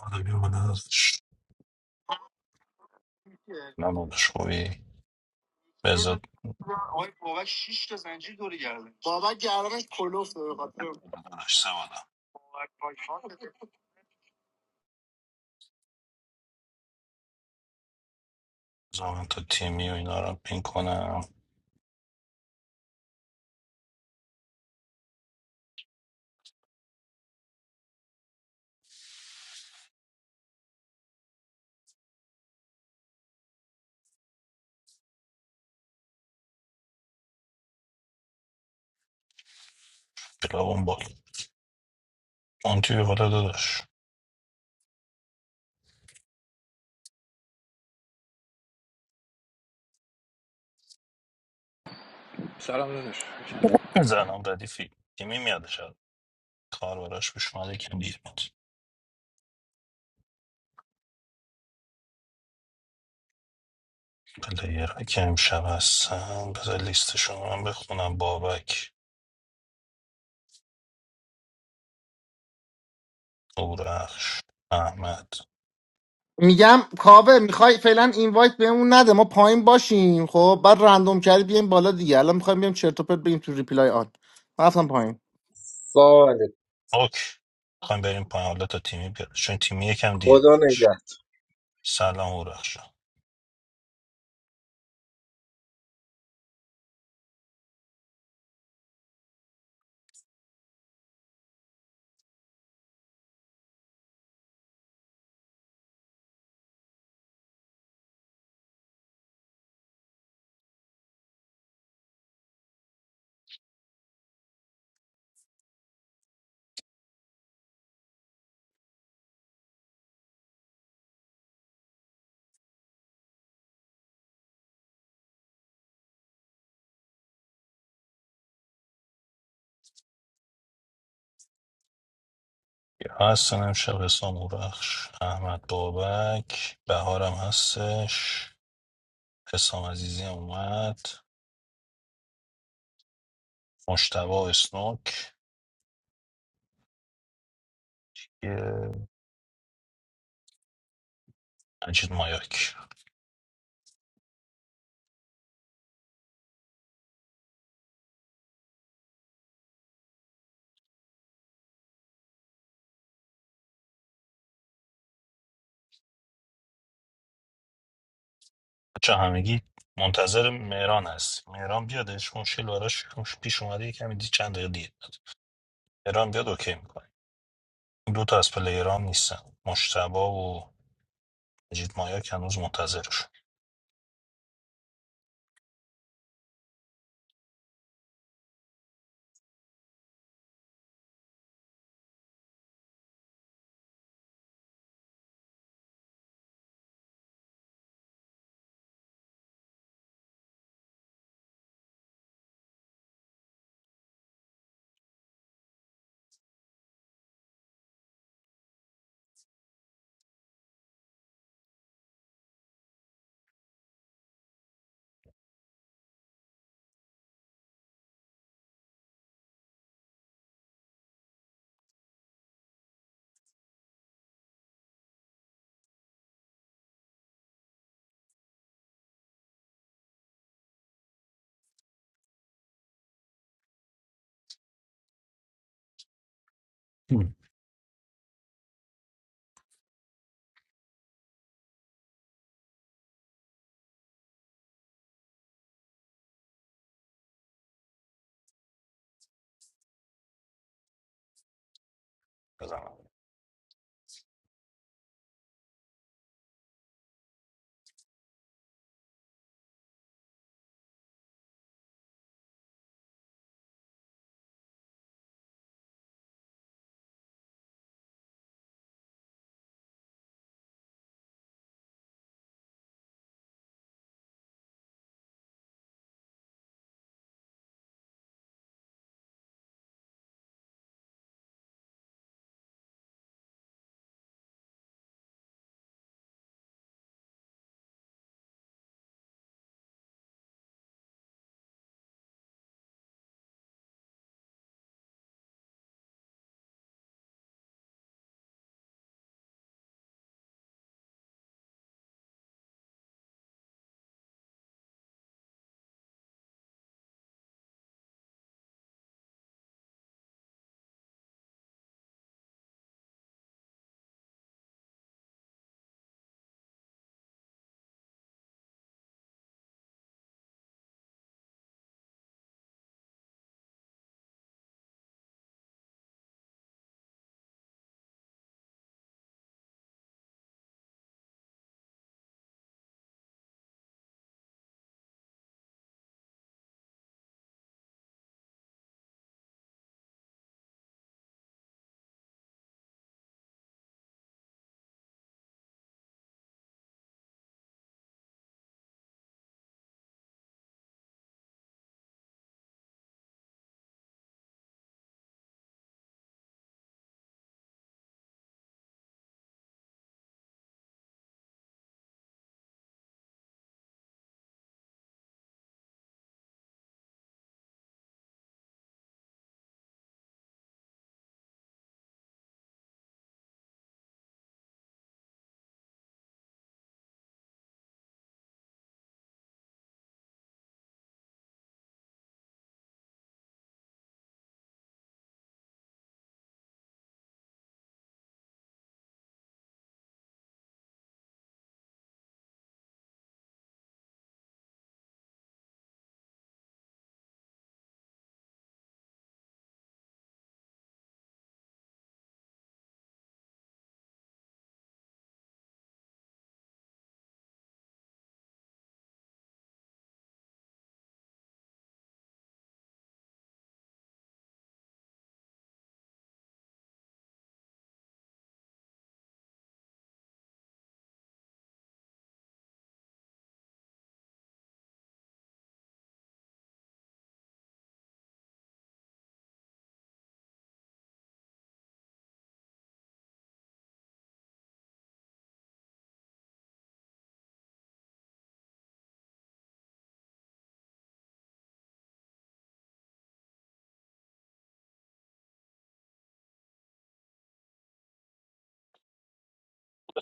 حالا بیا بالا ش- نمودش خوبی بذار ندارش سوالا بذار من تا تیمی و اینا رو پین کنم بلا اون بال اون توی بالا داداش سلام داداش زنم ردیفی تیمی میادش الان. کار براش پیش اومده کم دیر میاد پلیرها که امشب هستن بذار لیستشون رو من بخونم بابک اورخش احمد میگم کاوه میخوای فعلا اینوایت بهمون نده ما پایین باشیم خب بعد رندوم کردی بیایم بالا دیگه الان میخوایم بیایم چرت و پرت بگیم تو ریپلای آن من رفتم پایین سلام علیکم اوک میخوایم بریم پایین حالا تا تیمی بیاد چون تیمی یکم دیر خدا میادش نگه سلام اورخش هستن امشب حسام بخش احمد بابک بهارم هستش حسام عزیزی هم اومد مشتبا اسنوک یه مجید مایاک بچه همگی منتظر مهران هست مهران بیادش مشکل براش پیش اومده یه کمی دی چند دقیقه دیر بیاد مهران بیاد اوکی میکنه این دو تا از پلیران نیستن مشتبا و مجید مایاک هنوز منتظرشون بزنم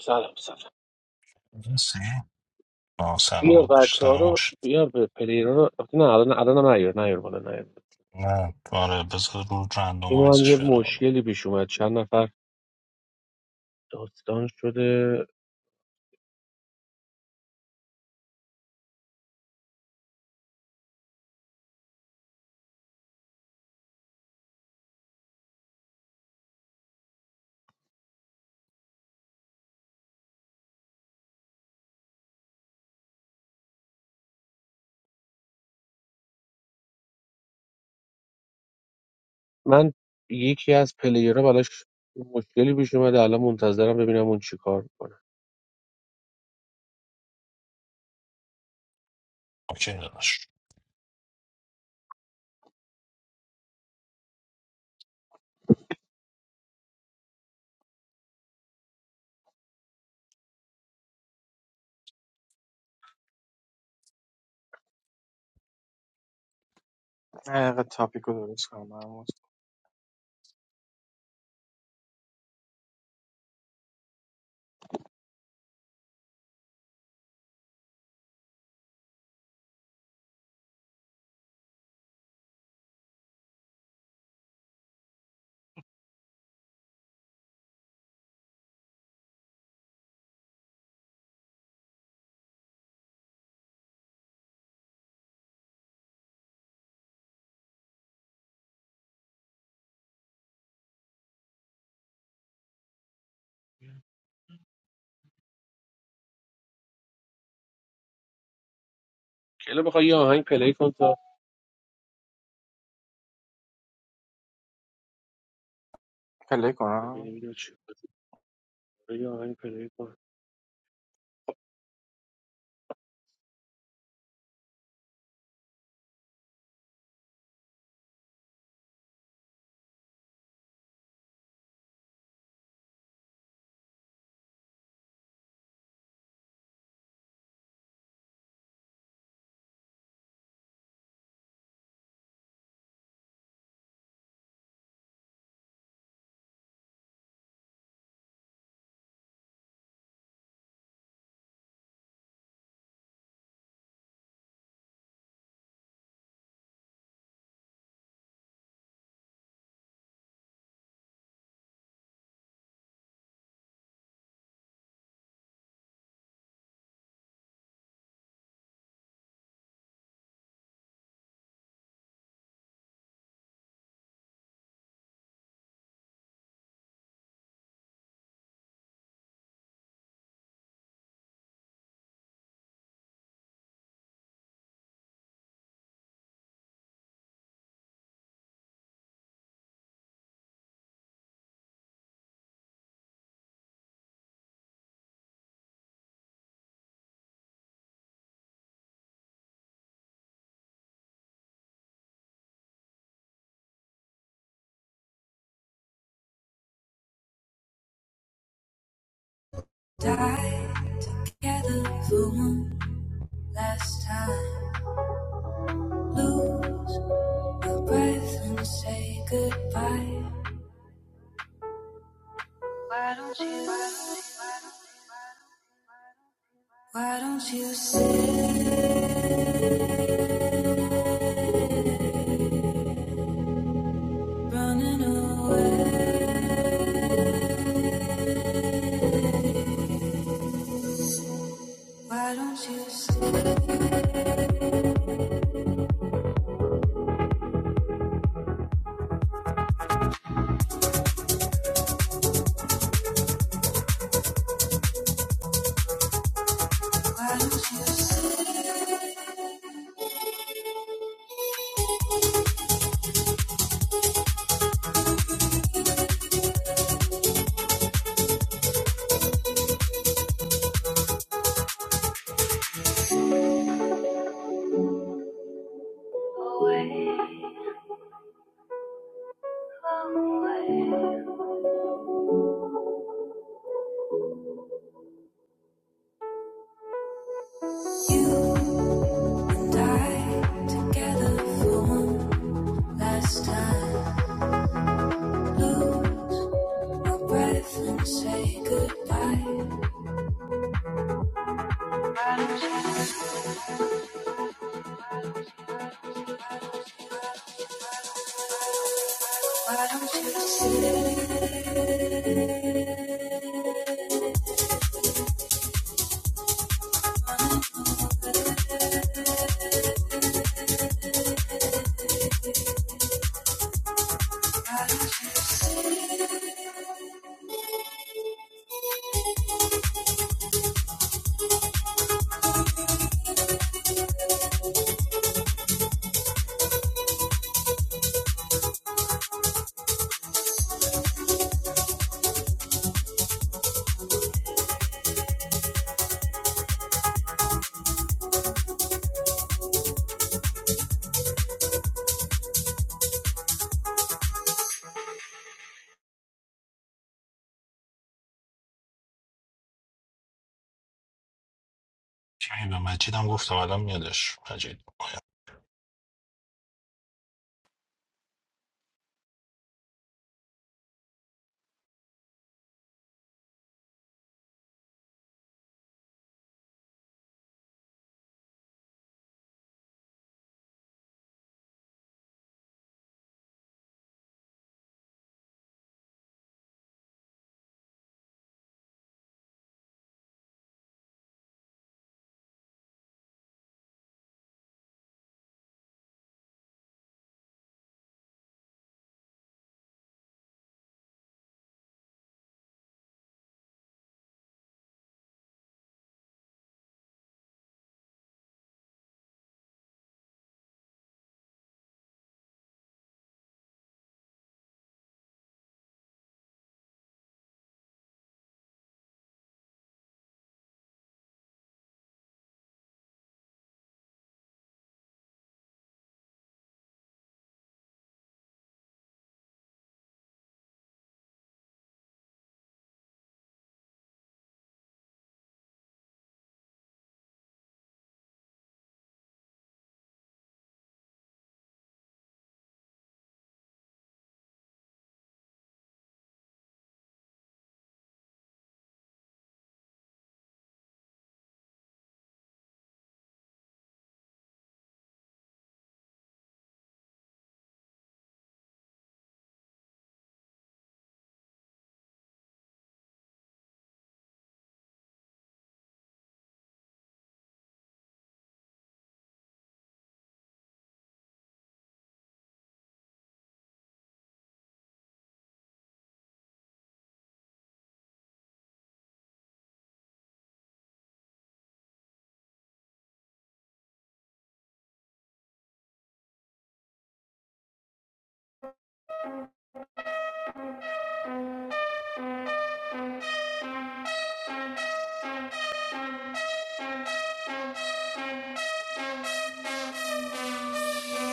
سلام سلام آه سلام بیا داداش بچه ها سلام رو خوش بیا به پلیرها رو نه الان الان نیار نیار بالا نیار نه آره بذار رو چون من یه رندومایزش بیارم بالا مشکلی پیش اومد چند نفر داستان شده من یکی از پلیرها براش مشکلی پیش اومده الان منتظرم ببینم اون چیکار میکنه اوکی داداش کلا بخوای یه آهنگ پلی کن تا ببینیم اینو چی یه آهنگ پلی کن Die together for one last time. Lose my breath and say goodbye. Why don't you? Why don't you sit running away? Why don't you sit? Why don't you sit away? Away. You die together for one last time. Lose my breath and say goodbye. Why don't you, why don't you sit? Why don't you? کمی به مجید هم گفتم الان میادش مجید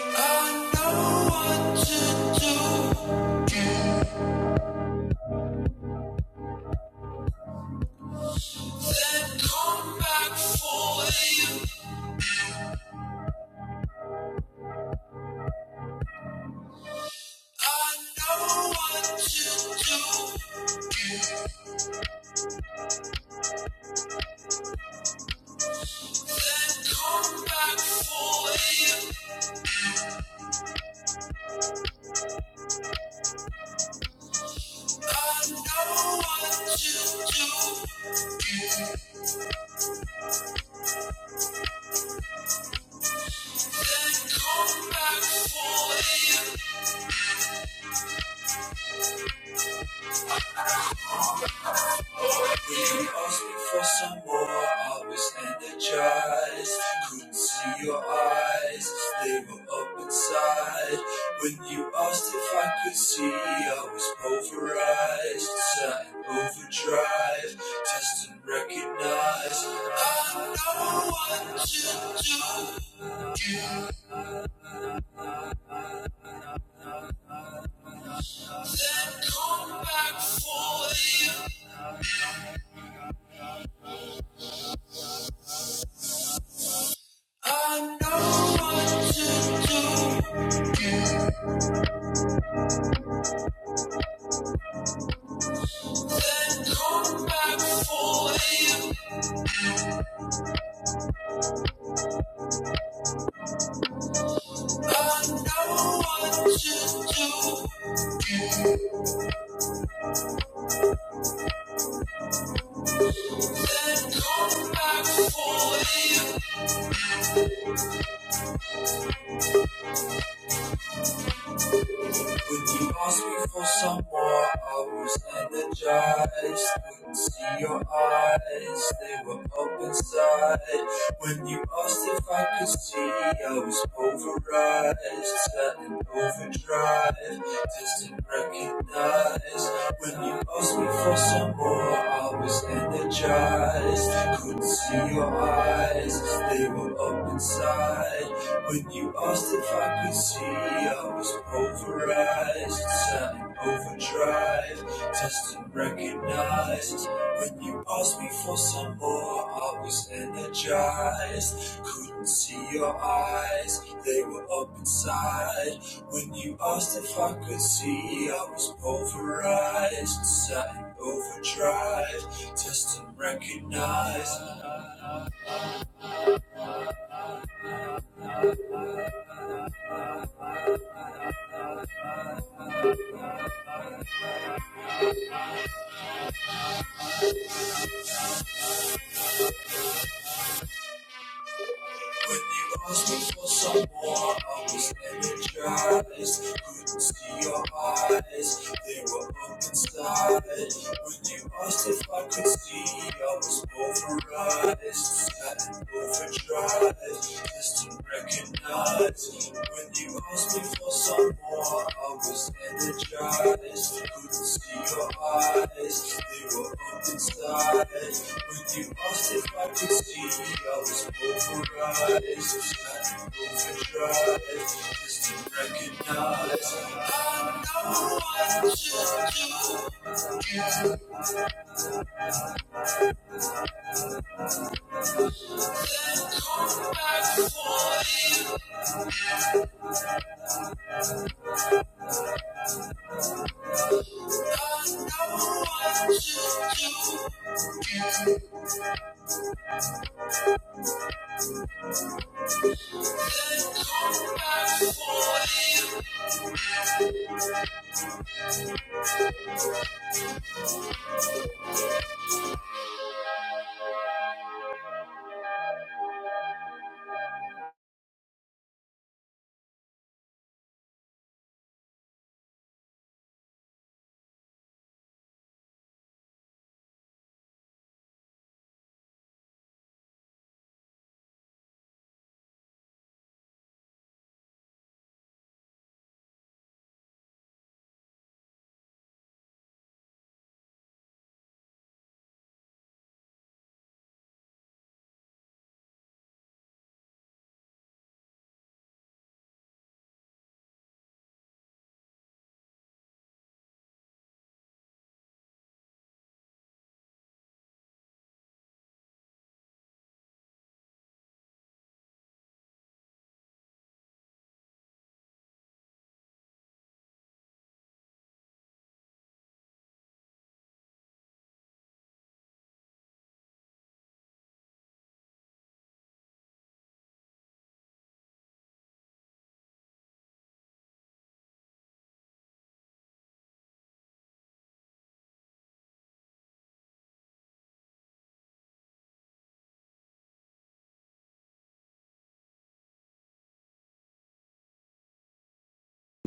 I know what to do. Then come back for you. I know what to do. Then come back for you. I know what to do. Then come back for you. When you asked me for some more? I was energized. Couldn't see your eyes, they were up inside. When you asked if I could see, I was pulverized. Sat in overdrive, test and recognize. I know what to do. You then come back for you. I know what to do. Come back for you. I know what to do. Then come back for you. Would you ask me for some more? I was energized. Couldn't see your eyes, they were up inside. When you asked if I could see, I was overrized, turning overdrive. Distant recognize. When you asked me for some more, I was energized. Couldn't see your eyes, they were up inside. When you asked if I could see, I was pulverized, sat in overdrive, tested, and recognized. When you asked me for some more, I was energized. Couldn't see your eyes, they were up inside. When you asked if I could see, I was pulverized, sat in overdrive, tested, and recognized. When you asked me for some more, I was energized. Couldn't see your eyes, they were open side. When you asked if I could see, I was override. Sat in overdrive, just to recognize. When you asked me for some more I was energized. Couldn't see your eyes, they were up inside. When you asked if I could see, I was polarized. Had to overdrive just to recognize. I know what you do, then come back for it. I know what you do, then come back for it.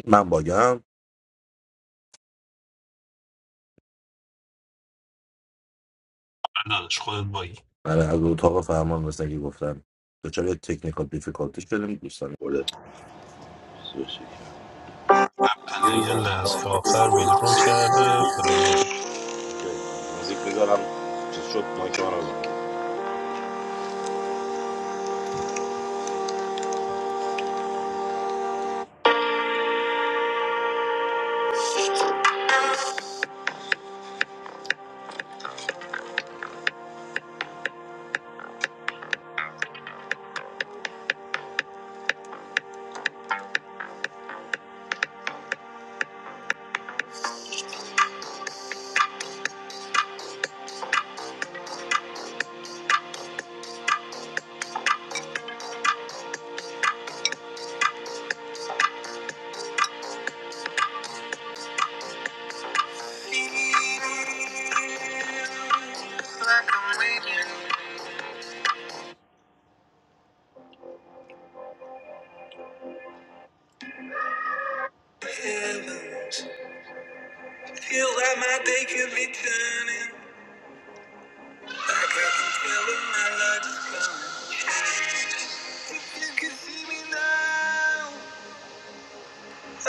من باگم آره داداش خودت بایی آره از اتاق فرمان مثل که گفتم دچار تکنیکال دیفیکالتی شدیم دوستان برده من پلیر لحظه آخر ویدرو کرده پلیر موزیک میذارم چیز شد مایک من رو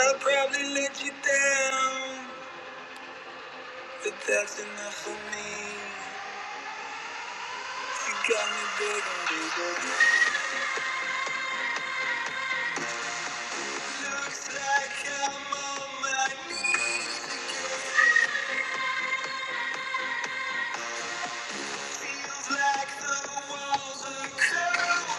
I'll probably let you down, but that's enough for me. You got me begging, baby. Looks like I'm on my knees. It like the walls are cold.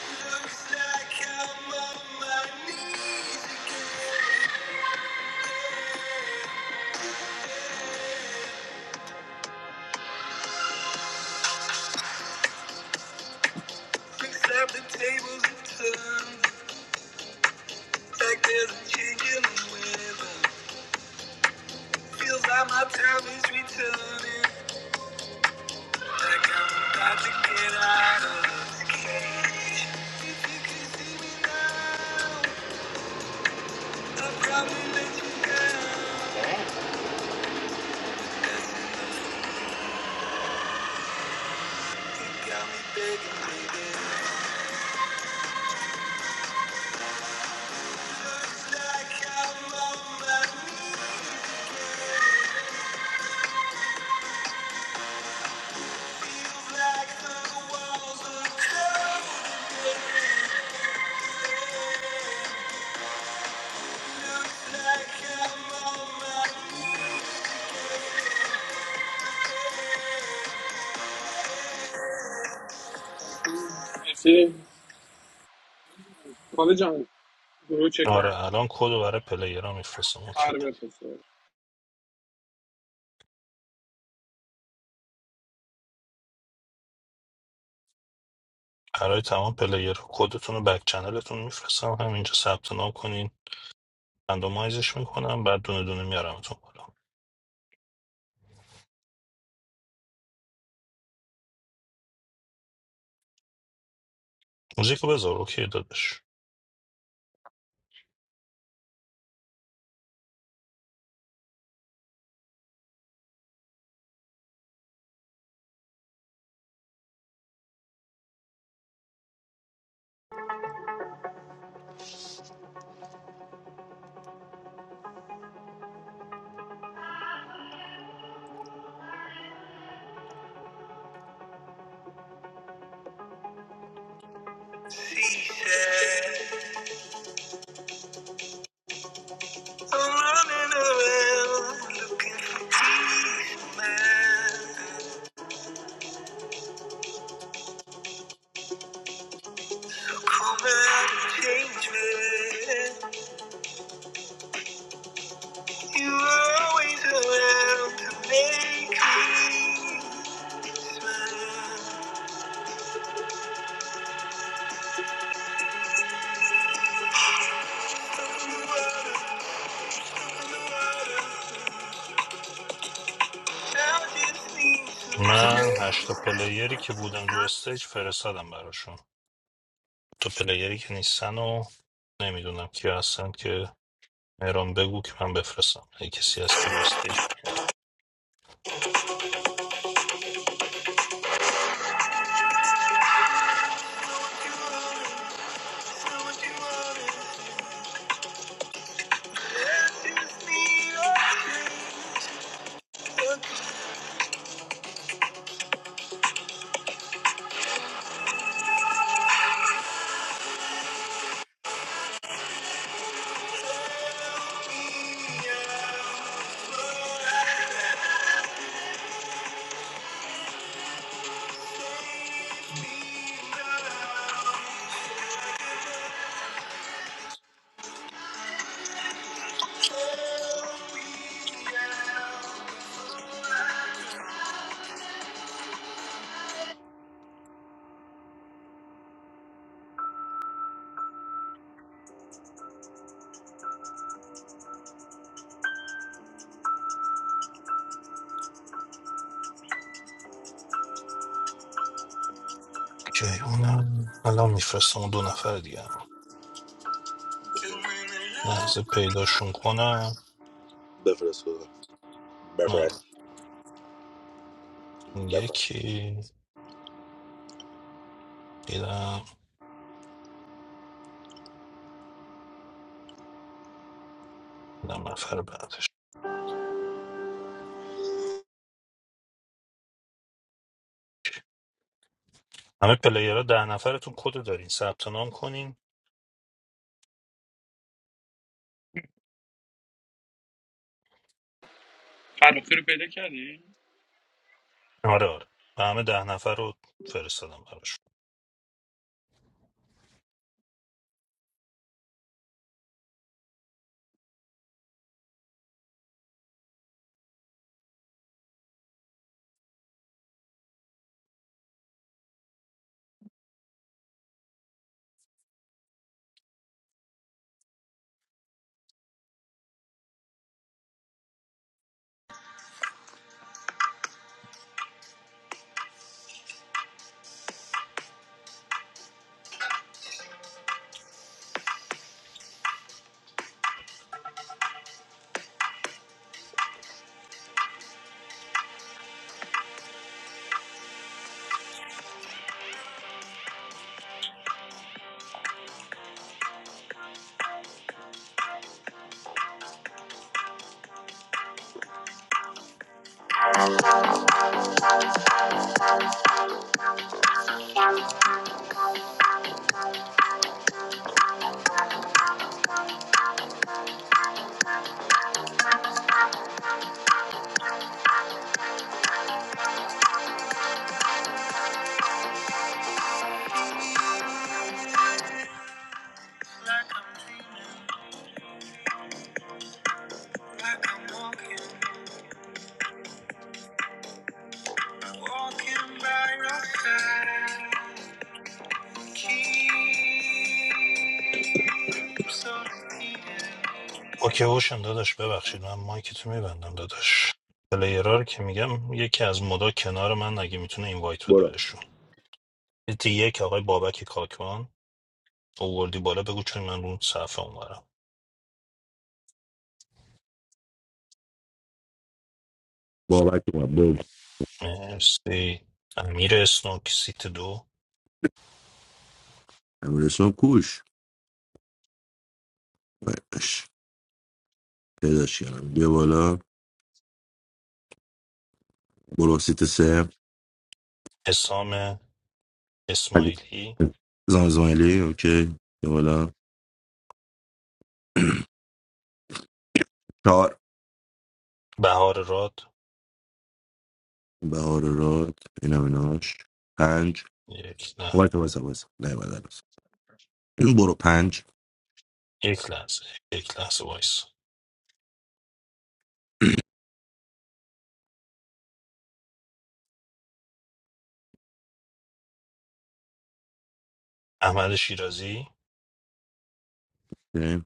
Looks like I'm on my knees. Except the tables have turned. Fact isn't changing weather. Feels like my time is returning. Like I'm about to get out of this cage. If you could see me now, I'll probably let you go. got like I'm on my knees. Feels like the walls are closing. Like I'm مرسی کاوه جان گروه چک کن آره الان کد رو برای پلیر ها میفرستم اوکی قرار بفرسته برای تمام پلیر کدتون رو بک چنلتون میفرستم همینجا ثبت نام کنین رندومایزش میکنم بعد دونه دونه میارمتون بالا موزیک رو بذار اوکی داداش running around looking mad. Come back and change You're always around to make me smile. I just need some من هشتا پلیری که بودن رو استیج فرستادم براشون تو پلیری که نیستن و نمیدونم کی هستن که مهران بگو که من بفرستم اگه کسی هست که رو استیج پایین هست که اونم الان میفرستم اون دو نفر دیگه هم لحظه پیداشون کنم Bad for the school. Bad for نره us. اون Bad for us. Bora. یکی دیدم دیدم نفر بعدش همه پلیرها ده نفرتون کد رو دارین ثبت نام کنین فرخی رو پیدا کردی آره آره و همه ده نفر رو فرستادم براشون. Ball like my bro. I mean, it's some kush. Like, I'm walking, walking by your side. Keep so needed. اوکی اوشن داداش ببخشید من مایکتو میبندم داداش پلیرها رو که میگم یکی از مدا کنار من اگه میتونه اینوایت بده Bora. بهشون یکی یک آقای بابک کاکوان اووردی بالا بگو چون من رو صفحه اونورم Bora, vai tomar bobo. مرسی امیر اسنوک سیت دو É uma versão cuxa. Mas... پیداش کردم بیا بالا برو سیت سه حسام اسماعیلی زمان اسماعیلی اوکی بیا بالا چهار بهار راد بهار راد اینم ایناش پنج یک نه وایت وایت وایت نه بعد هنوز. این برو پنج یک لحظه یک لحظه وایس احمد شیرازی اوکی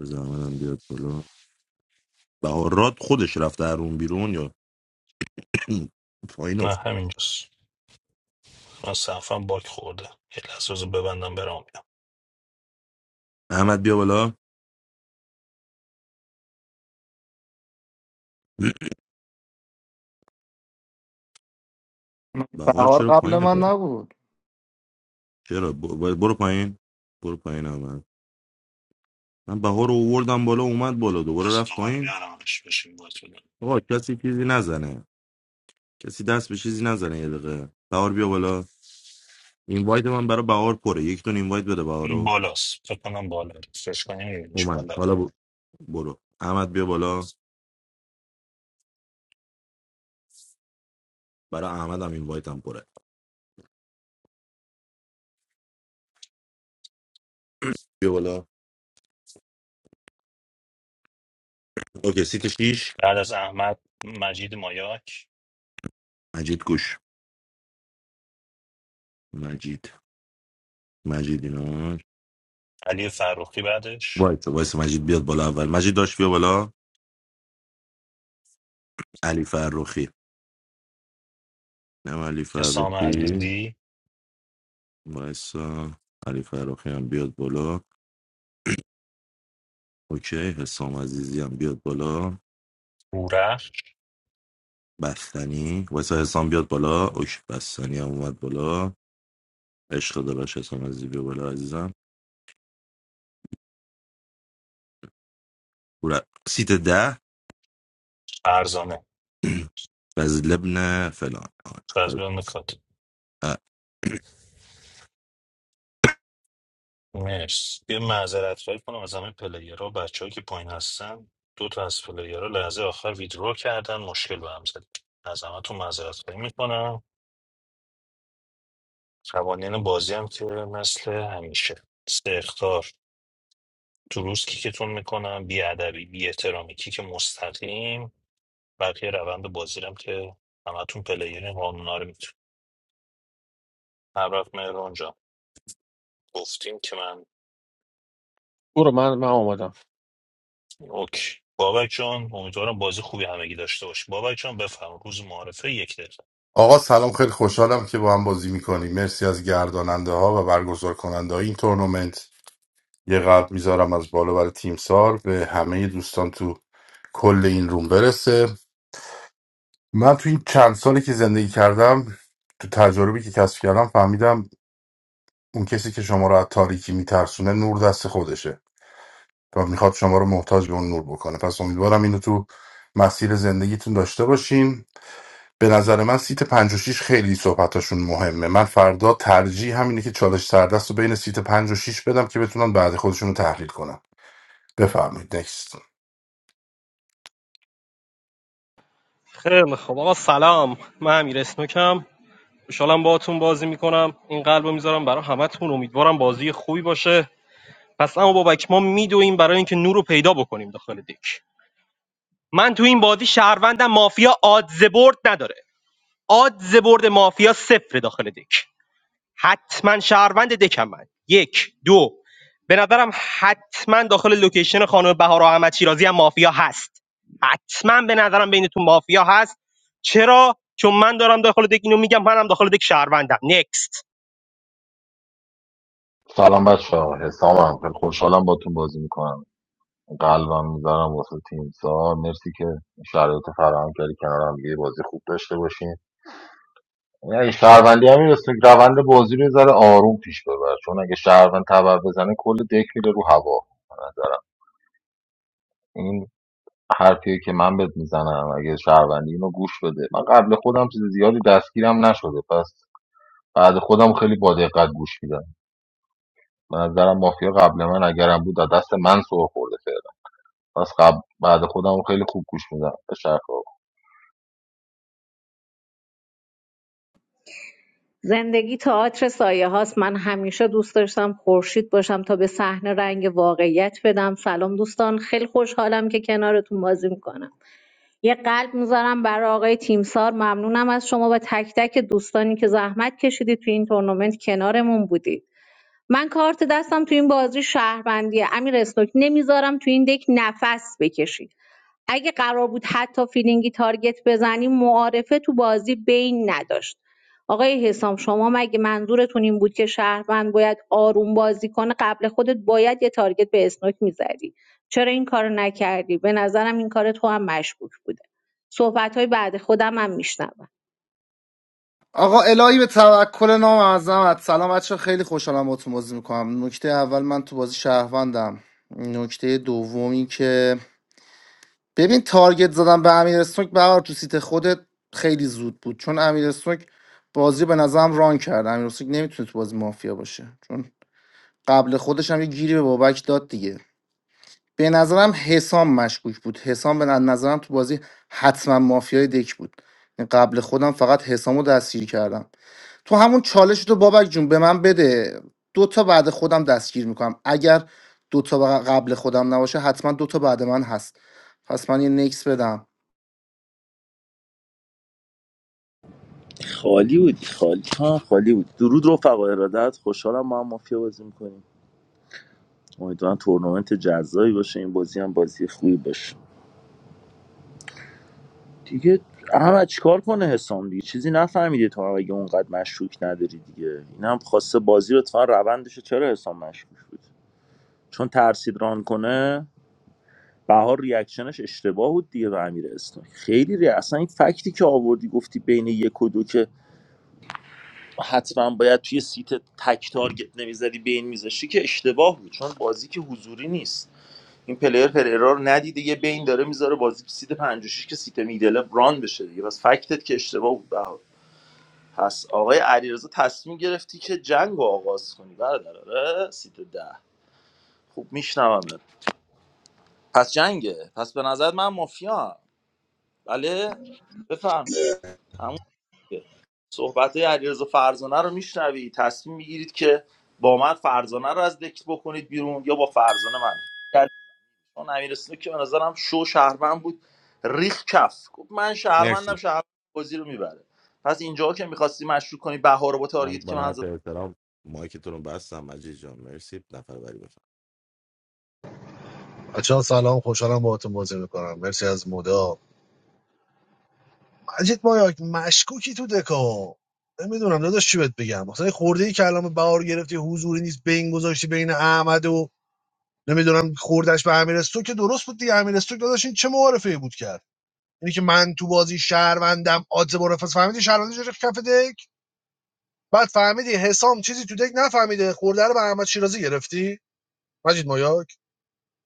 بذار احمدم بیاد بالا بهار راد خودش رفته در اون بیرون یا پایین نه افت همینجاست من صفحه باک خورده یک لحظه بذار ببندم برام احمد بیا بالا بهار بهار چرا قبل پایینه من پر نبود چرا ب- ب- برو پایین برو پایین احمد من بهار رو اووردم بالا اومد بالا دوباره پس رفت دوباره پایین بیارمش بشین باید بدم آقا کسی چیزی نزنه کسی دست به چیزی نزنه یه دقیقه بهار بیا بالا اینوایت من برای بهار پره یک دون اینوایت بده این بهارو بالاست فکر کنم بالا سرچ کنیم میبینیش اومد بالا حالا ب- برو احمد بیا بالا برای احمد هم اینوایت هم پره بیا بالا اوکی سیت شیش بعد از احمد مجید مایاک مجید گوش مجید مجید اینا علی فروخی بعدش وایس وایس مجید بیاد بالا اول مجید داشت بیا بالا علی فرخی نم علی حسام فرخی عزیزی وایس علی فرخی هم بیاد بالا اوکی حسام عزیزی هم بیاد بالا هورخ بستنی واسه حسام بیاد بالا اوش بستنی هم اومد بالا عشق داداش حسام عزیزی بیا بالا عزیزم ور- سیت ده فرزانه از لبن فلان آه، فل- فرزانه نکات آه. مرس یه معذرت خواهی کنم از همه پلیرها بچه که پایین هستن دو تا از پلیرها لحظه آخر ویدرو کردن مشکل به هم زد از همتون معذرت خواهی میکنم قوانین بازی هم که مثل همیشه استخدار تو روز کیکتون میکنم بی ادبی بی احترامی کیک مستقیم بقیه روند بازیرم که همتون پلیر قانونا رو میتون هر وقت مهران جان گفتیم که من برو من من آمادم اوکی بابک جان امیدوارم بازی خوبی همگی داشته باشی بابک جان بفرم روز معارفه یک دقیقه آقا سلام خیلی خوشحالم که با هم بازی میکنیم مرسی از گرداننده ها و برگزار کننده های این تورنمنت یه قلب میذارم از بالا برای تیم سار به همه دوستان تو کل این روم برسه من تو این چند سالی که زندگی کردم تو تجاربی که کسب کردم فهمیدم اون کسی که شما رو از تاریکی میترسونه نور دست خودشه و میخواد شما رو محتاج به اون نور بکنه پس امیدوارم اینو تو مسیر زندگیتون داشته باشین به نظر من سیت پنج و شیش خیلی صحبتاشون مهمه من فردا ترجیح همینه که چالش سردست رو بین سیت پنج و شیش بدم که بتونن بعد خودشون رو تحلیل کنن بفرمایید نکست خیلی خب آقا سلام من امیر اسنوکم خوشحالم باهاتون بازی میکنم این قلبو میذارم برای همتون امیدوارم بازی خوبی باشه پس اما بابک ما میدویم برای اینکه نور رو پیدا بکنیم داخل دک من تو این بازی شهروندم مافیا آدز برد نداره آدز برد مافیا صفر داخل دک حتما شهروند دکم من یک دو به نظرم حتما داخل لوکیشن خانم بهار احمد شیرازی هم مافیا هست حتما به نظرم بینتون مافیا هست چرا چون من دارم داخل دک اینو میگم منم داخل دک شهروندم نکست سلام بچه ها حسامم خیلی خوشحالم باتون بازی میکنم قلبم میذارم واسه تیم سار مرسی که شرایط فراهم کردی کنار هم دیگه بازی خوب داشته باشین یعنی اگه شهروندی هم میرسه روند بازی رو یه ذره آروم پیش ببر چون اگه شهروند تبر بزنه کل دک میره رو هوا به نظرم این حرفیه که من بهت میزنم اگه شهروندی اینو گوش بده من قبل خودم چیز زیادی دستگیرم نشده پس بعد خودم خیلی با دقت گوش میدم به نظرم مافیا قبل من اگرم بود از دست من سر خورده از قبل بعد خودم خیلی خوب گوش میدم به شرقا زندگی تئاتر سایه هاست من همیشه دوست داشتم خورشید باشم تا به صحنه رنگ واقعیت بدم سلام دوستان خیلی خوشحالم که کنارتون بازی میکنم یه قلب میذارم برای آقای تیمسار ممنونم از شما و تک تک دوستانی که زحمت کشیدید تو این تورنمنت کنارمون بودید من کارت دستم تو این بازی شهروندیه امیر اسنوک نمیذارم تو این دک نفس بکشی اگه قرار بود حتی فیلینگی تارگت بزنیم معارفه تو بازی بین نداشت آقای حسام شما مگه منظورتون این بود که شهروند باید آروم بازی کنه قبل خودت باید یه تارگت به اسنوک میزدی چرا این کارو نکردی به نظرم این کار تو هم مشکوک بوده صحبت های بعد خودم هم میشنوم آقا الهی به توکل نام اعظمت سلام بچه خیلی خوشحالم باتون بازی میکنم نکته اول من تو بازی شهروندم نکته دومی که ببین تارگت زدم به امیر سنوک بهار تو سیت خودت خیلی زود بود چون امیر سنوک بازی به نظرم ران کرد امیر سنوک نمیتونه تو بازی مافیا باشه چون قبل خودش هم یه گیری به بابک داد دیگه به نظرم حسام مشکوک بود حسام به نظرم تو بازی حتما مافیای دک بود یعنی قبل خودم فقط حسامو دستگیر کردم تو همون چالش تو بابک جون به من بده دو تا بعد خودم دستگیر میکنم اگر دو تا قبل خودم نباشه حتما دو تا بعد من هست پس من یه نکس بدم خالی بودی خالی تو خالی بود درود رفقا ارادت خوشحالم ما هم مافیا بازی میکنیم امیدوارم تورنمنت جزایی باشه این بازی هم بازی خوبی باشه دیگه احمد چیکار کنه حسام دیگه چیزی نفهمیده تو هم اگه اونقدر مشکوک نداری دیگه این هم خواسته بازی رو اتفاقا روندش چرا حسام مشکوک بود چون ترسید ران کنه بهار ریاکشنش اشتباه بود دیگه به امیر اسلام خیلی ری... اصلا این فکتی که آوردی گفتی بین یک و دو که حتما باید توی سیت تک تارگت نمیزدی بین میذاشتی که اشتباه بود چون بازی که حضوری نیست این پلیر پلیرا رو ندیده یه بین داره میذاره بازی که سیت 56 که سیت میدله بران بشه دیگه بس فکتت که اشتباه بود بهار پس آقای علیرضا تصمیم گرفتی که جنگ رو آغاز کنی برادر آره سیت ده خوب میشنومت پس جنگه پس به نظر من مافیا بله بفهم صحبت های علیرضا فرزانه رو میشنوی تصمیم میگیرید که با من فرزانه رو از دکت بکنید بیرون یا با فرزانه من کردید. چون امیر اسنوک که به نظرم شو شهروند بود ریخ کف گفت من مرسی شهروندم شهروند بازی رو میبره پس اینجا که میخواستی مشروع کنی بهار رو با من تارگت که با من زدم نهایت احترام مایکتون رو بستم مجید جان مرسی نفر بری بفهم بچه ها سلام خوشحالم باهاتون بازی میکنم مرسی از مودا مجید مایاک مشکوکی تو دکا نمیدونم داداش چی بهت بگم مثلا خورده ای که الان بهار گرفتی حضوری نیست بین گذاشتی بین احمد و نمیدونم خوردش به امیرستو که درست بود دیگه امیرستو داداش این چه معارفه ای بود کرد اینی که من تو بازی شهروندم آدز برفس فهمیدی شهروندی چه کف دک بعد فهمیدی حسام چیزی تو دک نفهمیده خورده رو به احمد شیرازی گرفتی مجید مایاک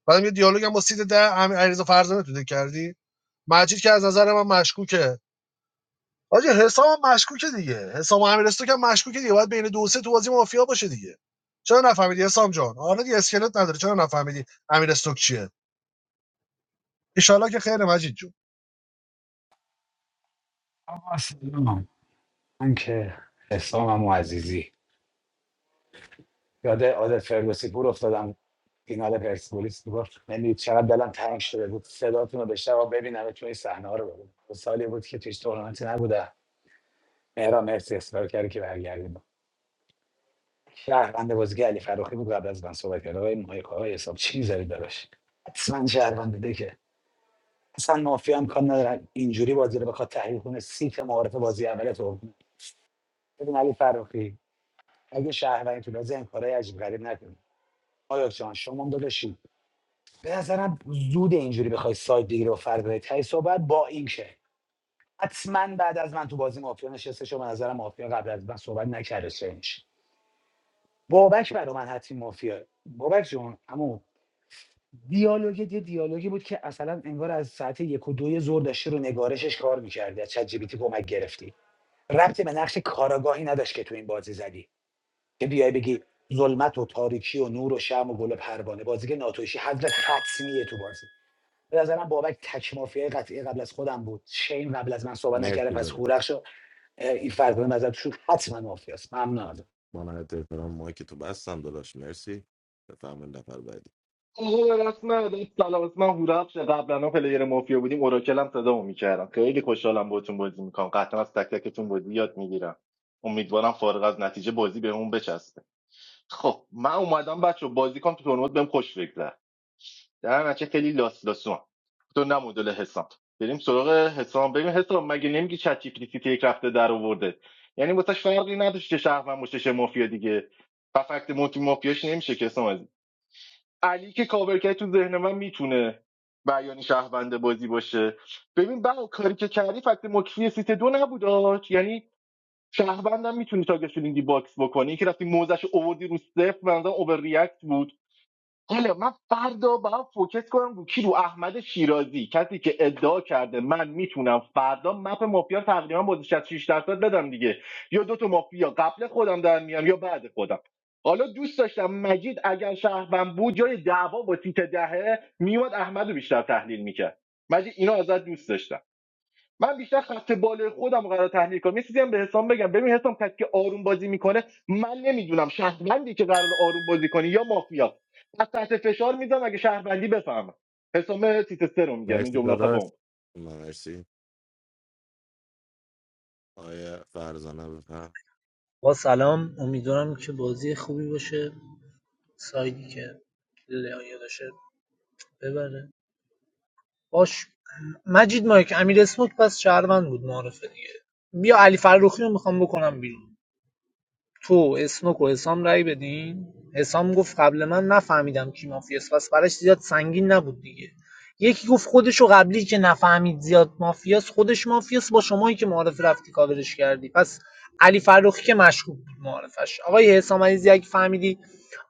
بعدم یه دیالوگ هم با سید ده امیر علیرضا فرزانه تو دک کردی مجید که از نظر من مشکوکه حاجی حسام هم مشکوکه دیگه حسام امیرستو که مشکوکه دیگه باید بین دو سه تو بازی مافیا باشه دیگه چرا نفهمیدی حسام جان آره دیگه اسکلت نداره چرا نفهمیدی امیرستو چیه ان که خیر مجید جون آقا سلام من که حسام و عزیزی یاد عادت فرگوسی پور افتادم فینال پرسپولیس بود یعنی چقدر دلم تنگ شده بود صداتون رو بشنوم و ببینم چون این صحنه ها رو ببینم دو سالی بود که تویش تورنمنتی نبوده مهران مرسی اصرار کرد که برگردیم شهروند بازیگه علی فراخی بود قبل از من صحبت کرد آقای مایک آقای حساب چی می‌ذارید براش حتما شهروند ده که اصلا مافیا هم کار ندارن اینجوری بازی رو بخواد تحلیل کنه سیت معارف بازی اول تو ببین علی فراخی اگه شهروندی تو بازی این کارهای عجیب غریب نکنی آیا جان شما هم داداشی به نظرم زود اینجوری بخوای سایت بگیری و فرد بری تهی صحبت با اینکه حتما بعد از من تو بازی مافیا نشسته شما به نظرم مافیا قبل از من صحبت نکرده چنش بابک برای من حتمی مافیا بابک جون اما دیالوگ یه دیالوگی بود که اصلا انگار از ساعت یک و دوی ظهر داشتی رو نگارشش کار میکردی از چت جی پی تی کمک گرفتی ربطی به نقش کاراگاهی نداشت که تو این بازی زدی که بیای بگی ظلمت و تاریکی و نور و شم و گل و پروانه بازی که ناتوشی حضرت حتمیه تو بازی به نظرم بابک تک مافیای قطعی قبل از خودم بود شین قبل از من صحبت نکرده مرسی پس داداش هورخش و اه، این فرزانه به نظر تو حتما مافیاست ممنون ازت با نهایت احترام مایکتو بستم داداش مرسی بفهمید نفر بعدی آقا به رسم ادای سلام اسم من هورفش قبلا پلیر مافیا بودیم اوراکل هم صدا میکردم خیلی خوشحالم باهاتون بازی میکنم قطعا از تک تکتون بازی یاد میگیرم امیدوارم فارغ از نتیجه بازی به اون بچسبه خب من اومدم بچه بازی کنم تو تورنمنت بهم خوش بگذر در نچه خیلی لاس لاسون تو نه مدل حسام بریم سراغ حسام بریم حسام مگه نمیگی چت جی پی تی یک رفته در آورده یعنی واسش فرقی نداشت چه شهر من باشه، مافیا دیگه و فکت مافیاش نمیشه که حسام علی که کاورکری تو ذهن من میتونه بیان شهروند بازی باشه ببین بقا کاری که کردی فقط مکسی سیت دو نبود آج. یعنی شهروندم میتونی تاگه شلینگی باکس بکنی که رفتی موزش اووردی رو صفر بنظرم اوور ریاکت بود حالا من فردا باید فوکس کنم رو کی رو احمد شیرازی کسی که ادعا کرده من میتونم فردا مپ مافیا رو تقریبا با 66 درصد بدم دیگه یا دو تا مافیا قبل خودم در میام یا بعد خودم حالا دوست داشتم مجید اگر شهروند بود جای دعوا با تیت دهه میومد احمد رو بیشتر تحلیل میکرد مجید اینو ازت دوست داشتم من بیشتر خط بالای خودم رو قرار تحلیل کنم یه چیزی هم به حسام بگم ببین حسام کسی که آروم بازی میکنه من نمیدونم شهروندی که قرار آروم بازی کنه یا مافیا پس تحت فشار میذارم اگه شهروندی بفهمم حسام سیتستر رو میگم این مرسی جمله داداش خبم من مرسی آیا فرزانه بفهم آقا سلام امیدوارم که بازی خوبی باشه سایدی که لایه داشته ببره باش مجید مایک امیر اسموک پس شهروند بود معرفه دیگه بیا علی فرخی رو میخوام بکنم بیرون تو اسموک و حسام رای بدین حسام گفت قبل من نفهمیدم کی مافیاست پس براش زیاد سنگین نبود دیگه یکی گفت خودشو قبلی که نفهمید زیاد مافیاست خودش مافیاست با شمایی که معرف رفتی کاورش کردی پس علی فرخی که مشکوک بود معرفش آقای حسام عزیزی اگه فهمیدی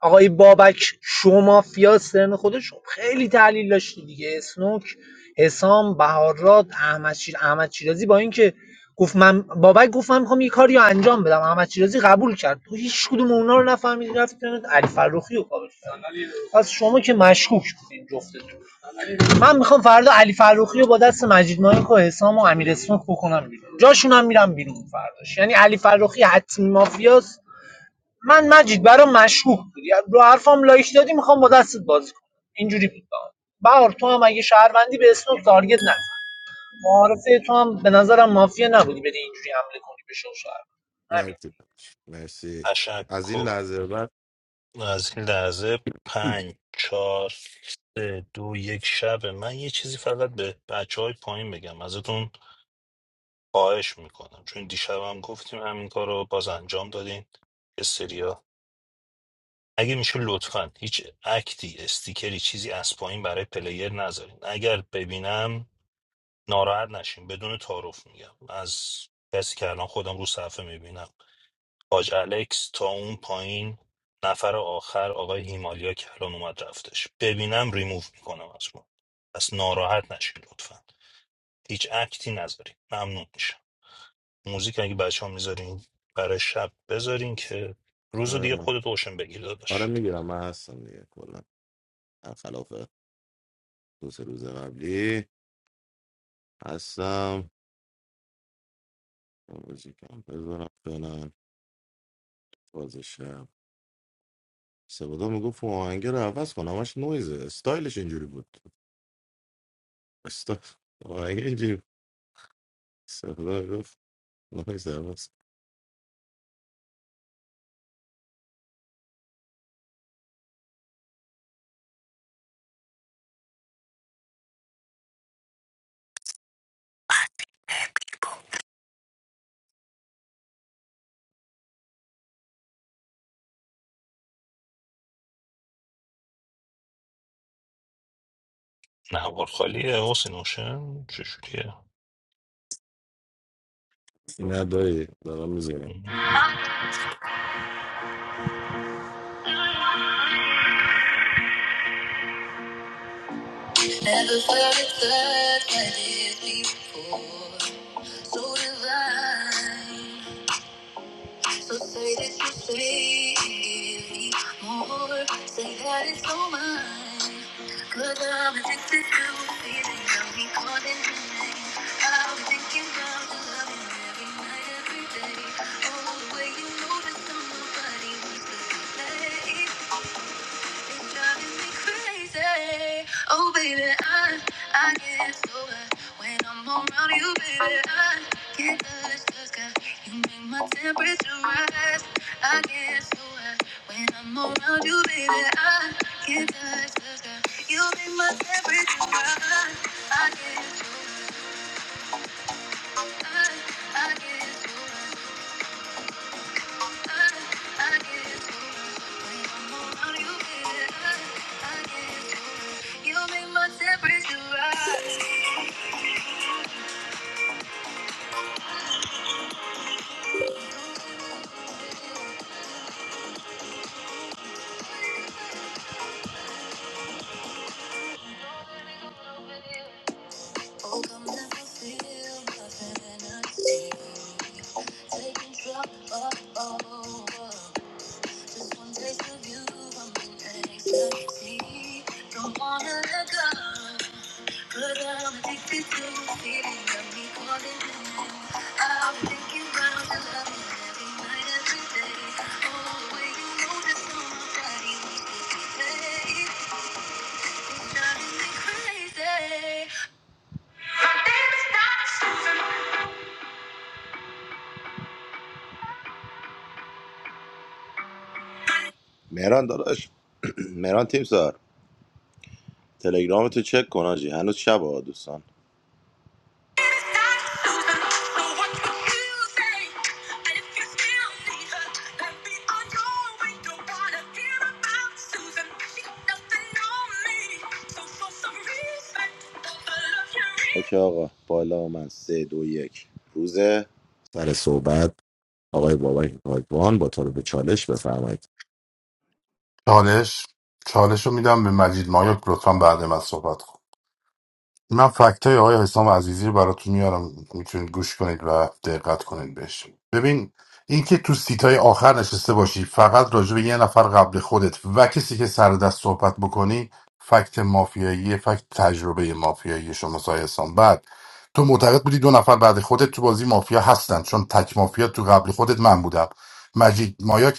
آقای بابک شومافیا سرن خودش خب خیلی تحلیل داشتی دیگه اسنوک حسام بهارات احمد شیر احمد شیرازی با اینکه گفت من بابک گفت من میخوام یه کاری رو انجام بدم احمد شیرازی قبول کرد تو هیچ کدوم اونا رو نفهمیدی رفت علی فرخی رو کاور کرد پس شما که مشکوک بودین جفتتون من میخوام فردا علی فرخی رو با دست مجید مایک و حسام و امیر اسنوک بکنم بیرون جاشون هم میرم بیرون فرداش یعنی علی فرخی حتمی مافیاست من مجید برام مشکوک بودی رو حرفام لایک دادی میخوام با دستت بازی کنم اینجوری بود برام. بهار تو هم اگه شهروندی به اسم تارگت نزن معارفه تو هم به نظرم مافیا نبودی بری اینجوری حمله کنی به شو شهروند. همین مرسی داداش مرسی از این تشکر لحظه به بعد از این لحظه پنج چهار سه دو یک شب من یه چیزی فقط به بچه های پایین بگم ازتون خواهش میکنم چون دیشب هم گفتیم همین کار رو باز انجام دادین یه اگه میشه لطفا هیچ اکتی استیکری چیزی از پایین برای پلیر نذارین اگر ببینم ناراحت نشین بدون تعارف میگم از کسی که الان خودم رو صفحه میبینم حاج الکس تا اون پایین نفر آخر آقای هیمالیا که الان اومد رفتش ببینم ریموو میکنم از ما پس ناراحت نشین لطفا هیچ اکتی نذارین ممنون میشم موزیک اگه بچه ها میذارین برای شب بذارین که روز رو دیگه آره خودت اوشن بگیر آره داداش میگیرم من هستم دیگه کلا خلاف دو سه روز قبلی هستم موزیکم بذارم فعلا بازشم سبادا میگفت اون آهنگ رو عوض کن همش نویزه استایلش اینجوری بود استایل آهنگ اینجوری بود. سبادا گفت نویز عوض کن. نه خالیه حسین اوشن چشوریه نه دایی دارم میزنم Never felt it that way before. So divine. So say that you say, give me more. Say that it's all mine. Cause I'm addicted to feeling of me calling your name. I'm thinking about the love every night, every day. Oh, the way you notice i somebody nobody wants to play. It's driving me crazy. Oh, baby, I, I get so high when I'm around you, baby. I can't touch the sky. You make my temperature rise. I get so high when I'm around you, baby. I can't touch the sky. You make my temperature rise. I get so high. I, I get so high. Taking control, oh, oh, oh. Just one taste of you, I'm in to let go. But I'm addicted Oh, مهران داداش مهران تیم سار تلگرام تو چک کن آجی هنوز شب ها دوستان. اوکی آقا بالا من دو یک سر صحبت آقای بابک کاکوان با تو رو به چالش بفرمایید چالش چالش رو میدم به مجید مایاک لطفا بعد من صحبت کن من فکت های آقای حسام عزیزی رو براتون میارم میتونید گوش کنید و دقت کنید بهش ببین اینکه تو سیت های آخر نشسته باشی فقط راجع به یه نفر قبل خودت و کسی که سر دست صحبت بکنی فکت مافیایی فکت تجربه مافیایی شما سایه حسام بعد تو معتقد بودی دو نفر بعد خودت تو بازی مافیا هستن چون تک مافیا تو قبل خودت من بودم مجید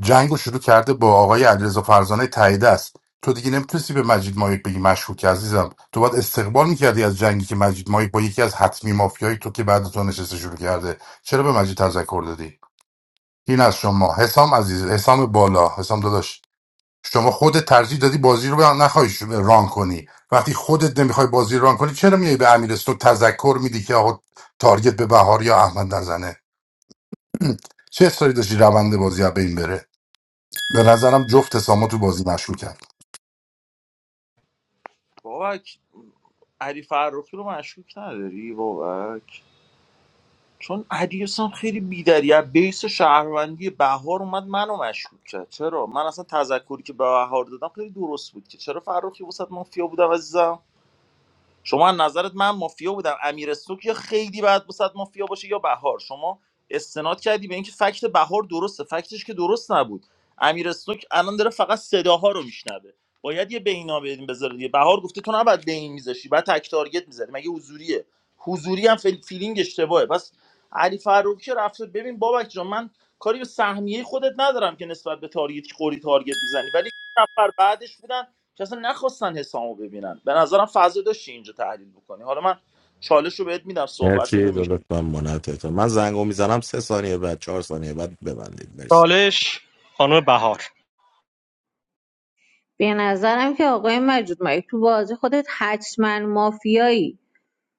جنگ رو شروع کرده با آقای علیرضا فرزانه تاییده است تو دیگه نمیتونستی به مجید مایک بگی مشکوک که عزیزم تو باید استقبال میکردی از جنگی که مجید مایک با یکی از حتمی مافیایی تو که بعد تو نشسته شروع کرده چرا به مجید تذکر دادی این از شما حسام عزیز حسام بالا حسام داداش شما خودت ترجیح دادی بازی رو به- نخوای ش- ران کنی وقتی خودت نمیخوای بازی رو ران کنی چرا میای به امیرستو تذکر میدی که آقا تارگت به بهار یا احمد نزنه چه اصراری داشتی روند بازی از بین بره به نظرم جفت حسامو تو بازی مشکوکن بابک علی فرخی رو مشکوک نداری بابک چون علیاس هم خیلی بیدری از بیس شهروندی بهار اومد منو مشکوک کرد چرا من اصلا تذکری که به بهار دادم خیلی درست بود که چرا فروخی وسط مافیا بودم عزیزم شما نظرت من مافیا بودم امیر سوک یا خیلی بعد وسط مافیا باشه یا بهار شما استناد کردی به اینکه فکت بهار درسته فکتش که درست نبود امیر سوک الان داره فقط صداها رو میشنوه باید یه بینا بدیم بذاره دیگه بهار گفته تو نباید بین میذاشی بعد تک تارگت میذاری مگه حضوریه حضوری هم فیل- فیلینگ اشتباهه پس علی فاروقی که رفته ببین بابک جان من کاری به سهمیه خودت ندارم که نسبت به تارگت که خوری تارگت میزنی ولی نفر بعدش بودن که اصلا نخواستن حسامو ببینن به نظرم فضا داشتی اینجا تحلیل بکنی حالا من چالش رو بهت میدم صحبتت رو مرسی میشه دولت من منت من زنگو میزنم سه ثانیه بعد چهار ثانیه بعد ببندید مرسی چالش خانم بهار به نظرم که آقای مجید مایک تو بازی خودت حتما مافیایی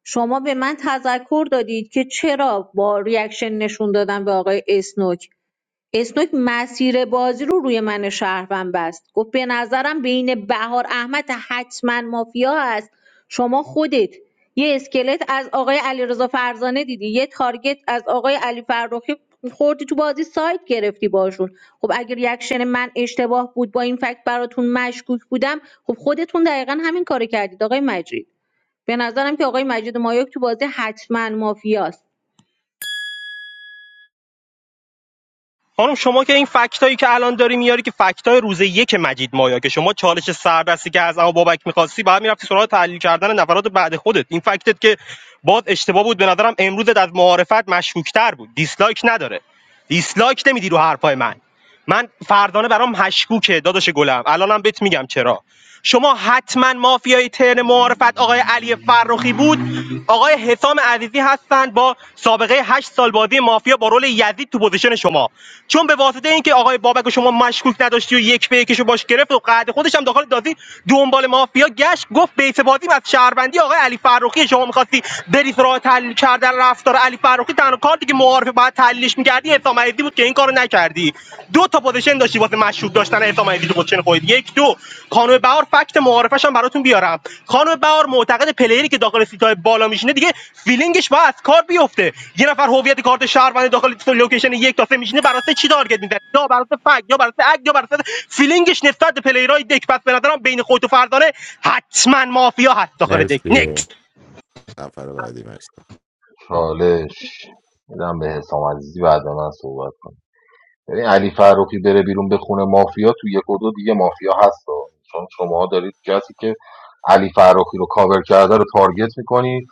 شما به من تذکر دادید که چرا با ریاکشن نشون دادن به آقای اسنوک اسنوک مسیر بازی رو روی من شهروند بست گفت به نظرم بین بهار احمد حتما مافیا است شما خودت یه اسکلت از آقای علیرضا فرزانه دیدی یه تارگت از آقای علی فرخی خوردی تو بازی سایت گرفتی باشون خب اگر ریاکشن من اشتباه بود با این فکت براتون مشکوک بودم خب خودتون دقیقا همین کارو کردید آقای مجید به نظرم که آقای مجید مایاک تو بازی حتما مافیاست خانم شما که این فکتایی که الان داری میاری که فکتای روز یک مجید مایا که شما چالش سردستی که از اما بابک میخواستی بعد می‌رفتی سراغ تحلیل کردن نفرات بعد خودت این فکتت که باز اشتباه بود به نظرم امروزت از معارفت مشکوکتر بود دیسلایک نداره دیسلایک نمیدی رو حرفای من من فردانه برام مشکوکه داداش گلم الانم بهت میگم چرا شما حتما مافیای ترن معارفت آقای علی فرخی بود آقای حسام عزیزی هستند با سابقه هشت سال بازی مافیا با رول یزید تو پوزیشن شما چون به واسطه اینکه آقای بابک و شما مشکوک نداشتی و یک به یکشو باش گرفت و قعد خودش هم داخل دازی دنبال مافیا گشت گفت بیت بازی از شهروندی آقای علی فرخی شما میخواستی بری سراغ تحلیل کردن رفتار علی فرخی تنها کارتی که معارفه باید تحلیلش می‌کردی حسام عزیزی بود که این کارو نکردی دو تا پوزیشن داشتی واسه مشروط داشتن حسام عزیزی تو پوزیشن خودت یک دو خانم بهار فکت معارفش هم براتون بیارم خانم بهار معتقد پلیری که داخل سیتای بالا میشینه دیگه فیلینگش باید از کار بیفته یه نفر هویت کارت شهروند داخل لوکیشن یک تا سه میشینه براسه چی تارگت میزنه یا براسه فک یا براسه اگ یا براسه فیلینگش نسبت به پلیرای دک پس به نظرم بین خودت و فردانه حتما مافیا هست داخل دک مرسی نکس نفر بعدی چالش میدم به حسام عزیزی بعد من صحبت کنم ببین علی فرخی بره بیرون به خونه مافیا تو یک و دو دیگه مافیا هست ها. چون شما دارید کسی که علی فرخی رو کاور کرده رو تارگت میکنید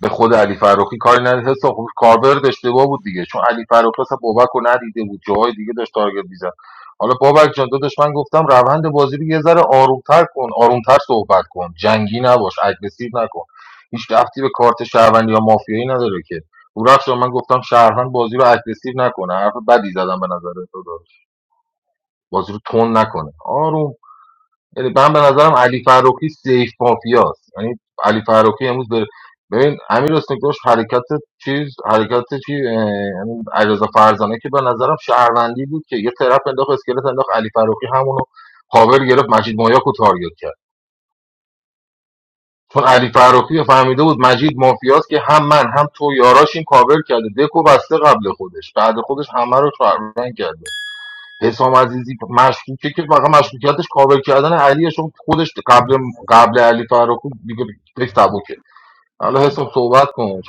به خود علی فروخی کاری نداره حساب کاربرد اشتباه بود دیگه چون علی فروخی اصلا بابک رو ندیده بود جاهای دیگه داشت تارگت میزد حالا بابک جان داداش من گفتم روند بازی رو یه ذره آرومتر کن آرومتر صحبت کن جنگی نباش اگریسیو نکن هیچ رفتی به کارت شهروندی یا مافیایی نداره که او رفت من گفتم شهروند بازی رو اگریسیو نکنه حرف بدی زدم به نظر تو داداش. بازی رو تون نکنه آروم یعنی من به نظرم علی فروخی سیف مافیاست یعنی علی فروخی امروز به ببین امیر حسین داشت حرکت چیز حرکت چی اه، یعنی علیرضا فرزانه که به نظرم شهروندی بود که یه طرف انداخت اسکلت انداخت علی فروخی همونو پاور گرفت مجید مایاک رو تارگت کرد چون علی فروخی فهمیده بود مجید مافیاست که هم من هم تو یاراش این کاور کرده دکو بسته قبل خودش بعد خودش همه رو شهروند کرده حسام عزیزی مشکوکه که فقط مشکوکیتش کابل کردن علیه چون خودش قبل قبل علی فراخون دیگه فکر سبکه حالا حسام صحبت کن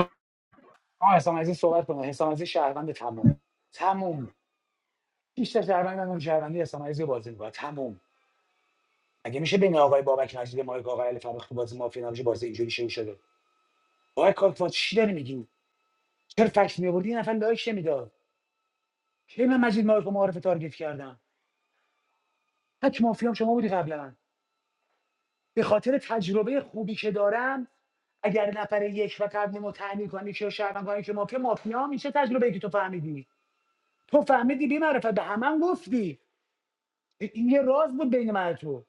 آه حسام عزیز صحبت کنه حسام عزیز شهروند تموم تموم بیشتر شهروند من اون شهروندی حسام عزیز بازی میکنه تموم اگه میشه بین آقای بابک نجیب ما آقای علی فرخ تو بازی مافیا نمیشه بازی اینجوری شروع شده آقای کاکفاد چی داری میگی چرا فکس میآوردی یه نفر لایک نمیداد کی من مجید مایاک و معارف تارگت کردم تک مافیام شما بودی قبلا به خاطر تجربه خوبی که دارم اگر نفر یک و قبل ما تعمین کنی که شهروند کنی که مافیا مافیا میشه تجربه ای که تو فهمیدی تو فهمیدی بی معرفت به همه گفتی این یه راز بود بین من و تو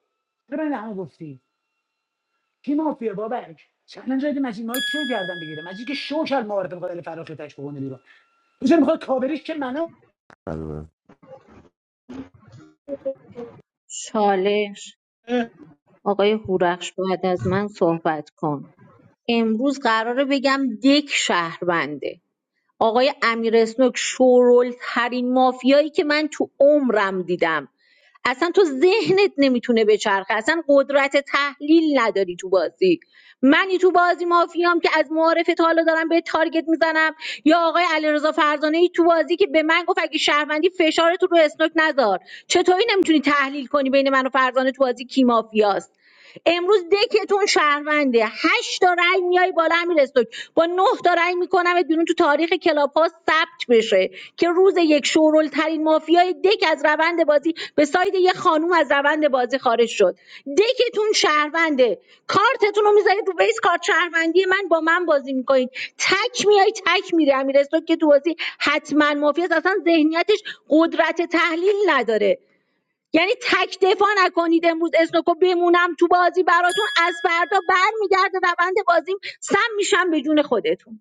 چرا بین همه گفتی کی مافیا بابک چند جای مجید مایک چه گردن بگیره مجید که شو کرد معارف قابل فراخی تک بکنه بیرون تو چرا میخواد کاوریش که منو مرسی چالش آقای هورخش بعد از من صحبت کن امروز قراره بگم دک شهربنده آقای امیر اسنوک شورلترین مافیایی که من تو عمرم دیدم اصلا تو ذهنت نمیتونه بچرخه اصلا قدرت تحلیل نداری تو بازی منی تو بازی مافیام که از معارف تا حالا دارم به تارگت میزنم یا آقای علیرضا فرزانه ای تو بازی که به من گفت اگه شهروندی فشارتو رو اسنوک نذار چطوری نمیتونی تحلیل کنی بین من و فرزانه تو بازی کی مافیاست امروز دکتون شهرونده هشت تا رأی میای بالا امیر استوک با نه تا رأی میکنمت بیرون تو تاریخ کلاپاس ثبت بشه که روز یک شورل ترین مافیای دک از روند بازی به ساید یه خانوم از روند بازی خارج شد دکتون شهرونده کارتتون رو میذارید رو بیس کارت شهروندی من با من بازی میکنید تک میای تک میره امیر استوک که تو بازی حتما مافیاست اصلا ذهنیتش قدرت تحلیل نداره یعنی تک دفاع نکنید امروز اسنوکو بمونم تو بازی براتون از فردا برمیگرده روند بازیم سم میشم به جون خودتون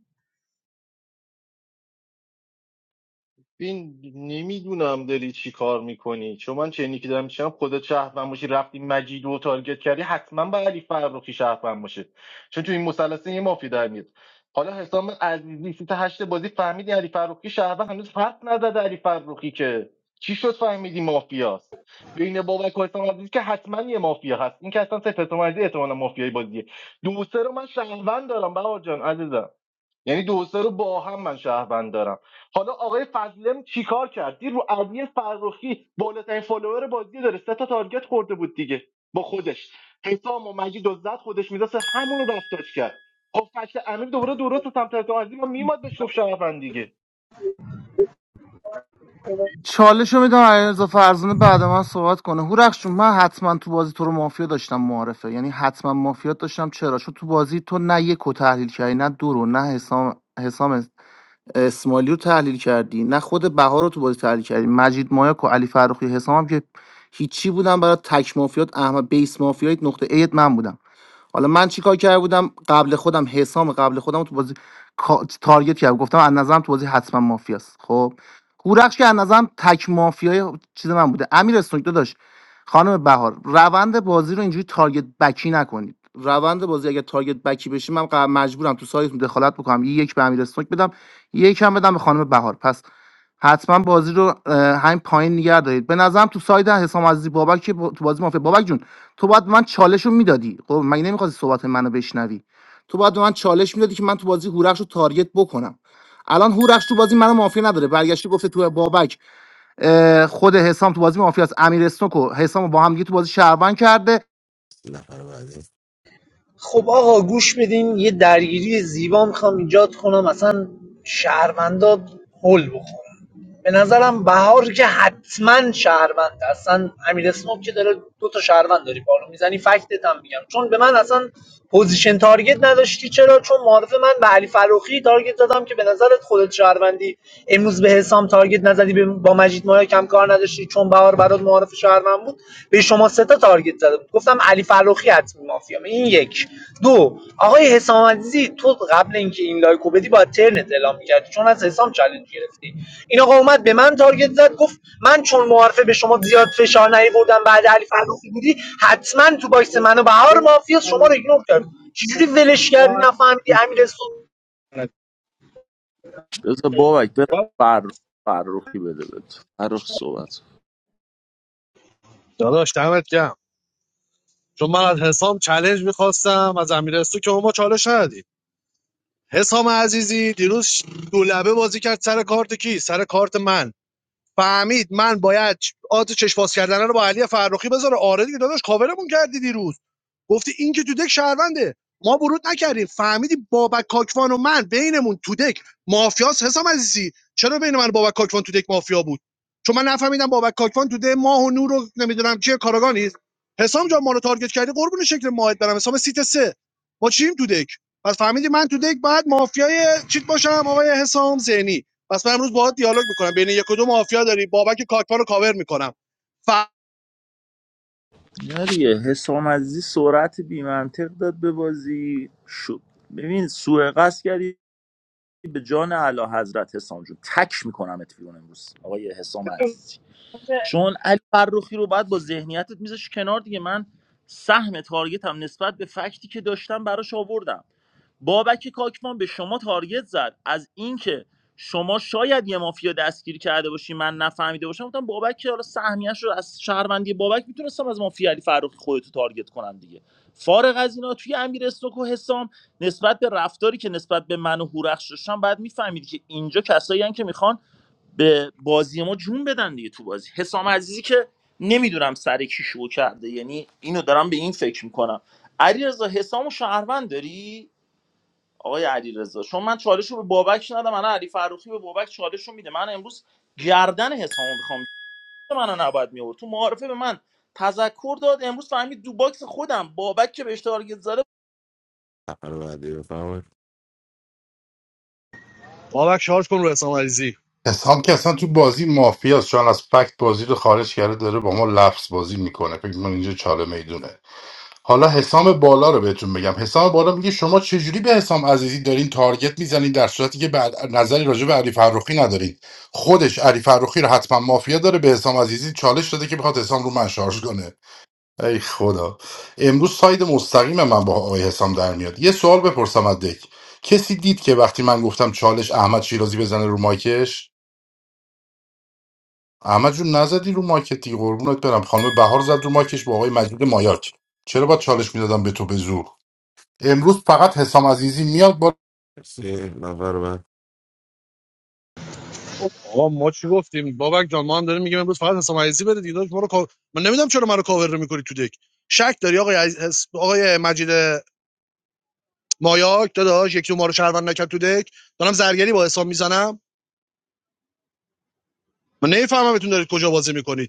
این نمیدونم داری چی کار میکنی چون من چنینی که دارم میشم خدا شهروند باشی رفتی مجید و تارگت کردی حتما به علی فرخی شهروند باشه چون تو این مثلثه یه مافی در میاد حالا حسام عزیزی سیت هشت بازی فهمیدی علی فرخی شهروند هنوز حرف نزده علی فرخی که چی شد فهمیدی مافیاست بین بابک و حسام عزیزی که حتما یه مافیا هست این که اصلا سه حسام عزیزی احتمالاً مافیای بازیه دو و رو من شهروند دارم بهار جان عزیزم یعنی دو سه رو با هم من شهروند دارم حالا آقای فضلم چیکار کرد دیر رو علی فرخی بالاترین فالوور بازی داره سه تا تارگت خورده بود دیگه با خودش حسام و مجید و زد خودش میداسه همون رو رفتاج کرد خب فکت امیر دوباره درست سمت حسام عزیزی ما میماد بهش گفت شهروند دیگه چالش رو میدم علیرضا فرزانه بعد من صحبت کنه هورخش جون من حتما تو بازی تو رو مافیا داشتم معارفه یعنی حتما مافیا داشتم چرا چون تو بازی تو نه یک رو تحلیل کردی نه دو رو نه حسام حسام اسماعیلی رو تحلیل کردی نه خود بهار رو تو بازی تحلیل کردی مجید مایاک و علی فرخی حسام هم که هیچی بودن برای تک مافیات احمد بیس مافیات نقطه ایت من بودم حالا من چیکار کرده بودم قبل خودم حسام قبل خودم رو تو بازی کا- تارگت کردم گفتم از نظرم تو بازی حتما مافیاست خب هورخش که از نظرم تک مافیای چیز من بوده امیر اسنوک داشت خانم بهار روند بازی رو اینجوری تارگت بکی نکنید روند بازی اگه تارگت بکی بشه من قر- مجبورم تو سایت دخالت بکنم یه یک به امیر اسنوک بدم یک هم بدم به خانم بهار پس حتما بازی رو اه، همین پایین نگه دارید به نظرم تو ساید حسام عزیزی بابک که با- تو بازی مافیا بابک جون تو باید من چالش رو میدادی خب مگه نمیخواستی صحبت منو بشنوی تو باید من چالش میدادی که من تو بازی هورخش رو تارگت بکنم الان هورخش تو بازی منو مافیا نداره برگشته گفته تو بابک اه، خود حسام تو بازی مافیا است امیر اسنوک و حسام رو با هم دیگه تو بازی شهروند کرده نفر بعدی خب آقا گوش بدین یه درگیری زیبا میخوام ایجاد کنم اصلا شهروندا هول بخورن به نظرم بهار که حتما شهروند اصلا امیر اسموک که داره دو تا شهروند داری پالو میزنی فکتت هم میگم چون به من اصلا پوزیشن تارگت نداشتی چرا چون معرف من به علی فروخی تارگت دادم که به نظرت خودت شهروندی امروز به حسام تارگت نزدی به- با مجید مایا کم کار نداشتی چون بهار برات معرف شهروند بود به شما سه تا تارگت زدم گفتم علی فروخی حتمی مافیا این یک دو آقای حسام عزیزی تو قبل اینکه این لایکو بدی با ترنت اعلام می‌کردی چون از حسام چالش گرفتی این آقا اومد به من تارگت زد گفت من چون معارفه به شما زیاد فشار نیاوردم بعد علی فروخی بودی حتما تو باکس منو و بهار مافیا شما رو ایگنور کرد چجوری ولش کردی نفهمیدی امیر سود بذار بابک بذار فر... فرخی بده بهت فرخ صحبت داداش دمت گرم چون من از حسام چالش میخواستم از امیرستو که ما چالش ندادیم حسام عزیزی دیروز دو لبه بازی کرد سر کارت کی سر کارت من فهمید من باید آت چشم باز کردن رو با علی فرخی بذاره آره دیگه داداش کاورمون کردی دیروز گفتی این که تو دک شهرونده ما ورود نکردیم فهمیدی بابک کاکوان و من بینمون تو دک مافیاس حسام عزیزی چرا بین من بابک کاکوان تو دک مافیا بود چون من نفهمیدم بابک کاکوان تو ده ماه و نور رو نمیدونم چیه کاراگانی حسام جان ما رو تارگت کردی قربون شکل ماهت برم حسام سیت سه ما چیم تو دک پس فهمیدی من تو دک بعد مافیای چیت باشم آقای حسام زینی پس من امروز باهات دیالوگ میکنم بین یک و دو مافیا داری بابک کاکوان رو کاور میکنم ف... نه دیگه حسام عزیزی سرعت بیمنطق داد به بازی شد ببین سوء قصد کردی به جان اعلی حضرت حسام جون تک میکنم ات بیرون امروز آقای حسام عزیزی چون علی فرخی رو بعد با ذهنیتت میذاش کنار دیگه من سهم تارگت هم نسبت به فکتی که داشتم براش آوردم بابک کاکمان به شما تارگت زد از اینکه شما شاید یه مافیا دستگیر کرده باشی من نفهمیده باشم گفتم بابک که حالا سهمیش رو از شهروندی بابک میتونستم از مافیا علی فرخی خودتو رو تارگت کنم دیگه فارغ از اینا توی امیر استوک و حسام نسبت به رفتاری که نسبت به من و هورخش داشتن بعد میفهمید که اینجا کسایی هستن که میخوان به بازی ما جون بدن دیگه تو بازی حسام عزیزی که نمیدونم سر کی شو کرده یعنی اینو دارم به این فکر میکنم علیرضا حسام و شهروند داری آقای علیرضا چون من چالش رو به بابک ندم من علی فروخی به بابک چالش رو میده من امروز گردن حسامو میخوام منو نباید میورد تو معارفه به من تذکر داد امروز فهمید دو باکس خودم بابک که به اشتغال نفر بعدی بفرمایید بابک شارژ کن رو حسام عزیزی حسام که اصلا تو بازی مافیاست چون از فکت بازی رو خارج کرده داره با ما لفظ بازی میکنه فکر من اینجا چاله میدونه حالا حسام بالا رو بهتون بگم حسام بالا میگه شما چجوری به حسام عزیزی دارین تارگت میزنین در صورتی که بعد نظری راجع به علی فرخی ندارین خودش علی فرخی رو حتما مافیا داره به حسام عزیزی چالش داده که بخواد حسام رو من شارژ کنه ای خدا امروز ساید مستقیم من با آقای حسام در میاد یه سوال بپرسم از دک کسی دید که وقتی من گفتم چالش احمد شیرازی بزنه رو مایکش احمد جون نزدی رو مارکت دیگه قربونت برم خانم بهار زد رو مارکش با آقای مجید مایاک چرا باید چالش میدادم به تو به زور امروز فقط حسام عزیزی میاد با مرسی نفر بعد آقا ما چی گفتیم بابک جان ما هم داریم میگیم امروز فقط حسام عزیزی بره دیگه داداش ما رو کاو- من نمیدونم چرا منو کاور رو میکنی تو دک شک داری آقای عز... حس- آقای مجید مایاک داداش یکی ما رو شهروند نکرد تو دک دارم زرگری با حسام میزنم من نمیفهمم بتون دارید کجا بازی میکنید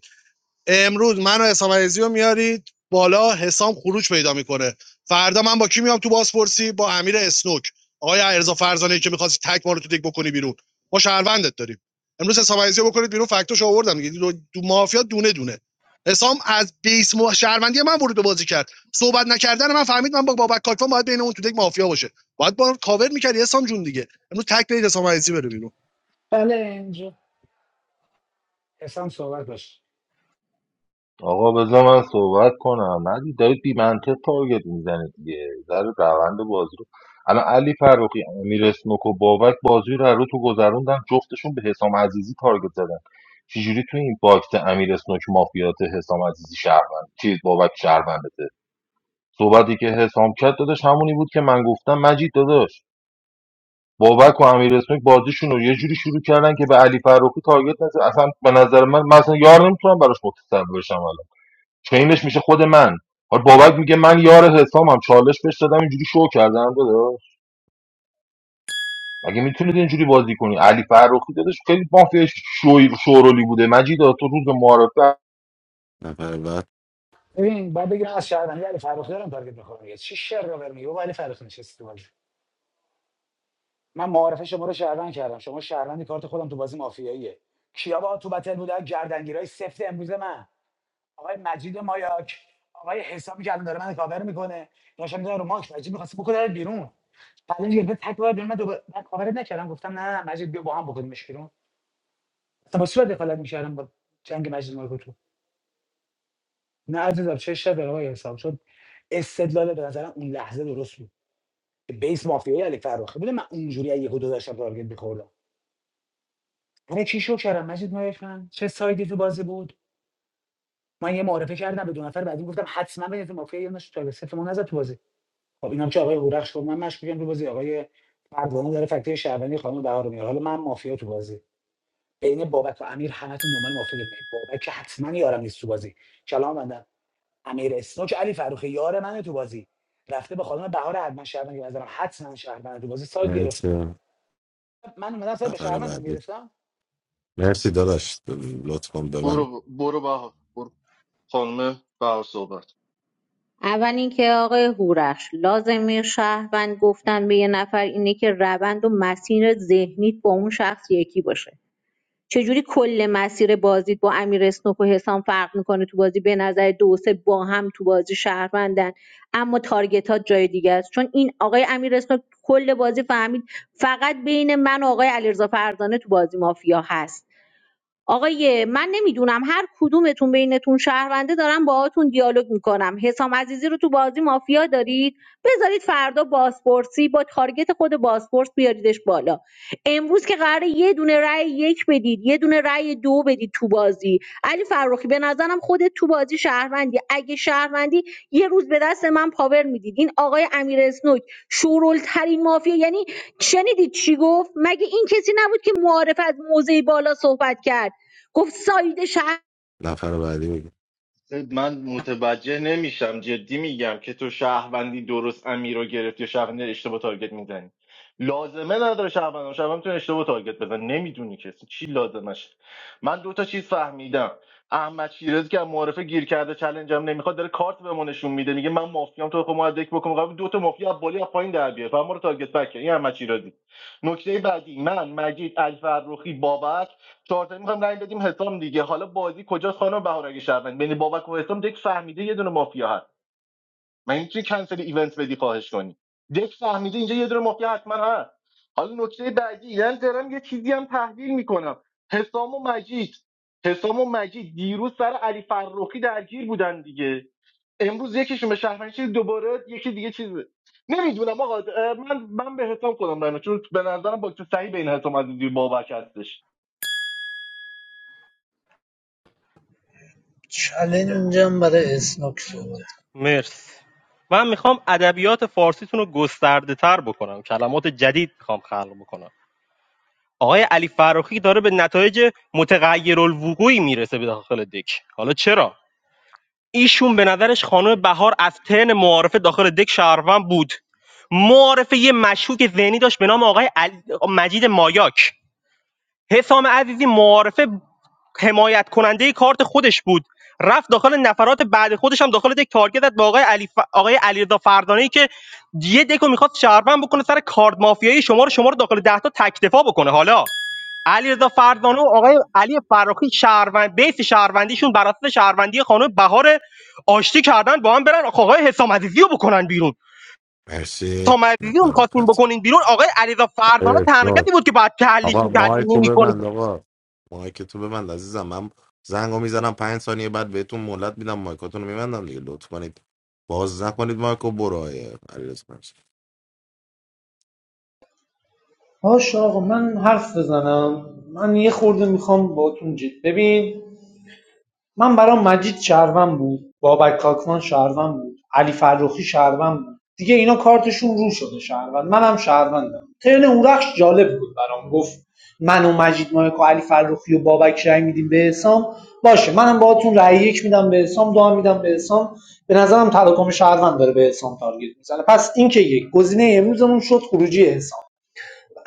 امروز من و حسام عزیزی رو میارید بالا حسام خروج پیدا میکنه فردا من با کی میام تو بازپرسی با امیر اسنوک آقای علیرضا فرزانه که میخواستی تک ما رو تو دک بکنی بیرون ما شهروندت داریم امروز حسام عزیزی رو بکنید بیرون فکتوش آوردم دیگه دو, دو مافیا دونه دونه حسام از بیس مو شهروندی من ورود به بازی کرد صحبت نکردن من فهمید من با بابک کاکوان باید بین اون تو دک مافیا باشه باید با کاور میکردی حسام جون دیگه امروز تک برید حسام عزیزی بره بیرون بله اینجا حسام صحبت باش آقا بذار من صحبت کنم ندی دارید بی منطق تارگت میزنید دیگه در روند بازی رو الان علی فروقی امیر اسنوک و بابک بازی رو رو تو گذروندن جفتشون به حسام عزیزی تارگت زدن چجوری تو این باکس امیر اسنوک مافیات حسام عزیزی شهروند چیز بابک شهروندته صحبتی که حسام کرد داداش همونی بود که من گفتم مجید داداش بابک و امیر اسمک بازیشون رو یه جوری شروع کردن که به علی فروخی تارگت نزد اصلا به نظر من من اصلا یار نمیتونم براش متصور بشم الان چینش میشه خود من حالا بابک میگه من یار حسامم چالش بهش دادم اینجوری شو کردم داداش مگه میتونید اینجوری بازی کنی علی فروخی داداش خیلی مافیا شوی شورولی بوده مجید تو روز معارفه نفر بعد ببین باید بگیرم از شهروندی علی فرخ دارم تارگت بخورم دیگه چی شر رو برمیگه بابا علی فرخ نشستی تو بازی من معارفه شما رو شهروند کردم شما شهروندی کارت خودم تو بازی مافیاییه کیا با تو بتل بودن گردنگیرای سفت امروز من آقای مجید مایاک آقای حسابی که الان داره من کاور میکنه داشتم میذارم رو ماکس مجید می‌خواست بکنه بیرون پلنج گرفته تک بار بیرون من دوباره من کاورت نکردم گفتم نه نه مجید بیا با هم بکنیمش بیرون اصلا با صورت دخالت می‌کردم با جنگ مجید مایاک تو نه عزیزم چه شر آقای حساب شد استدلال به نظرم اون لحظه درست بود بیس مافیای علی فراخی بوده من اونجوری از یهو داشتم تارگت می‌خوردم آره چی شو کردم مجید مایفن چه سایدی تو بازی بود من یه معرفه کردم به دو نفر بعدی گفتم حتما به تو مافیا یه نش تارگت صفر نزد تو بازی خب اینم که آقای هورخش گفت من مشکوکم تو بازی آقای پروانه داره فکتای شهروندی خانم بهار رو میاره حالا من مافیا تو بازی بین بابک و امیر همتون دنبال مافیا می بابک که حتما یارم نیست تو بازی کلام بندم امیر اسنوک علی فروخی یار منه تو بازی رفته به خانم بهار حتما شهروندی به نظرم حتما شهروندی تو بازی سایت گرفته مرسی من اومدم سر به نفر شهروندم بعدی گرفتم مرسی داداش لطفا به من برو برو بهار برو خانم بهار صحبت اول اینکه آقای هورخش لازمه شهروند گفتن به یه نفر اینه که روند و مسیر ذهنیت با اون شخص یکی باشه چجوری کل مسیر بازیت با امیر اسنوک و حسام فرق میکنه تو بازی به نظر دو سه با هم تو بازی شهروندن اما تارگتات جای دیگه است چون این آقای امیر اسنوک کل بازی فهمید فقط بین من و آقای علیرضا فرزانه تو بازی مافیا هست آقای من نمیدونم هر کدومتون بینتون شهرونده دارم باهاتون دیالوگ میکنم حسام عزیزی رو تو بازی مافیا دارید بذارید فردا بازپرسی با تارگت خود بازپرس بیاریدش بالا امروز که قراره یه دونه رأی یک بدید یه دونه رأی دو بدید تو بازی علی فرخی به نظرم خودت تو بازی شهروندی اگه شهروندی یه روز به دست من پاور میدید این آقای امیر اسنوک شورولترین مافیا یعنی شنیدید چی گفت مگه این کسی نبود که معارف از موزه بالا صحبت کرد گفت ساید شهر نفر بعدی بگی من متوجه نمیشم جدی میگم که تو شهروندی درست امیر رو گرفتی یا شهروندی اشتباه تارگت میزنی لازمه نداره شهروند شهروند میتونه اشتباه تارگت بزن نمیدونی که اصلا چی لازمشه من دو تا چیز فهمیدم احمد شیرازی که از معارفه گیر کرده چلنجم نمیخواد داره کارت به ما نشون میده میگه من مافیام تو خود مدرک بکن قبل دو تا مافیا از بالی از پایین در بیار فقط ما رو تارگت بک کن. این احمد شیرازی نکته بعدی من مجید الفروخی بابک چهارتا میخوام رأی بدیم حسام دیگه حالا بازی کجاست خانم بهار اگه شهروند بین بابک و حسام دک فهمیده یه دونه مافیا هست من میتونی کنسل ایونت بدی خواهش کنی دک فهمیده اینجا یه دونه مافیا حتما هست حالا نکته بعدی من دارم یه چیزی هم تحلیل میکنم حسام و مجید حسام و مجید دیروز سر علی فرخی درگیر بودن دیگه امروز یکیشون به شهروند دوباره یکی دیگه چیز نمیدونم آقا من من به حسام خودم رای می‌دم. چون به نظرم با صحیح بین حسام عزیزی و بابک هستش چلنجم برای اسنوک صحبت مرسی من میخوام ادبیات فارسیتون رو گسترده تر بکنم کلمات جدید میخوام خلق بکنم آقای علی فراخی داره به نتایج متغیرالوقوعی میرسه به داخل دک حالا چرا ایشون به نظرش خانم بهار از تن معارفه داخل دک شهروند بود معارفه یه مشکوک ذهنی داشت به نام آقای علی... مجید مایاک حسام عزیزی معارفه حمایت کننده کارت خودش بود رفت داخل نفرات بعد خودش هم داخل دک تارگت زد با آقای علی ف... آقای علیرضا فردانی که یه دکو میخواست شهروند بکنه سر کارد مافیایی شما رو شما رو داخل ده تا تک دفاع بکنه حالا علیرضا فردانی و آقای علی فراخی شهروند بیس شهروندیشون بر اساس شهروندی خانم بهار آشتی کردن با هم برن آقای حسام عزیزی رو بکنن بیرون مرسی حسام عزیزی رو نفر می‌خواستین آخر بکنین بیرون آقای علیرضا فردانی آقای تنها کسی اسنوک. بود که بعد تحلیش آقا می‌کردین مایکو نمی‌کنید ببند آقا مایک تو ببند عزیزم من زنگو میزنم پنج ثانیه بعد بهتون مهلت میدم مایکاتون رو میبندم دیگه لطف کنید باز نکنید مایکو برو آقای علیرضا باش آقا من حرف بزنم من یه خورده میخوام باتون جد ببین من برام مجید شهروند بود بابک کاکوان شهروند بود علی فرخی شهروند بود دیگه اینا کارتشون رو شده شهروند منم شهروندم ترن اورخش جالب بود برام گفت من و مجید مایک و علی فرخی و بابک رأی میدیم به حسام باشه منم باهاتون رأی یک میدم به حسام دو هم میدم به حسام به نظرم تراکم شهروند داره به حسام تارگت میزنه پس این که یک گزینه امروزمون شد خروجی حسام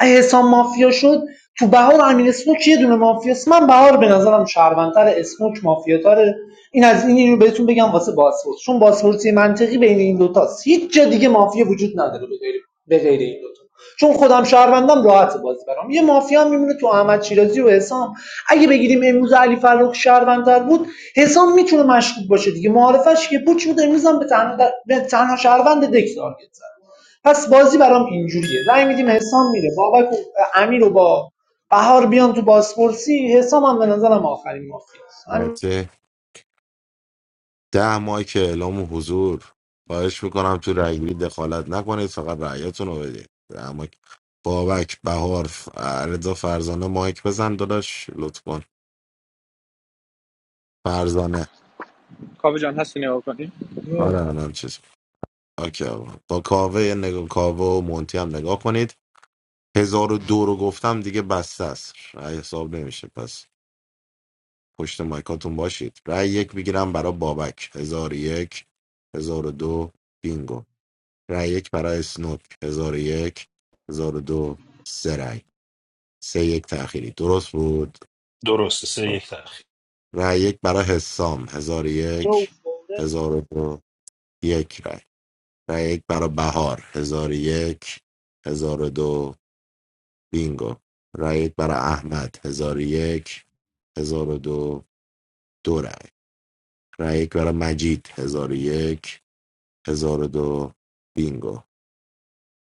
حسام مافیا شد تو بهار و امیر اسموک یه دونه مافیاست من بهار به نظرم شهروندتر اسموک مافیاتره این از این اینو بهتون بگم واسه باسپورس چون باسپورسی منطقی بین این دوتاست هیچ جا دیگه مافیا وجود نداره به غیر به غیر این دوتا چون خودم شهروندم راحت بازی برام یه مافیا میمونه تو احمد شیرازی و حسام اگه بگیریم امروز علی فرخ شهروندتر بود حسام میتونه مشکوک باشه دیگه معارفش که پوچ بود امروز هم به تنها, به تنها شهروند دک تارگت زد پس بازی برام اینجوریه رای میدیم حسام میره بابک و امیر و با بهار بیان تو بازپرسی حسام هم به نظرم آخرین مافیاست همین مرسی ده ماه که اعلام حضور خواهش میکنم تو رأیگیری دخالت نکنید فقط رأیتون رو بدید ده ماه که- بابک بهار ف- رضا فرزانه مایک بزن داداش لطف کن فرزانه کاوه جان هستی نگاه کنی آره الان چیز اوکی آقا. با کاوه یه نگاه کاوه و مونتی هم نگاه کنید هزار و دو رو گفتم دیگه بسته است رأی حساب نمیشه پس پشت مایکاتون باشید رأی یک میگیرم برای بابک هزار و یک هزار و دو بینگو رای یک برای اسنوک هزار و یک هزار و دو سه رای سه یک تأخیری درست بود درسته سه یک تأخیر رای یک برای حسام هزار و یک هزار و دو یک رای رای یک برای بهار هزار و یک هزار و دو بینگو رای یک برای احمد هزار و یک هزار و دو دو رای رای یک برای مجید هزار و یک هزار و دو بینگو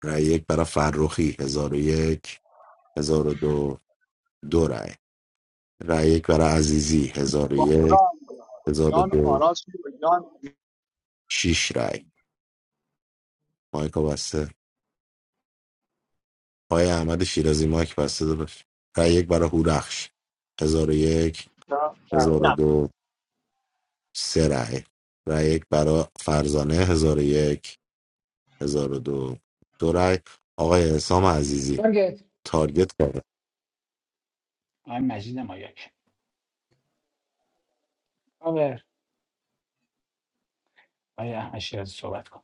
رای یک برای فرخی هزار و یک هزار و دو دو رای. رای یک برای عزیزی هزار و با خدا یک هزار و جان دو آراس جان شیش رای مایکا بسته آقای احمد شیرازی مایک بسته داشت رای یک برای هورخش هزار و یک هزار و نه دو سه رای رای یک برای فرزانه هزار و یک هزار و دو دو رای آقای حسام عزیزی تارگت تارگت کرده آقای مجید مایاک آره آقای احمد شیرازی صحبت کن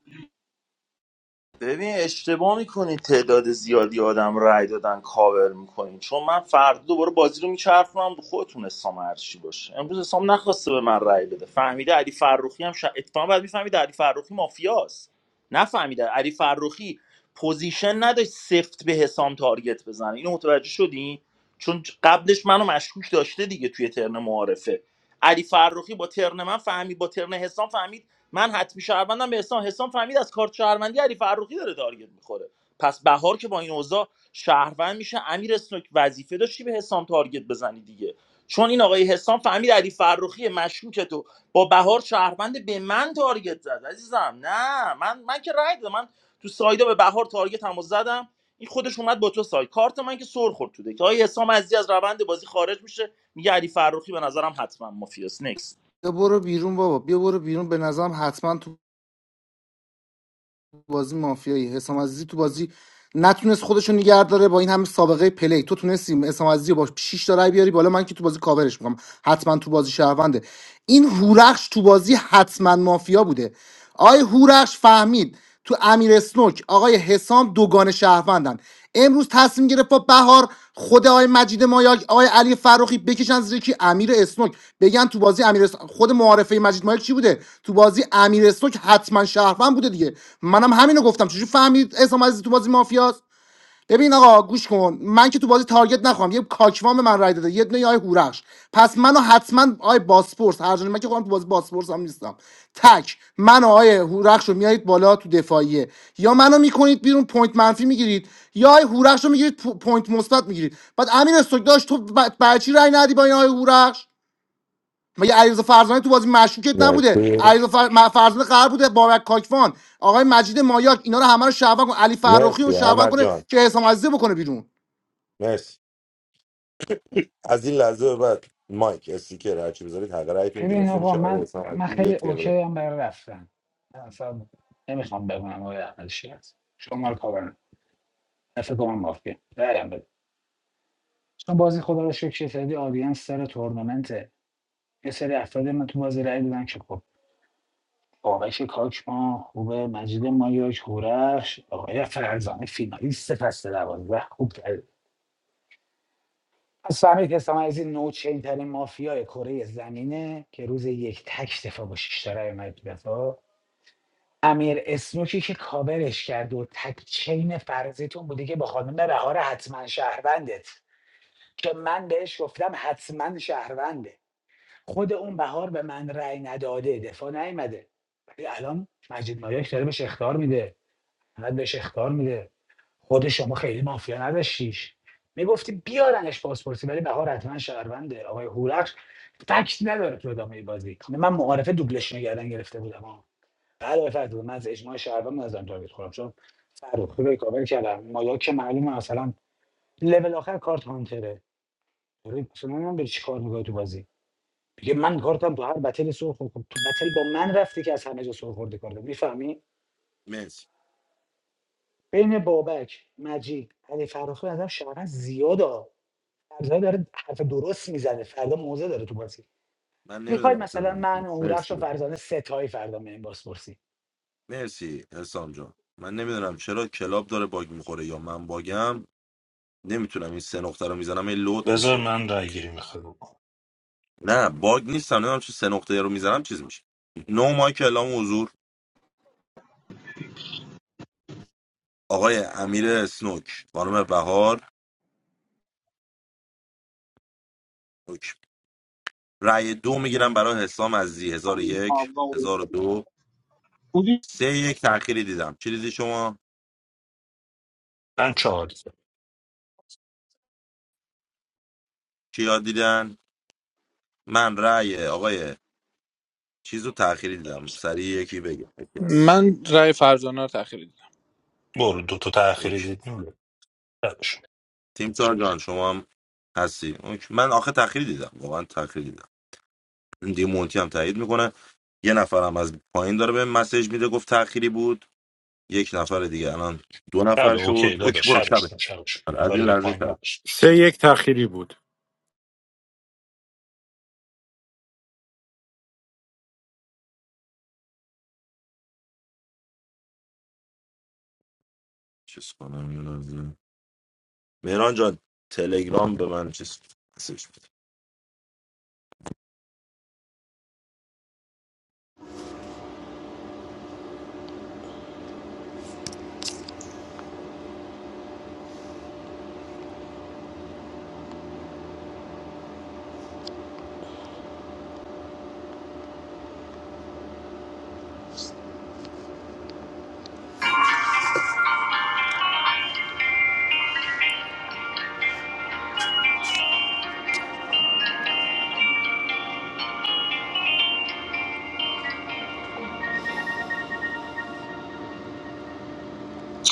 ببین اشتباه میکنی تعداد زیادی آدم رای دادن کاور میکنین چون من فردا دوباره بازی رو میچرخونم خودتون حسام هرچی باشه امروز حسام نخواسته به من رای بده فهمیده علی فرخی هم شا... اتفاقا بعد میفهمیده علی فرخی مافیاست نفهمیده علی فرخی پوزیشن نداشت سفت به حسام تارگت بزنه اینو متوجه شدی چون قبلش منو مشکوک داشته دیگه توی ترن معارفه علی فرخی با ترن من فهمید با ترن حسام فهمید من حتمی شهروندم به حسام حسام فهمید از کارت شهروندی علی فرخی داره تارگت میخوره پس بهار که با این اوضاع شهروند میشه امیر اسنوک وظیفه داشتی به حسام تارگت بزنی دیگه چون این آقای حسام فهمید علی فرخی مشکوک تو با بهار شهروند به من تارگت زد عزیزم نه من من که رای دادم من تو سایدا به بهار تارگت هم زدم این خودش اومد با تو ساید کارت من که سر خورد تو که آقای حسام عزیز از روند بازی خارج میشه میگه علی فرخی به نظرم حتما مافیاس بیا برو بیرون بابا بیا برو بیرون به نظرم حتما تو بازی مافیایی حسام عزیزی تو بازی نتونست خودشو نگه داره با این همه سابقه پلی تو تونستی حسام عزیزی رو با 6 تا رای بیاری بالا من که تو بازی کاورش میکنم حتما تو بازی شهرونده این هورخش تو بازی حتما مافیا بوده آقای هورخش فهمید تو امیر اسنوک آقای حسام دوگان شهروندن امروز تصمیم گرفت با بهار خود آقای مجید مایاک آقای علی فروخی بکشن زیر کی امیر اسنوک بگن تو بازی امیر اس- خود معارفه مجید مایاک چی بوده تو بازی امیر اسنوک حتما شهروند بوده دیگه منم همینو گفتم چجوری فهمید اسام عزیزی تو بازی مافیاست ببین آقا گوش کن من که تو بازی تارگت نخوام یه کاکوام من رای داده یه دونه آی هورخش پس منو حتما آی باسپورس هر جایی من که خودم تو بازی باسپورس هم نیستم تک من و آی هورخش رو میارید بالا تو دفاعیه یا منو میکنید بیرون پوینت منفی میگیرید یا آی هورخش رو میگیرید پو- پوینت مثبت میگیرید بعد امیر استوک داشت تو ب- برای چی رای ندی با این آی هورخش مگه علیرضا فرزانه تو بازی مشکوکت نبوده مرسی علیرضا فر... م- فرزانه قرار بوده بابک کاکوان آقای مجید مایاک اینا رو همه رو شعبان کن علی فرخی رو مرسی شعبان احمد کنه جان که حسام عزیزی بکنه بیرون مرسی از این لحظه به بعد مایک استیکر هرچی بذارید حق رایتون ببین گرفته آقا میشه آقای من حسام من عزیزی خیلی یک دقیقه اوکی هم برای رفتن من اصلا نمیخوام بمونم آقای احمد شیرازی شما رو کاور نفر کنم مافیا درم بده چون بازی خدا رو شکر یه آدینس سر تورنمنته یه سری افراد من تو بازی رای بودن که خب بابک کاکما خوبه مجید مایاک هورخش آقای فرزانه فینالیست فصل دوازده خوب پس فهمید از این نوچین ترین مافیای کره زمینه که روز یک تک دفاع با شیش تا رای اومد تو دفاع امیر اسنوکی که کاورش کرد و تک چین فرضیتون بوده که با خانم بهار حتما شهروندت که من بهش گفتم حتما شهرونده خود اون بهار به من رأی نداده دفاع نیومده ولی الان مجید مایاک داره بهش اخطار میده بعد بهش اخطار میده خود شما خیلی مافیا نداشتیش میگفتی بیارنش پاسپورتی ولی بهار حتما شهرونده آقای هورخش فکت نداره تو ادامه بازی من معارفه دوبلش نگردن گرفته بودم ها بله بفرد من از اجماع شهروند نظرم تارگت خورم چون فرخی رو کاور کردم مایا که معلومه مثلا لول آخر کارت هانتره داری مثلا من بری چی کار میکنی تو بازی میگه من کارتم تو هر بتل سر خورد خب تو بتل با من رفتی که از همه جا سر خورده کارت میفهمی مرسی بین بابک مجید علی فرخی ازم شهروند زیاده فرزانه داره حرف درست میزنه فردا موزه داره تو بازی من میخواید نمیدونم چرا مثلا من نمی‌تونم. و هورخش مرسی و فرزانه ستایی فردا میایم بازپرسی مرسی حسام جان من نمیدونم چرا کلاب داره باگ میخوره یا من باگم نمیتونم این سه نقطه رو میزنم این لوت بذار میشه من رای گیری میخواد بکنم نه باگ نیستم نمیدونم چه سه نقطه رو میزنم چیز میشه نو مایک اعلام حضور آقای امیر اسنوک خانم بهار اوکی. رأی دو میگیرم برای حسام عزیزی هزار و یک آما و هزار و دو بودی سه یک تأخیری دیدم چی دیدی شما من چهار دیدم. کیا دیدن من رأی آقای چیز رو تأخیری دیدم سریع یکی بگه یکی هست. من رأی فرزانه رو تأخیر دیدم برو دو تا تأخیر اوکی. دیدیم شبش تیم سار جان شما هم هستی اوکی. من آخه تاخیر دیدم واقعا تاخیر دیدم دی مونتی هم تایید میکنه یه نفرم از پایین داره به مسیج میده گفت تأخیری بود یک نفر دیگه الان دو شب نفر اوکی شد اوکی داداش برو شبش شبه کن، شبش کن. آره، از کاری این به لحظه پایین شب نداشته باش. Good. چیز کنم یه لحظه مهران جان تلگرام به من چیز مسیج بده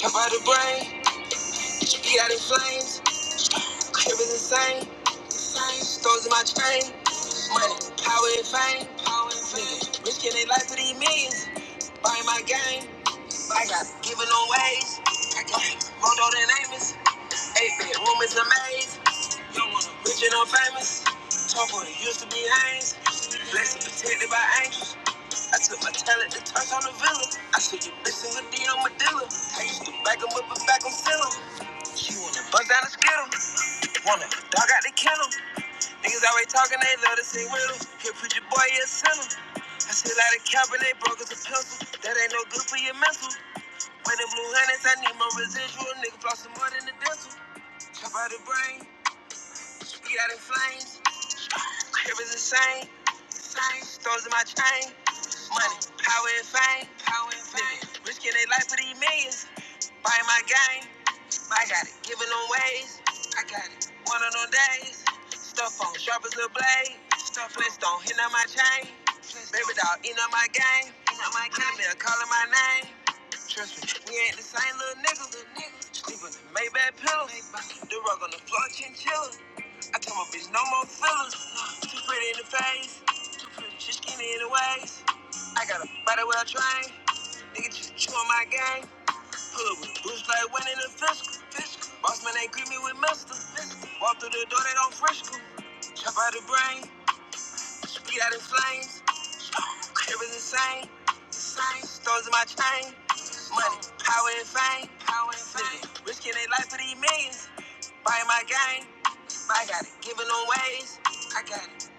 Jump out the brain, she be out in flames. Crib is insane. Same stones in my chain. Money, power and fame. Power and fame. Rich kid, they life to these millions. Buying my game. I got giving on ways. I got Rondo than Amos. Eight bit room is a maze. do wanna rich and I'm famous. Talk what it used to be Haynes. Blessed and protected by angels. I took my talent to touch on the villa. I said you bitches with D on my dealer. I used to back 'em up and back 'em still. She wanna bust down the skittle. Wanna dog out the kennel. Niggas always talking, they love to say riddle. Here, preacher boy, you a sinner. I still out of cap and they broke us a pencil. That ain't no good for your mental. When the blue hundreds, I need my residual. Nigga floss some more than the dental. Chop out the brain, eat out in flames. Crib is insane. Same. same. Stones in my chain. Money, power and fame. Power and fame. Nigga, risking their life for these millions. Buying my game. I got it. Giving them ways. I got it. One of them days. Stuff on, sharp as a blade. Stuff Flintstone, hitting on my chain. Baby dog, eating on my game. Eating on my game. Nigga calling my name. Trust me, we ain't the same little nigga. Sleeping in Maybach pillows. The rug on the floor, chinchilla. I told my bitch, no more fillers. Too pretty in the face. Too pretty, she skinny in the waist. I got a body well trained. Nigga, just chewing my game. Pull up with boots like winning the fiscal. Fiscal. Boss man, ain't greet me with mister. Walk through the door, they don't frisk 'em. Chop out the brain. Feet out in flames, crib is insane. Stones in my chain, money, power and fame. Power and fame. Risking their life for these millions, buying my game. I got it, giving them ways. I got it.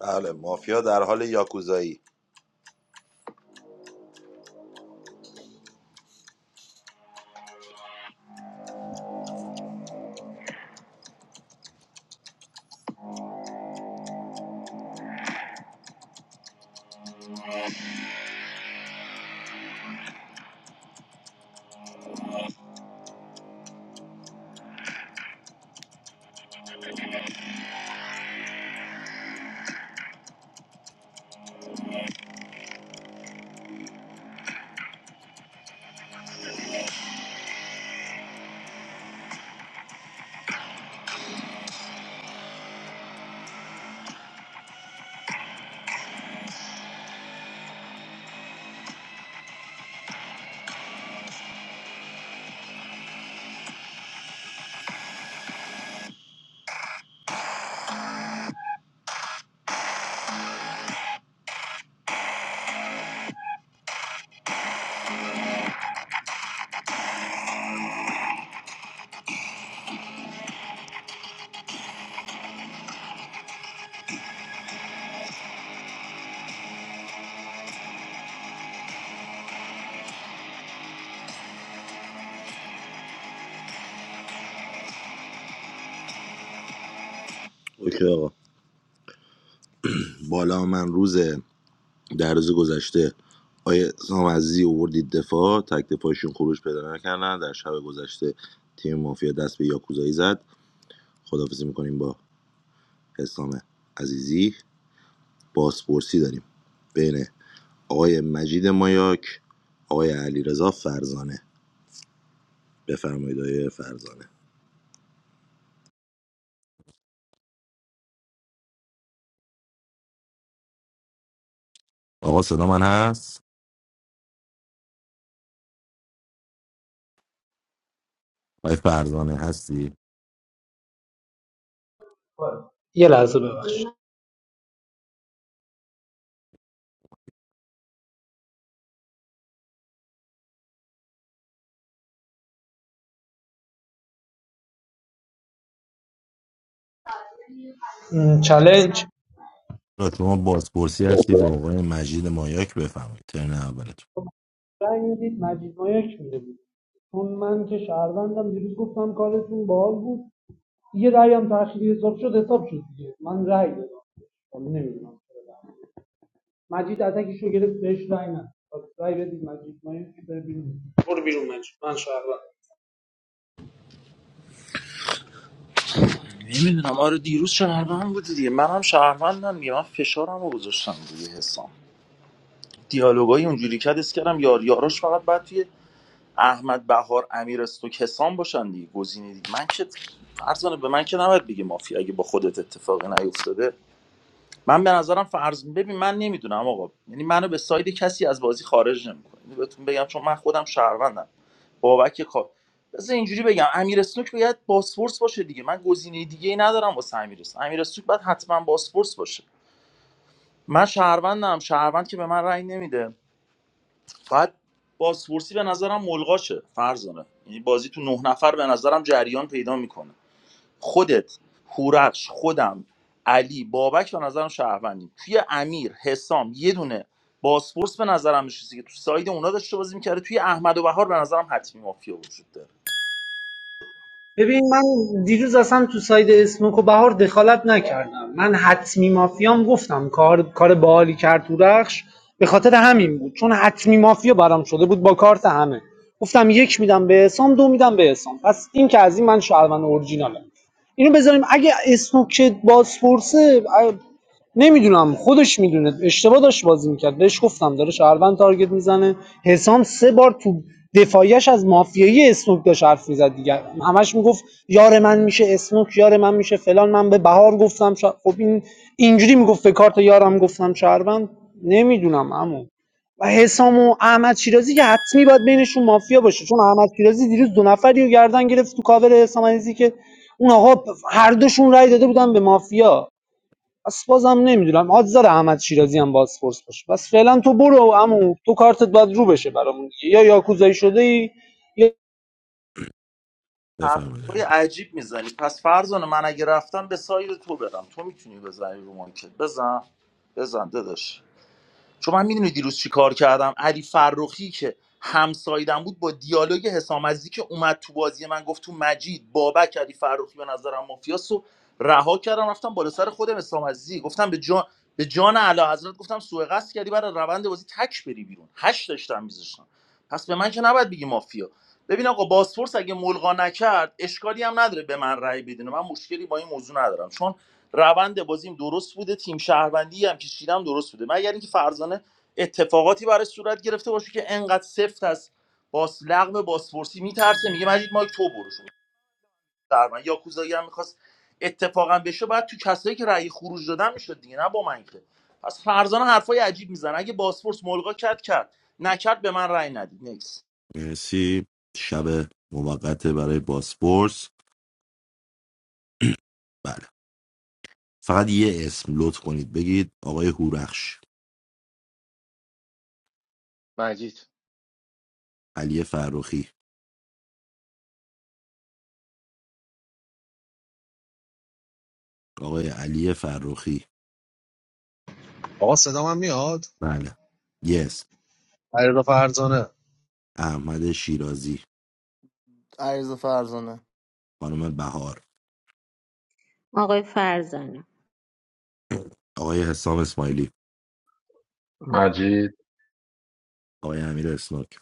بله مافیا در حال یاکوزایی اوکی آقا بالا من روز در روز گذشته آیه سام اووردید دفاع تک دفاعشون خروج پیدا نکردن در شب گذشته تیم مافیا دست به یاکوزایی زد خدافزی میکنیم با حسام عزیزی بازپرسی داریم بین آقای مجید مایاک آقای علیرضا فرزانه بفرمایید آقای فرزانه آقا صدا من هست آقای فرزانه هستی یه لحظه ببخشید م، چالش را شما بازپرسی هستی با آقای مجید مایاک بفرمایید ترن اولتون رای میدید مجید مایک میده بود چون من که شهروندم دیروز گفتم کارتون باحال بود یه رأی هم تأخیری حساب شد حساب شد دیگه من رأی دادم حالا نمیدونم چرا رأی ندادم. مجید اتکش رو گرفت بهش رأی نداد پس رأی بدید مجید مایک که بره بیرون برو بیرون مجید من شهروندم نمیدونم آره دیروز شهروند بودی دیگه منم شهروندم دیگه من فشارم رو گذاشتم روی حسام دیالوگای اونجوری که حس کردم یار یاراش فقط باید توی احمد بهار امیر استوک حسام باشن دیگه گزینه دیگه من که فرض کنه به من که نباید بگه مافیا اگه با خودت اتفاقی نیفتاده من به نظرم فرض ببین من نمیدونم آقا یعنی منو به ساید کسی از بازی خارج نمیکنه اینو بهتون بگم چون من خودم شهروندم بابک کار بذار اینجوری بگم امیر اسنوک باید باسفورس باشه دیگه من گزینه دیگه ای ندارم واسه امیر اسنوک امیر اسنوک باید حتما باسفورس باشه من شهروندم شهروند که به من رأی نمیده باید باسفورسی به نظرم ملغاشه فرزانه یعنی بازی تو نه نفر به نظرم جریان پیدا میکنه خودت هورخش خودم علی بابک به نظرم شهروندیم توی امیر حسام یه دونه باسپورس به نظرم میشه که تو ساید اونا داشته بازی میکرده توی احمد و بهار به نظرم حتمی مافیا وجود داره ببین من دیروز اصلا تو ساید اسموک و بهار دخالت نکردم من حتمی مافیام گفتم کار کار باحالی کرد تو رخش به خاطر همین بود چون حتمی مافیا برام شده بود با کارت همه گفتم یک میدم به حسام دو میدم به حسام پس این که از این من شهروند اورجینالم اینو بذاریم اگه اسموک بازپرسه نمیدونم خودش میدونه اشتباه داشت بازی میکرد بهش گفتم داره شهروند تارگت میزنه حسام سه بار تو دفاعیش از مافیایی اسموک داشت حرف میزد دیگه همش میگفت یار من میشه اسموک یار من میشه فلان من به بهار گفتم شا... خب این اینجوری میگفت به کارت یارم گفتم شهروند نمیدونم عمو و حسام و احمد شیرازی که حتمی باید بینشون مافیا باشه چون احمد شیرازی دیروز دو نفری رو گردن گرفت تو کاور حسام عزیزی که اون آقا هر دوشون رای داده بودن به مافیا بس بازم نمیدونم آدز داره احمد شیرازی هم بازپرس باشه بس فعلا تو برو عمو تو کارتت باید رو بشه برامون دیگه یا یاکوزایی شده ای یا بفرمایید آقای حرفای مایاک. عجیب میزنی پس فرزانه من اگه رفتم به ساید تو برم تو میتونی بزنی رو مانکت بزن بزن داداش چون من میدونی دیروز چی کار کردم علی فرخی که همسایدم بود با دیالوگ حسام عزیزی که اومد تو بازی من گفت تو مجید بابک علی فرخی به نظرم مافیاس و رها کردم رفتم بالا سر خودم حسام عزیزی گفتم به جان به جان اعلی حضرت گفتم سوء قصد کردی برای روند بازی تک بری بیرون هشت داشتم میذاشتم پس به من که نباید بگی مافیا ببین آقا باسپورس اگه ملغا نکرد اشکالی هم نداره به من رأی بدین من مشکلی با این موضوع ندارم چون روند بازیم درست بوده تیم شهروندی هم که چیدم درست بوده مگر اینکه فرزانه اتفاقاتی برای صورت گرفته باشه که انقدر سفت از باس لغم باسپورسی میترسه میگه مجید مایک تو برشون در یا کوزایی هم میخواست اتفاقا بشه بعد تو کسایی که رأی خروج دادن میشد دیگه نه با من که پس فرزانه حرفای عجیب میزنه اگه باسپورس ملغا کرد کرد نکرد به من رأی ندید نکس مرسی شب موقت برای بازپرس بله فقط یه اسم لطف کنید بگید آقای هورخش مجید علی فرخی آقای علی فرخی بله یه اسم نه احمد شیرازی علیرضا فرزانه خانم بهار آقای فرزانه آقای حسام اسماعیلی مجید آقای امیر اسنوک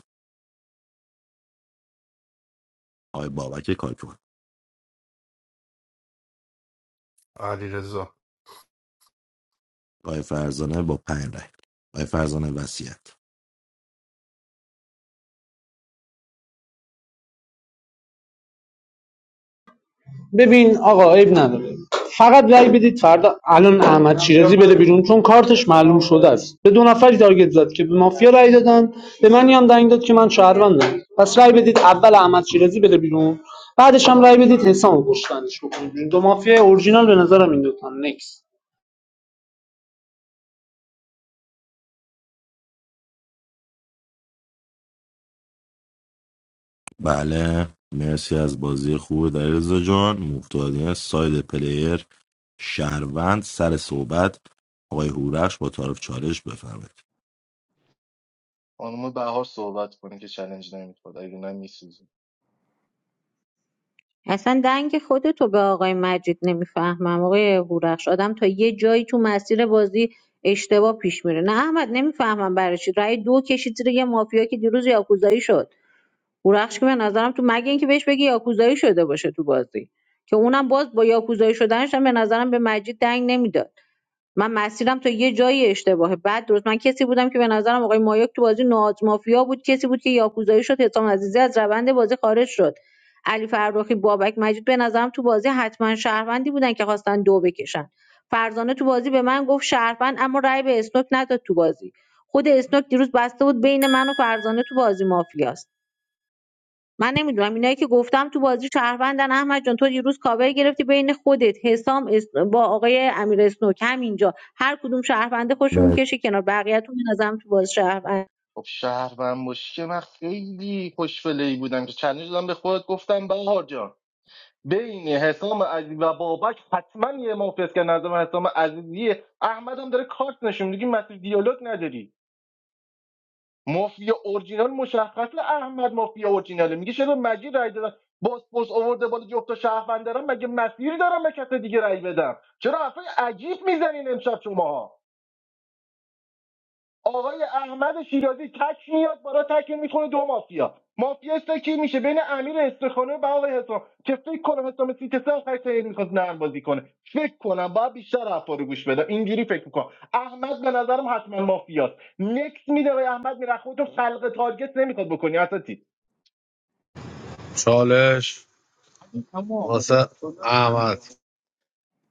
آقای بابک کاکون علی آقای فرزانه با پنج رای آقای فرزانه وصیت ببین آقا عیب نداره فقط رأی بدید فردا الان احمد شیرازی بره بیرون چون کارتش معلوم شده است به دو نفری تارگت زد که به مافیا رای دادن به منی هم دنگ داد که من شهروندم پس رأی بدید اول احمد شیرازی بره بیرون بعدش هم رأی بدید حسام رو پشتنش بکنید دو مافیا اورجینال به نظرم این دو تا نکس بله مرسی از بازی خوب دریرزا جان مفتادین ساید پلیر شهروند سر صحبت آقای هورش با طرف چالش بفرمایید خانم بهار صحبت کنه که چلنج نمیخواد اگه نه میسوزه اصلا دنگ خودتو به آقای مجید نمیفهمم آقای هورخش آدم تا یه جایی تو مسیر بازی اشتباه پیش میره نه احمد نمیفهمم برای چی رأی دو کشید زیر یه مافیا که دیروز یاکوزایی شد هورخش که به نظرم تو مگه اینکه بهش بگی یاکوزایی شده باشه تو بازی که اونم باز با یاکوزایی شدنش هم به نظرم به مجید دنگ نمیداد من مسیرم تا یه جایی اشتباهه بعد درست من کسی بودم که به نظرم آقای مایاک تو بازی نواز مافیا بود کسی بود که یاکوزایی شد حسام عزیزی از روند بازی خارج شد علی فرخی بابک مجید به نظرم تو بازی حتما شهروندی بودن که خواستن دو بکشن فرزانه تو بازی به من گفت شهروند اما رأی به اسنوک نداد تو بازی خود اسنوک دیروز بسته بود بین من و فرزانه تو بازی مافیاست من نمیدونم اینایی که گفتم تو بازی شهروندن احمد جان تو دیروز کاور گرفتی بین خودت حسام اس- با آقای امیر اسنوک اینجا هر کدوم شهرونده خوشون مرسی. میکشه کنار بقیه‌تون به نظرم تو باز شهروند خب شهروند باشی که من خیلی خوشفله بودم که چلنج دادم به خودت گفتم بهار جان بین حسام عزیز و بابک حتما یه مافیاست که نظرم حسام عزیزیه احمد هم داره کارت نشون میده که مسیر دیالوگ نداری مافیا اورجینال مشخصه احمد مافیا اورجیناله میگه چرا مجید رای دادن باسپورس آورده بالا جفت شهروند دارم مگه مسیری دارم به کس دیگه رای بدم چرا حرفای عجیب میزنین امشب شماها آقای احمد شیرازی تک میاد بالا تک میخونه دو مافیا مافیا کی میشه بین امیر استخانه و آقای حسام که فکر کنم حسام سیتسه آخر سری میخواست نرم بازی کنه فکر کنم باید بیشتر حرفا رو گوش بدم اینجوری فکر میکنم احمد به نظرم حتما مافیاست نکس میده آقای احمد میره خودتون خلق تارگت نمیخواد بکنی اساتی چالش اما واسه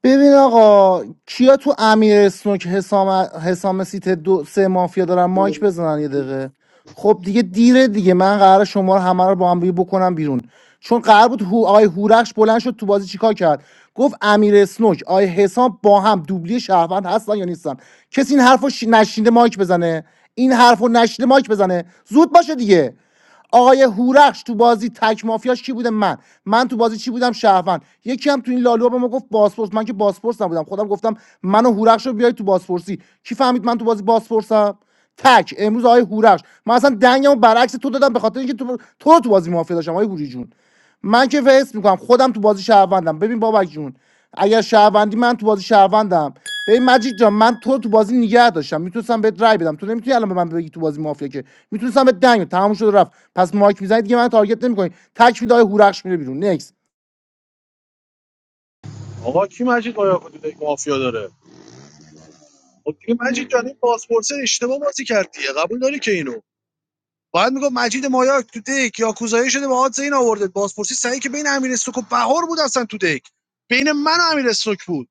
ببین آقا کیا تو امیر اسنوک حسام حسام سیت دو سه مافیا دارن مایک بزنن یه دقیقه خب دیگه دیره دیگه من قرار شما رو همه رو با هم دیگه بکنم بیرون چون قرار بود هو آقای هورخش بلند شد تو بازی چیکار کرد گفت امیر اسنوک آقای حسام با هم دوبلی شهروند هستن یا نیستن کسی این حرفو ش... نشینده مایک بزنه این حرفو نشینده مایک بزنه زود باشه دیگه آقای هورخش تو بازی تک مافیاش کی بوده من من تو بازی چی بودم شهروند یکی هم تو این لالو به ما گفت باسپورس من که باسپورس نبودم خودم گفتم من و هورخش رو بیای تو باسپورسی کی فهمید من تو بازی باسپورسم تک امروز آقای هورخش من اصلا دنگمو برعکس تو دادم به خاطر اینکه تو تو رو تو بازی مافیا داشتم آقای هوری جون من که فیس میکنم خودم تو بازی شهروندم ببین بابک جون اگر شهروندی من تو بازی شهروندم ببین مجید جان من تو تو بازی نگه داشتم میتونستم بهت رای بدم تو نمیتونی الان به من بگی تو بازی مافیا که میتونستم به دنگ بدم. تمام شد و رفت پس مایک میزنید دیگه من تارگت نمیکنید تک میدای هورخش میره بیرون نکس آقا کی مجید آیا کدی دیگه مافیا داره خب دیگه مجید جان این پاسپورت اشتباه بازی کردیه قبول داری که اینو باید میگم مجید مایاک تو دک یا کوزایی شده با حادثه این آورده پاسپورتی سعی که بین امیر سوک و بهار بود اصلا تو دک بین من و امیر سوک بود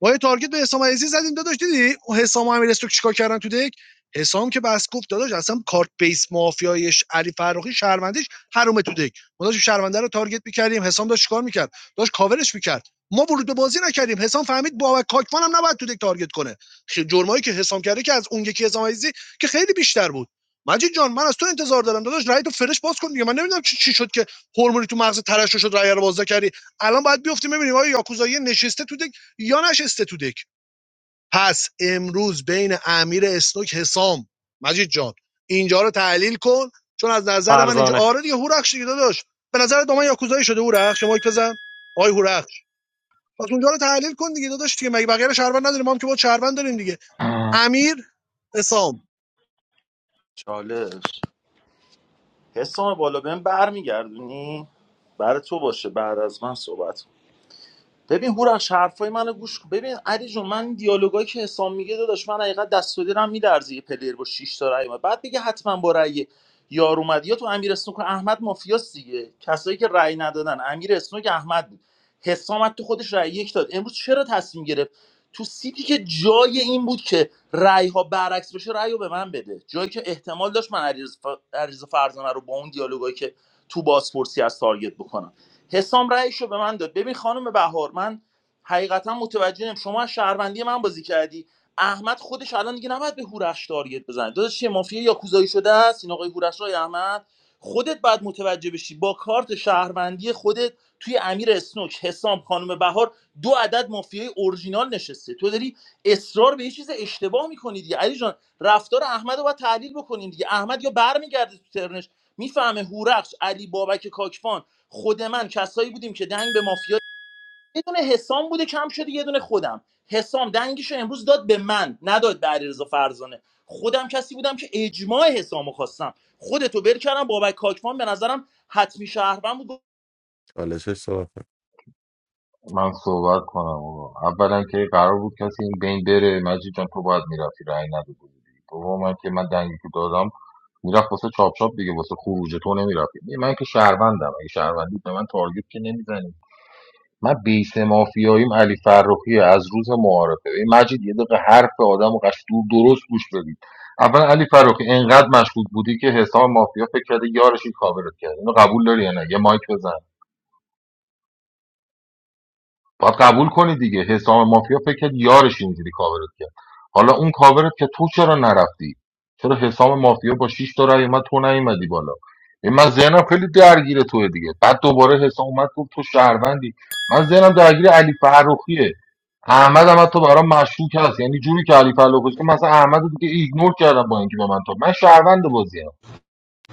با یه تارگت به حسام عزیزی زدیم داداش دیدی اون حسام امیر استوک چیکار کردن تو دک حسام که بس گفت داداش اصلا کارت بیس مافیایش علی فرخی شهروندیش حرومه تو دک ما داشتیم شهرونده رو تارگت میکردیم حسام داشت چیکار میکرد داشت کاورش میکرد ما ورود به بازی نکردیم حسام فهمید بابک کاکوان هم نباید تو دک تارگت کنه خ- جرمایی که حسام کرده که از اون یکی حسام عزیزی که خیلی بیشتر بود مجید جان من از تو انتظار دارم داداش رای تو فرش باز کن دیگه من نمیدونم چی, چی شد که هورمونی تو مغز ترشح شد رای رو باز کردی الان باید بیفتیم ببینیم آیا یاکوزایی نشسته تو دک یا نشسته تو دک پس امروز بین امیر اسنوک حسام مجید جان اینجا رو تحلیل کن چون از نظر من اینجا فرزانه آره دیگه هورخش دیگه داداش به نظر دامن یاکوزایی شده هورخش شما یک بزن آی هورخش پس اونجا رو تحلیل کن دیگه داداش دیگه مگه بقیه رو شهروند نداریم ما هم که با شهروند داریم دیگه امیر حسام چالش حسام بالا بهم برمیگردونی برای تو باشه بعد از من صحبت ببین هورخش حرفای منو گوش کن ببین علی جون من دیالوگایی که حسام میگه داداش من حقیقت دست و دلم میلرزه یه پلیر با 6 تا رأی اومد. بعد بگه حتما با رأی یار اومد یا تو امیر اسنوک و احمد مافیاس دیگه کسایی که رأی ندادن امیر اسنوک احمد بود حسام تو خودش رأی یک داد امروز چرا تصمیم گرفت تو سیتی که جای این بود که رأی ها برعکس بشه رأی رو به من بده جایی که احتمال داشت من علیرضا ف- علیرضا فرزانه رو با اون دیالوگایی که تو بازپرسی از تارگت بکنم حسام رأیشو به من داد ببین خانم بهار من حقیقتا متوجه نیم شما از شهروندی من بازی کردی احمد خودش الان دیگه نباید به هورخش تارگت بزنه داداش چیه مافیا یاکوزایی شده است این آقای هورخش آقای احمد خودت باید متوجه بشی با کارت شهروندی خودت توی امیر اسنوک حسام خانم بهار دو عدد مافیای اورجینال نشسته تو داری اصرار به یه چیز اشتباه میکنی دیگه علی جان رفتار احمد رو باید تحلیل بکنیم دیگه احمد یا برمیگرده تو ترنش میفهمه هورخش علی بابک کاکفان خود من کسایی بودیم که دنگ به مافیا یه دونه حسام بوده کم شده یه دونه خودم حسام دنگشو امروز داد به من نداد به علیرضا فرزانه خودم کسی بودم که اجماع حسامو خواستم خودتو بر کردم بابک کاکوان به نظرم حتمی شهروند بود چالشش صحبت کن. من صحبت کنم آقا اولا که قرار بود کسی این بین بره مجید جان تو باید میرفتی رأی نداده بودی دوم من که من دنگی که دادم میرفت واسه چاپ چاپ دیگه واسه خروج تو نمیرفتی من که شهروندم اگه شهروندی به من تارگت که نمیزنی من بیس مافیاییم علی فرخیه از روز معارفه این مجید یه دقیقه حرف آدم و قش دور درست گوش بدید اول علی فرخی اینقدر مشغول بودی که حساب مافیا فکر کرده یارش این کاورت کرد اینو قبول داری یا نه یه مایک بزن باید قبول کنی دیگه حسام مافیا فکر کرد یارش اینجوری کاورت کرد حالا اون کاورت که تو چرا نرفتی چرا حسام مافیا با 6 تا رای اومد تو نیومدی بالا این من ذهنم خیلی درگیر توه دیگه بعد دوباره حسام اومد گفت تو شهروندی من ذهنم درگیر علی فرخیه احمد هم تو برام مشکوک هست یعنی جوری که علی فرخی که مثلا احمد رو دیگه ایگنور کردم با اینکه به من تو من شهروند بازیم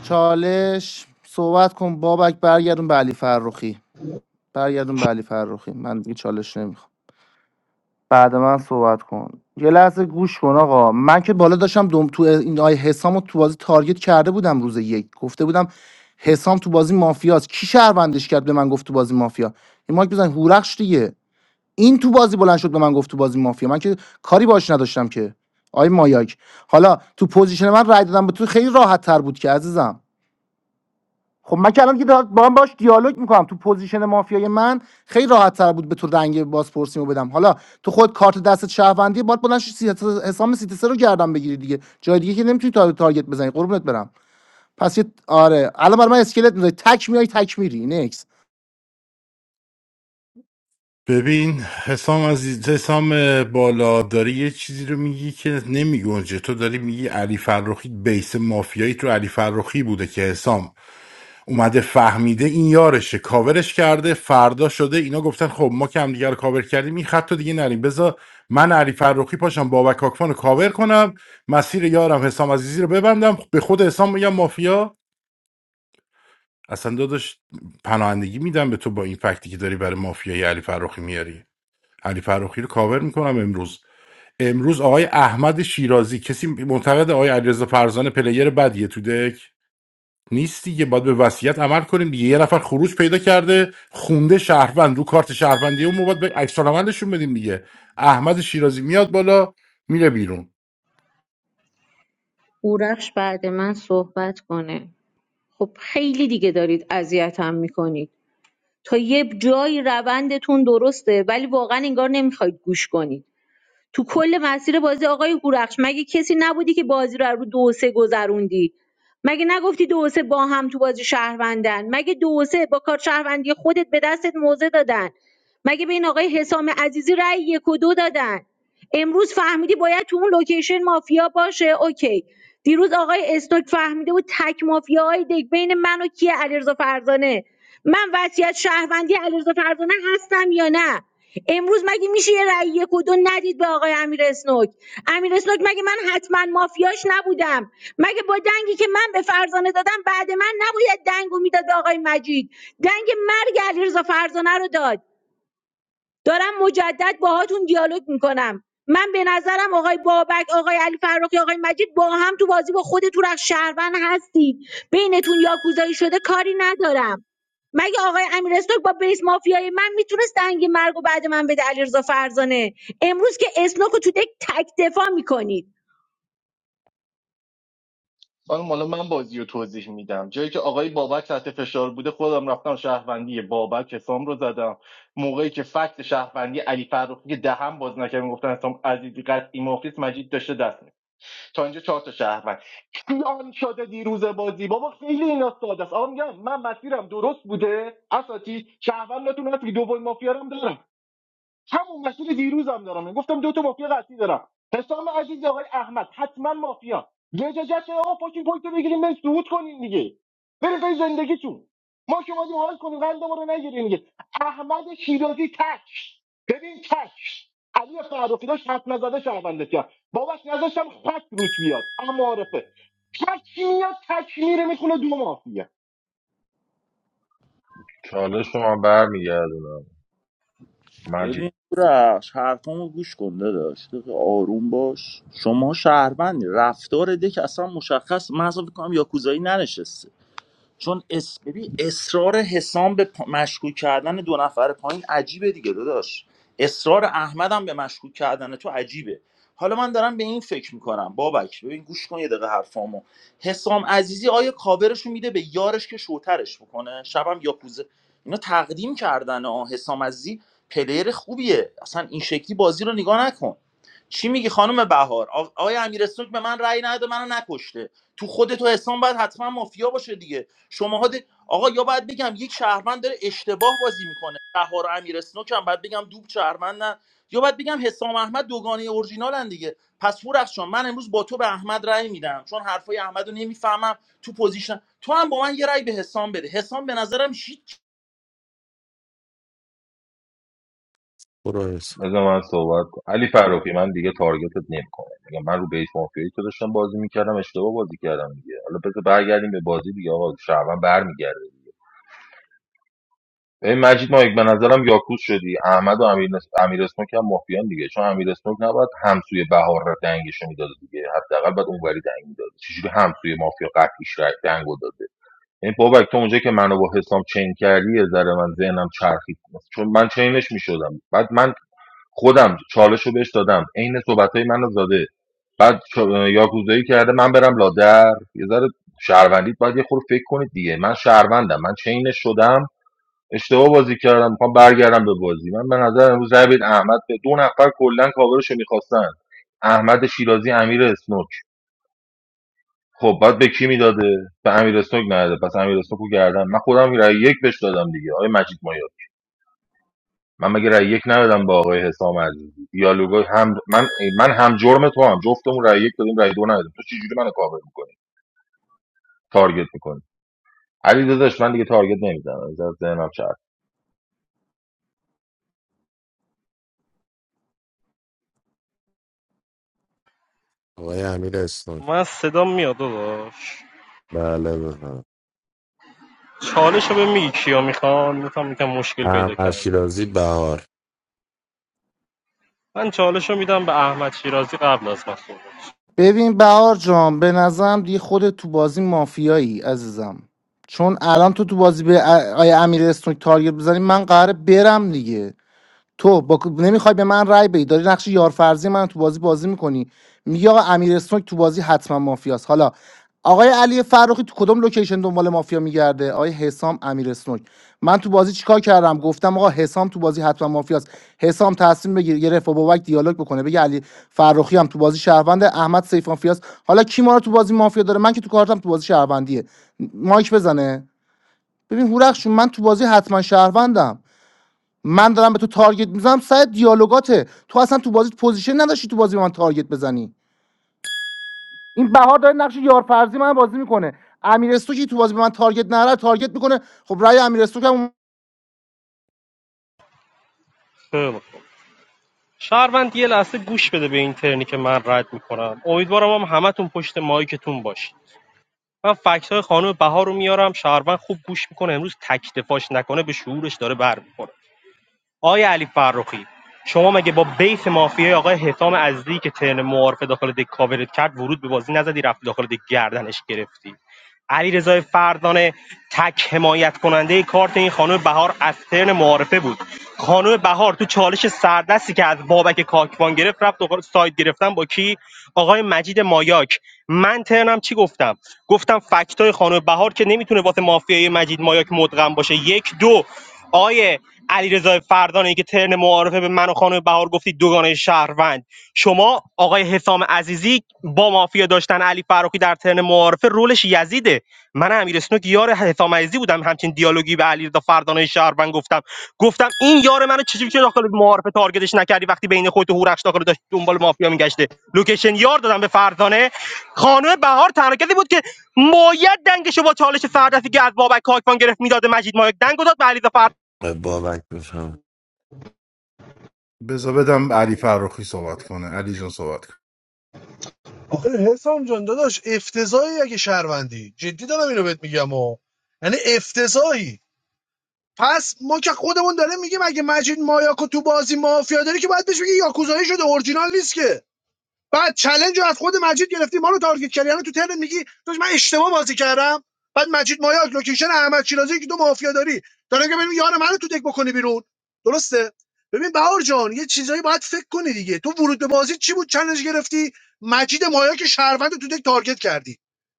چالش صحبت کن بابک برگردون به علی فرخی برگردون به علی فرخی من دیگه چالش نمیخوام بعد من صحبت کن یه لحظه گوش کن آقا من که بالا داشتم دوم تو این آی حسام تو بازی تارگت کرده بودم روز یک گفته بودم حسام تو بازی مافیاست کی شهروندش کرد به من گفت تو بازی مافیا این مایک بزن هورخش دیگه این تو بازی بلند شد به من گفت تو بازی مافیا من که کاری باش نداشتم که آی مایاک حالا تو پوزیشن من رای دادم به تو خیلی راحت تر بود که عزیزم خب من که الان که دارم- با هم باش دیالوگ میکنم تو پوزیشن مافیای من خیلی راحت تر بود به تو رنگ بازپرسیمو بدم حالا تو خود کارت دستت شهروندی باید بلند شی سیاست- حسام سیتسه رو گردن بگیری دیگه جای دیگه که نمیتونی تا تارگت بزنی قربونت برم پس یه آره الان برای من اسکلت میذاری تک میای تک میری ببین حسام عزیز حسام بالا داری یه چیزی رو میگی که نمیگنجه تو داری میگی علی فرخی بیس مافیایی تو علی فرخی بوده که حسام اومده فهمیده این یارشه کاورش کرده فردا شده اینا گفتن خب ما که همدیگه رو کاور کردیم این خط رو دیگه نریم بذار من علی فرخی پاشم بابک کاکفان رو کاور کنم مسیر یارم حسام عزیزی رو ببندم به خود حسام میگم مافیا اصلا داداش پناهندگی میدم به تو با این فکتی که داری برای مافیای علی فرخی میاری علی فرخی رو کاور میکنم امروز امروز آقای احمد شیرازی کسی معتقد آقای علیرضا فرزانه پلیر بدیه تو دک نیست دیگه باید به وصیت عمل کنیم دیگه یه نفر خروج پیدا کرده خونده شهروند رو کارت شهروندی اون ما باید به عکس العملشون بدیم دیگه احمد شیرازی میاد بالا میره بیرون اورخش بعد من صحبت کنه خب خیلی دیگه دارید اذیتم میکنید تا یه جایی روندتون درسته ولی واقعا انگار نمیخواید گوش کنید تو کل مسیر بازی آقای هورخش مگه کسی نبودی که بازی رو رو دو و سه گذروندی مگه نگفتی دو و سه با هم تو بازی شهروندن مگه دو و سه با کار شهروندی خودت به دستت موزه دادن مگه به این آقای حسام عزیزی رأی یک و دو دادن امروز فهمیدی باید تو اون لوکیشن مافیا باشه اوکی دیروز آقای استوک فهمیده بود تک مافیاهای دک بین من و کیه علیرضا فرزانه من وصیت شهروندی علیرضا فرزانه هستم یا نه امروز مگه میشه یه رأی یک و دو ندید به آقای امیر اسنوک امیر اسنوک مگه من حتما مافیاش نبودم مگه با دنگی که من به فرزانه دادم بعد من نباید دنگو میداد به آقای مجید دنگ مرگ علیرضا فرزانه رو داد دارم مجدد باهاتون دیالوگ میکنم. من به نظرم آقای بابک، آقای علی فرخی، آقای مجید با هم تو بازی با خود تو تورخ شهروند هستید بینتون یاکوزایی شده کاری ندارم مگه آقای امیر استوک با بیس مافیای من میتونست دنگ مرگ و بعد من بده علیرضا فرزانه امروز که اسنوک رو تو دک تک دفاع میکنید خانم حالا من بازی رو توضیح میدم جایی که آقای بابک تحت فشار بوده خودم رفتم شهروندی بابک حسام رو زدم موقعی که فکت شهروندی علی فرخی که دهم باز نکردم گفتن حسام عزیزی قطعی مخلص مجید داشته دست می تا اینجا چهار تا شهروند کیان شده دیروز بازی بابا خیلی اینا ساده است آقا میگم من مسیرم درست بوده اساتی شهروند نتونست که دوبل مافیا هم دارم همون مسیر دیروزم دارم گفتم دو تا مافیا قطعی دارم حسام عزیز آقای احمد حتما مافیا لجاجت آقا پاکین پوینت بگیریم بریم صعود کنیم دیگه بریم به زندگیتون ما که اومدیم حال کنیم قندمون رو نگیریم دیگه احمد شیرازی تک ببین تک علی فرخی داشت حد نزده شهروندت کرد باباش نذاشتم خط روت بیاد اما معرفه تک میاد تک میره میخونه دو مافیا چالش رو من برمیگردونم مجید ببین رخش حرفامو گوش کن داداش آروم باش شما شهروندی رفتار دک اصلا مشخص من اصلا فکر کنم یاکوزایی ننشسته چون اس... ببین اصرار حسام به پ- مشکوک کردن دو نفر پایین عجیبه دیگه داداش اصرار احمدم به مشکوک کردن تو عجیبه حالا من دارم به این فکر میکنم بابک ببین گوش کن یه دقیقه حرفامو حسام عزیزی آیا کاورش میده به یارش که شوترش بکنه شبم یاکوزه اینا تقدیم کردن آه حسام عزیزی پلیر خوبیه اصلا این شکلی بازی رو نگاه نکن چی میگی خانم بهار آ- آقای امیر سنوک به من رأی نده منو نکشته تو خودت تو حسام باید حتما مافیا باشه دیگه شماها ده... آقا یا باید بگم یک شهروند داره اشتباه بازی میکنه بهار امیر اسنوک هم باید بگم دوب شهروندن یا باید بگم حسام احمد دوگانه اورجینالن دیگه پس فورخشان من امروز با تو به احمد رأی میدم چون حرفای احمد رو نمیفهمم تو پوزیشن تو هم با من یه رأی به حسام بده حسام به نظرم هیچ برو حس. بذار من صحبت کنم علی فراخی من دیگه تارگتت نمیکنم میگم من رو بیس مافیایی تو داشتم بازی میکردم اشتباه بازی کردم دیگه حالا بذار برگردیم به بازی دیگه آقا شعبان برمیگرده ببین مجید مایک به نظرم یاکوس شدی احمد و امیر, نس... امیر اسموک هم مافیان دیگه چون امیر اسموک نباید همسوی بهار را دنگش میداد دیگه حداقل باید اونوری دنگ میداد چجوری همسوی مافیا قطعیش را دنگو داده این بابک تو اونجا که منو با حسام چین کردی یه ذره من ذهنم چرخید چون من چینش میشدم بعد من خودم چالش رو بهش دادم عین صحبتهای منو زاده بعد چا- یاکوزایی کرده من برم لادر یه ذره شهروندید باید یه خورده فکر کنید دیگه من شهروندم من چینش شدم اشتباه بازی کردم میخوام برگردم به بازی من به نظر امروز رای بدید احمد به دو نفر کلا کاورش رو میخواستن احمد شیرازی امیر اسنوک خب بعد به کی میداده به امیر اسنوک نداده پس امیر اسنوک رو گردم من خودم رای یک بهش دادم دیگه آقای مجید مایاک. من مگه رأی یک ندادم با آقای حسام عزیزی دیالوگای هم من من هم جرم تو هم جفتمون رأی یک دادیم رأی دو ندادیم تو چجوری منو کاور میکنی تارگت میکنی علی داداش من دیگه تارگت نمیزنم زرد ذهنم چرخ آقای امیر اسنوک من صدام میاد داداش بله بفهم چالش رو به میگی کیا میخوان میخوام میگم مشکل پیدا احمد کرد شیرازی بهار من چالش رو میدم به احمد شیرازی قبل از من صحبت ببین بهار جان به نظرم دیگه خودت تو بازی مافیایی عزیزم چون الان تو تو بازی به ا- آیه امیر اسنوک تارگت بزنی من قراره برم دیگه تو با... نمیخوای به من رای بدی داری نقش یارفرزی من تو بازی بازی میکنی میگی آقا امیر اسنوک تو بازی حتما مافیاست حالا آقای علی فرخی تو کدوم لوکیشن دنبال مافیا میگرده آقای حسام امیر اسنوک من تو بازی چیکار کردم گفتم آقا حسام تو بازی حتما مافیاست حسام تصمیم بگیر یه رفع بابک دیالوگ بکنه بگه علی فرخی هم تو بازی شهروند احمد سیف مافیاست حالا کی ما رو تو بازی مافیا داره من که تو کارتم تو بازی شهروندیه مایک بزنه ببین هورخشون من تو بازی حتما شهروندم من دارم به تو تارگت میزنم سر دیالوگاته تو اصلا تو بازی پوزیشن نداشتی تو بازی به من تارگت بزنی این بهار داره نقش یارفرزی من بازی میکنه امیرستو که تو بازی به من تارگت نره تارگت میکنه خب رأی امیرستو که هم خیلی خوب. شهروند یه لحظه گوش بده به این ترنی که من رد میکنم امیدوارم هم همتون پشت مایکتون باشید من فکت های خانم بهار رو میارم شهروند خوب گوش میکنه امروز تک دفاعش نکنه به شعورش داره برمیخوره آقای علی فرخی شما مگه با بیس مافیای آقای حسام عزیزی که ترن معارفه داخل دک کاورت کرد ورود به بازی نزدی رفت داخل دک گردنش گرفتی علیرضا رضای فردانه تک حمایت کننده کارت این خانم بهار از ترن معارفه بود خانم بهار تو چالش سردستی که از بابک کاکوان گرفت رفت داخل ساید گرفتن با کی آقای مجید مایاک من ترنم چی گفتم گفتم فکتای خانم بهار که نمیتونه واسه مافیای مجید مایاک مدغم باشه یک دو آقای علیرضا فردانی که ترن معارفه به من و خانم بهار گفتید دوگانه شهروند شما آقای حسام عزیزی با مافیا داشتن علی فراخی در ترن معارفه رولش یزیده من امیر اسنوک یار حسام عزیزی بودم همچین دیالوگی به علیرضا فردانی شهروند گفتم گفتم این یار منو چجوری که داخل معارفه تارگتش نکردی وقتی بین خودت و هورخش داخل داشت دنبال مافیا میگشته لوکیشن یار دادم به فردانه خانم بهار تنها کسی بود که باید دنگشو با چالش سردستی که از بابک کاکوان گرفت میداده مجید مایک دنگو داد به علیرضا بابک بفهم بذار بدم علی فرخی صحبت کنه علی جان صحبت کن. آخه حسام جان داداش افتضاحی اگه شهروندی جدی دارم اینو بهت میگم و یعنی افتضاحی پس ما که خودمون داره میگیم اگه مجید مایاکو تو بازی مافیا داره که باید بهش بگی یاکوزایی شده اورجینال نیست که بعد چلنج رو از خود مجید گرفتی ما رو تارگت کردی الان تو ترن میگی داش من اشتباه بازی کردم بعد مجید مایاک لوکیشن احمد شیرازی که دو مافیا داری داره که ببین یار منو تو دک بکنی بیرون درسته ببین بهار جان یه چیزایی باید فکر کنی دیگه تو ورود به بازی چی بود چلنج گرفتی مجید مایاک شهروند تو دک تارگت کردی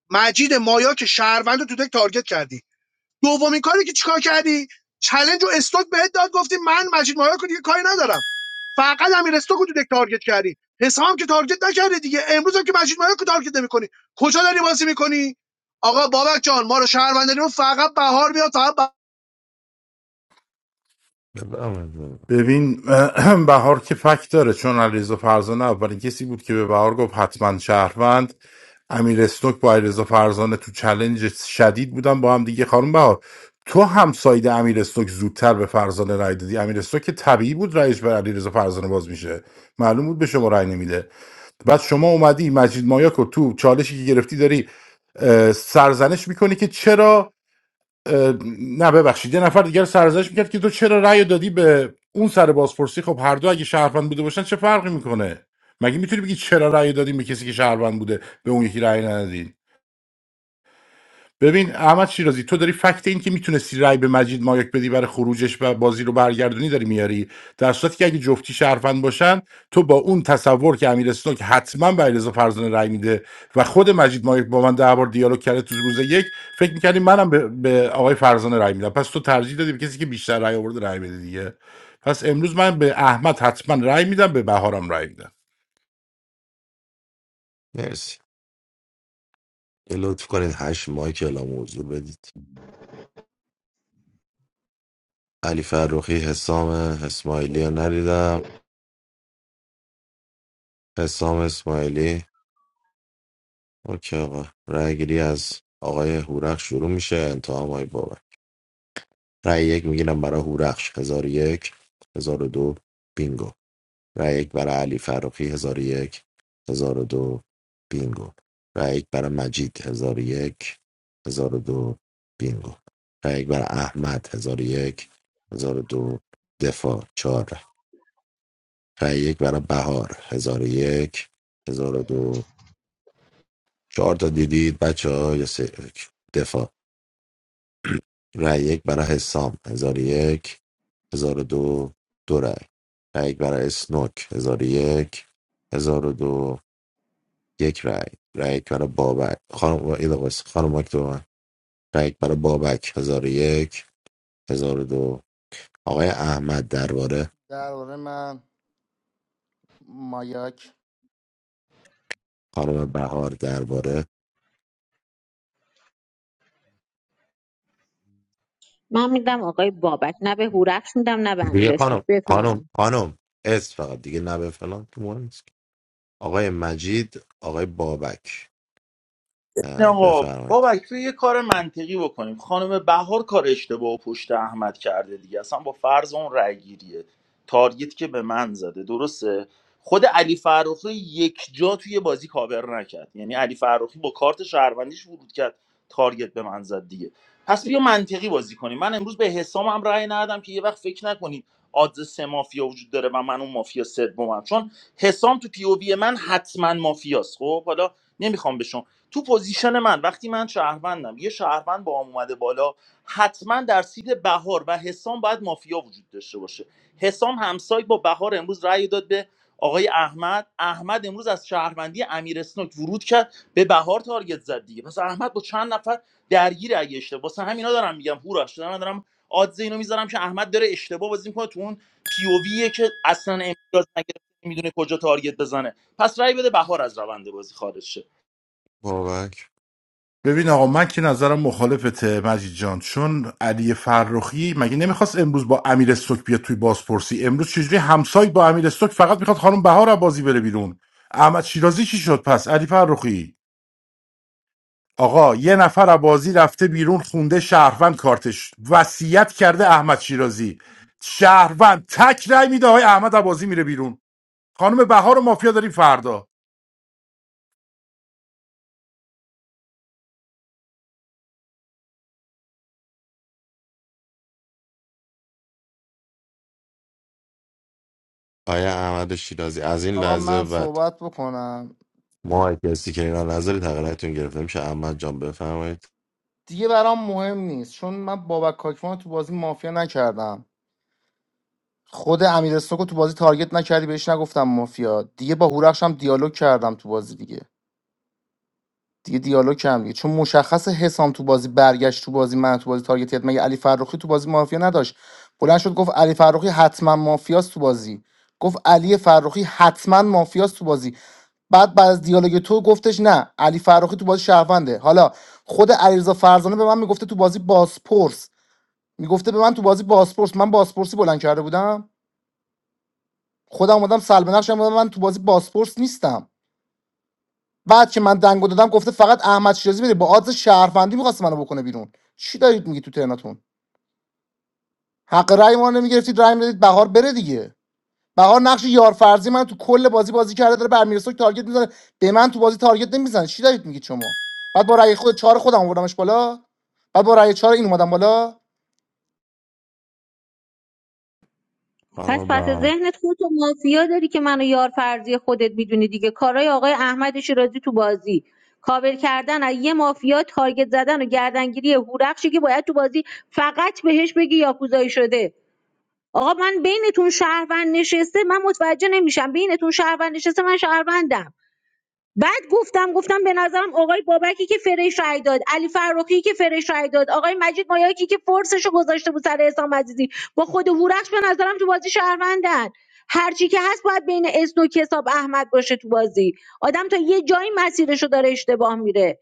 مجید مایاک شهروند تو دک تارگت کردی دومین کاری که چیکار کردی چلنج و استوک بهت داد گفتی من مجید مایار رو دیگه کاری ندارم فقط امیر استوک رو تو دک تارگت کردی حسام که تارگت نکردی دیگه امروز هم که مجید مایار رو تارگت نمی‌کنی کجا داری بازی می‌کنی آقا بابک جان ما رو شهروند داریم فقط بهار میاد تا بهار بفهم ببین بهار که فکت داره چون علیرضا فرزانه اولین کسی بود که به بهار گفت حتما شهروند امیر اسنوک با علیرضا فرزانه تو چلنج شدید بودن با هم دیگه خانم بهار تو هم ساید امیر اسنوک زودتر به فرزانه رای دادی امیر اسنوک که طبیعی بود رایش بر علیرضا فرزانه باز میشه معلوم بود به شما رای نمیده بعد شما اومدی مجید مایاک رو تو چالشی که گرفتی داری اه، سرزنش میکنی که چرا اه، نه ببخشید یه نفر دیگر سرزنش میکرد که تو چرا رأی دادی به اون سر بازپرسی خب هر دو اگه شهروند بوده باشن چه فرقی میکنه مگه میتونی بگی چرا رأی دادیم به کسی که شهروند بوده به اون یکی رأی ندادین ببین احمد شیرازی تو داری فکت این که میتونستی رای به مجید مایک بدی برای خروجش و بازی رو برگردونی داری میاری در صورتی که اگه جفتی شهروند باشن تو با اون تصور که امیر که حتما به علیرضا فرزانه رای میده و خود مجید مایک با من ده بار دیالوگ کرده تو روز یک فکر میکردی منم به, به آقای فرزانه رای میدم پس تو ترجیح دادی به کسی که بیشتر رای آورده رای بده دیگه پس امروز من به احمد حتما رای میدم به بهارم رای میدم مرسی یه لطف کنید هشت مایک اعلام موضوع بدید علی فرخی حسام اسماعیلی رو ندیدم حسام اسماعیلی اوکی آقا رأی گیری از آقای هورخش شروع میشه انتها هم آقای بابک رأی یک میگیرم برای هورخش هزار و یک هزار و دو بینگو رأی یک برای علی فرخی هزار و یک هزار و دو بینگو رأی یک برای مجید هزار و یک هزار و دو بینگو رأی یک برای احمد هزار و یک هزار و دو دفاع چهار رأی یک برای بهار هزار و یک هزار و دو چهار تا دیدید بچه ها یا سه؟ دفاع رای یک برای حسام هزار و یک هزار و دو دو رای رای یک برای اسنوک هزار و یک هزار و دو یک رای رای یک برای بابک خانم ایدوس خانم اکتوبر رای یک برای بابک هزار و یک هزار و دو آقای احمد درباره درباره من مایاک خانم بهار درباره من میدم آقای بابک نه به هورخش میدم نه به دیگه امیر خانم اسنوک خانم خانم اس فقط دیگه نبه فلان که مهم نیست آقای مجید آقای بابک نه اه، آقا بفرمایید بابک تو یه کار منطقی بکنیم خانم بهار کار اشتباه و پشت احمد کرده دیگه اصلا با فرض اون رأی گیریه تارگت که به من زده درسته خود علی فرخی یک جا توی بازی کاور نکرد یعنی علی فرخی با کارت شهروندیش ورود کرد تارگت به من زد دیگه پس بیا منطقی بازی کنیم من امروز به حسام هم رأی ندادم که یه وقت فکر نکنید آدز سه مافیا وجود داره و من اون مافیا سومم چون حسام تو پی او وی من حتما مافیاست خب حالا نمیخوام به شما تو پوزیشن من وقتی من شهروندم یه شهروند با هم اومده بالا حتما در سید بهار و حسام باید مافیا وجود داشته باشه حسام همسایه با بهار امروز رأی داد به آقای احمد احمد امروز از شهروندی امیر اسنوک ورود کرد به بهار تارگت زد دیگه پس احمد با چند نفر درگیر اگه اشتباه واسه همینا دارم میگم هورش دارم دارم آدز اینو میذارم که احمد داره اشتباه بازی میکنه تو اون پی او ویه که اصلا امتیاز نگرفته میدونه کجا تارگت بزنه پس رأی بده بهار از روند بازی خارج شه. بابک ببین آقا من که نظرم مخالفته مجید جان چون علی فرخی مگه نمیخواست امروز با امیر استوک بیاد توی بازپرسی امروز چجوری همسایه با امیر استوک فقط میخواد خانم بهار از بازی بره بیرون احمد شیرازی چی شد پس علی فرخی آقا یه نفر از بازی رفته بیرون خونده شهروند کارتش وصیت کرده احمد شیرازی شهروند تک رای میده های احمد از بازی میره بیرون خانم بهار و مافیا داریم فردا آیا احمد شیرازی از این آقا لحظه من به بعد صحبت بکنم ما هر کسی که اینا نظری تقریبتون گرفته میشه احمد جان بفرمایید دیگه برام مهم نیست چون من بابک کاکوان رو تو بازی مافیا نکردم خود امیر که تو بازی تارگت نکردی بهش نگفتم مافیا دیگه با هورخش هم دیالوگ کردم تو بازی دیگه دیگه دیالوگ کم دیگه چون مشخص حسام تو بازی برگشت تو بازی من تو بازی تارگت کرد. مگه علی فرخی تو بازی مافیا نداشت بلند شد گفت علی فرخی حتما مافیاست تو بازی گفت علی فرخی حتما مافیاست تو بازی بعد بعد از دیالوگ تو گفتش نه علی فرخی تو بازی شهرونده حالا خود علیرضا فرزانه به من میگفته تو بازی باسپورس میگفته به من تو بازی باسپورس من باسپورسی بلند کرده بودم خودم اومدم سلب نقشم اومدم من تو بازی باسپورس نیستم بعد که من دنگو دادم گفته فقط احمد شیرازی بده با آدرس شهروندی میخواست منو بکنه بیرون چی دارید میگی تو ترناتون حق رأی ما رو نمیگرفتید رأی میدادید بهار بره دیگه بهار نقش یار فرضی من تو کل بازی بازی کرده داره به امیرسوک تارگت میزنه به من تو بازی تارگت نمیزنه چی دارید میگید شما بعد با رأی خود چهار خودم آوردمش بالا بعد با رأی چهار این اومدم بالا پس خانم پس بهار ذهنت خودتو مافیا داری که منو یار فرضی خودت میدونی دیگه کارای آقای احمد شیرازی تو بازی کاور کردن از یه مافیا تارگت زدن و گردنگیری هورخشی که باید تو بازی فقط بهش بگی یاکوزایی شده آقا من بینتون شهروند نشسته من متوجه نمیشم بینتون شهروند نشسته من شهروندم بعد گفتم گفتم به نظرم آقای بابکی که فرش رای داد علی فرخی که فرش رای داد آقای مجید مایاکی که فرسش رو گذاشته بود سر حسام عزیزی با خود هورخش به نظرم تو بازی شهروندن هرچی که هست باید بین اسنوک حساب احمد باشه تو بازی آدم تا یه جایی مسیرشو داره اشتباه میره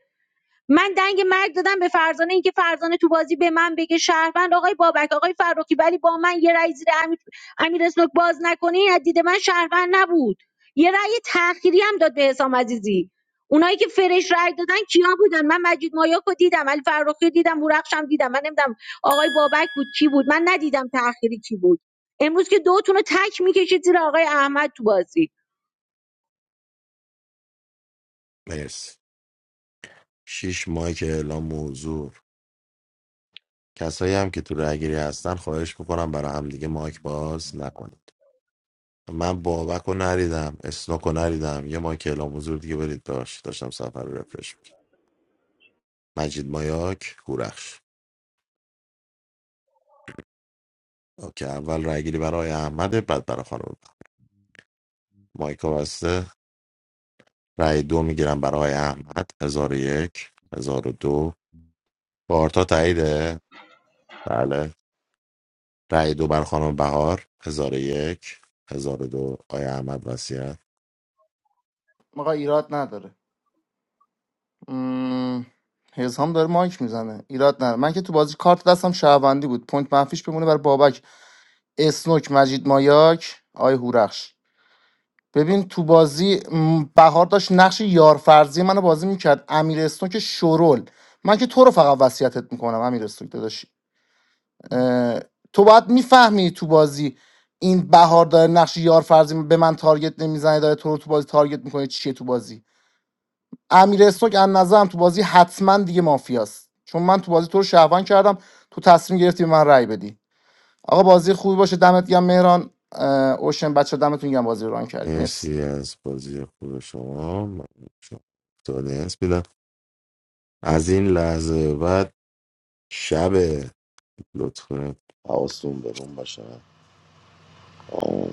من دنگ مرگ دادم به فرزانه اینکه فرزانه تو بازی به من بگه شهروند آقای بابک آقای فروکی ولی با من یه رأی زیر امیر, امیر اسنوک باز نکنه این از دید من شهروند نبود یه رأی تأخیری هم داد به حسام عزیزی اونایی که فرش رأی دادن کیا بودن من مجید مایاک رو دیدم علی فروخی رو دیدم بورقشم دیدم من نمیدونم آقای بابک بود کی بود من ندیدم تأخیری کی بود امروز که دوتون رو تک میکشید زیر آقای احمد تو بازی مرسی شیش مایک اعلام حضور کسایی هم که تو رأیگیری هستن خواهش میکنم برای همدیگه مایک باز نکنید من بابک رو نریدم اسنوک رو نریدم یه مایک اعلام حضور دیگه برید داشت داشتم سفر رو رفرش میکنم. مجید مایاک هورخش اوکی اول رأیگیری برای آقای احمده بعد برای خانم بهار. مایک بسته رای دو میگیرم برای آقای احمد هزار و یک هزار و دو بارتا تاییده بله رأی دو بر خانم بهار هزار و یک هزار و دو آقای احمد وسیعت آقا ایراد نداره مم، حسام داره مایک میزنه ایراد نداره من که تو بازی کارت دستم شهروندی بود پوینت منفیش بمونه برای بابک اسنوک مجید مایاک آی هورخش ببین تو بازی م، بهار داشت نقش یارفرزی منو بازی میکرد امیر که شرول من که تو رو فقط وصیتت میکنم امیر استوک داداش اه، تو باید میفهمی تو بازی این بهار داره نقش یارفرزی به من تارگت نمیزنه داره تو رو تو بازی تارگت میکنه چیه تو بازی امیر استوک از نظرم تو بازی حتما دیگه مافیاست چون من تو بازی تو رو شهروند کردم تو تصمیم گرفتی به من رأی بدی آقا بازی خوبی باشه دمت گرم مهران اه، اوشن بچه دمتون گرم بازی رو ران کردید مرسی مرسی از بازی خوب شما من شما تونس بیدم از این لحظه به بعد شب لطفا حواستون به روم باشه آه.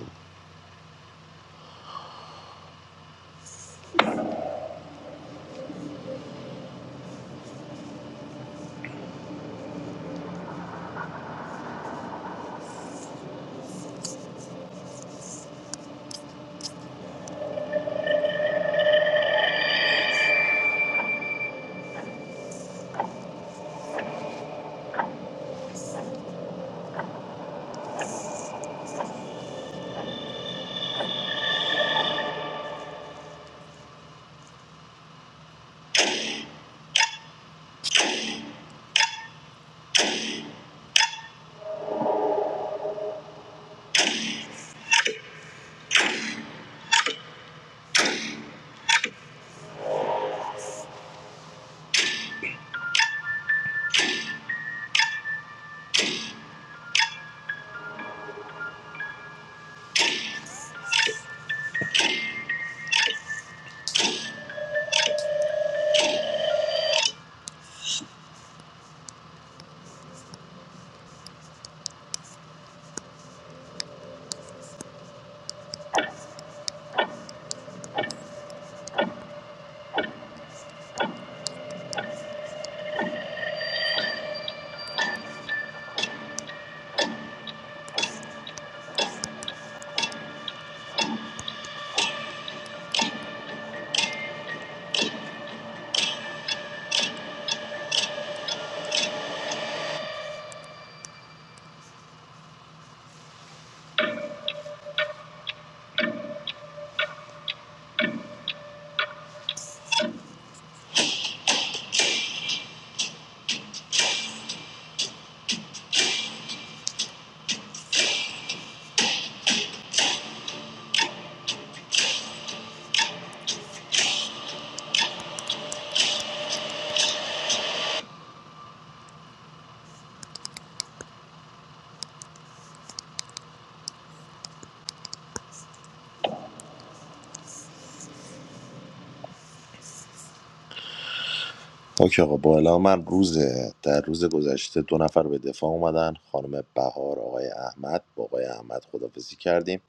اوکی آقا با اعلام من روز در روز گذشته دو نفر به دفاع اومدن خانم بهار آقای احمد با آقای احمد خدافزی کردیم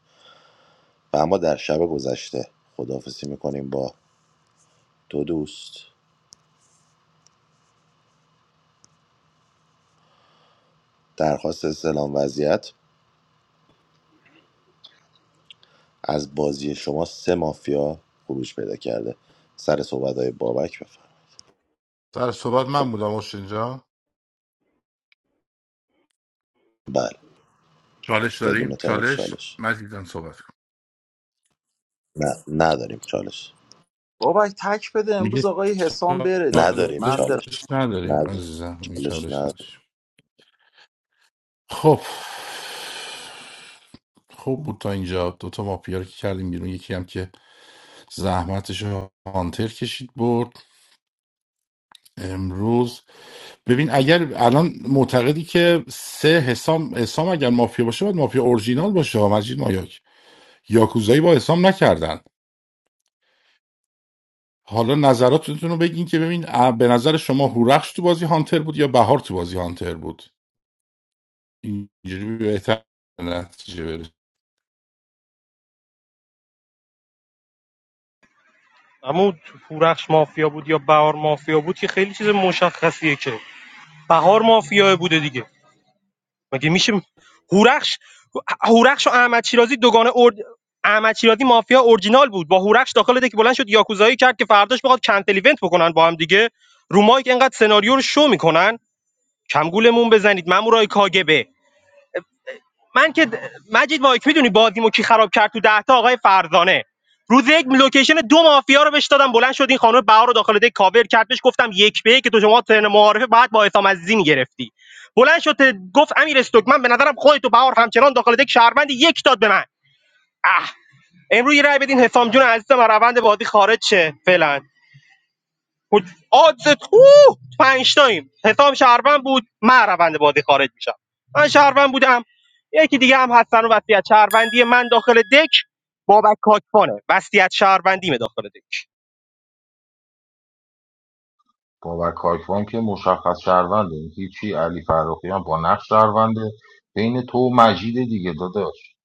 و اما در شب گذشته خداحافظی میکنیم با دو دوست درخواست استلام وضعیت از بازی شما سه مافیا خروج پیدا کرده سر صحبت های بابک بفرم سر صحبت من بودم اینجا بله چالش بدون داریم تعارف چالش چالش مجید جان صحبت نه نداریم چالش بابک تک بده کن. امروز آقای حسام بره دیگه نداریم من برم چالش چالش نداریم نداریم عزیزم می چالش چالش نداریم نداشت خب خوب بود تا اینجا دوتا مافیا رو که کردیم بیرون یکی هم که زحمتش رو هانتر کشید برد امروز ببین اگر الان معتقدی که سه حسام حسام اگر مافیا باشه باید مافیا اورجینال باشه ها، مجید مایاک یاکوزایی با حسام نکردن حالا نظراتتون رو بگین که ببین اه، به نظر شما هورخش تو بازی هانتر بود یا بهار تو بازی هانتر بود اینجوری بهتر به نتیجه برسیم اما تو مافیا بود یا بهار مافیا بود که خیلی چیز مشخصیه که بهار مافیا بوده دیگه مگه میشه هورخش هورخش و احمد شیرازی دوگانه ارد... احمد شیرازی مافیا اورجینال بود با هورخش داخل دک بلند شد یاکوزایی کرد که فرداش بخواد کنتل ایونت بکنن با هم دیگه رومایی که انقدر سناریو رو شو میکنن کمگولمون بزنید مامورای کاگبه من که د- مجید مایک میدونی بازیمو کی خراب کرد تو ده تا آقای فرزانه روز یک لوکیشن دو مافیا رو بهش دادم بلند شد این خانم بهار رو داخل دک کاور کرد بهش گفتم یک به یک که تو شما ترن معارفه بعد با حسام عزیزی میگرفتی بلند شد ت- گفت امیر استوک من به نظرم خودت و بهار همچنان داخل دک شهروند یک داد به من اه امروز یه رای بدین حسام جون عزیزم از روند بازی خارج شه فعلا بود آدز اوه پنج تاییم حسام شهروند بود من روند بازی خارج میشم من شهروند بودم یکی دیگه هم هستن و وصیت شهروندی من داخل دک بابک کاکفانه وصیت شهروندیمه داخل دک بابک کاکوان که مشخص شهرونده این هیچی علی فرخیان با نقش شهرونده بین تو و مجید دیگه داداش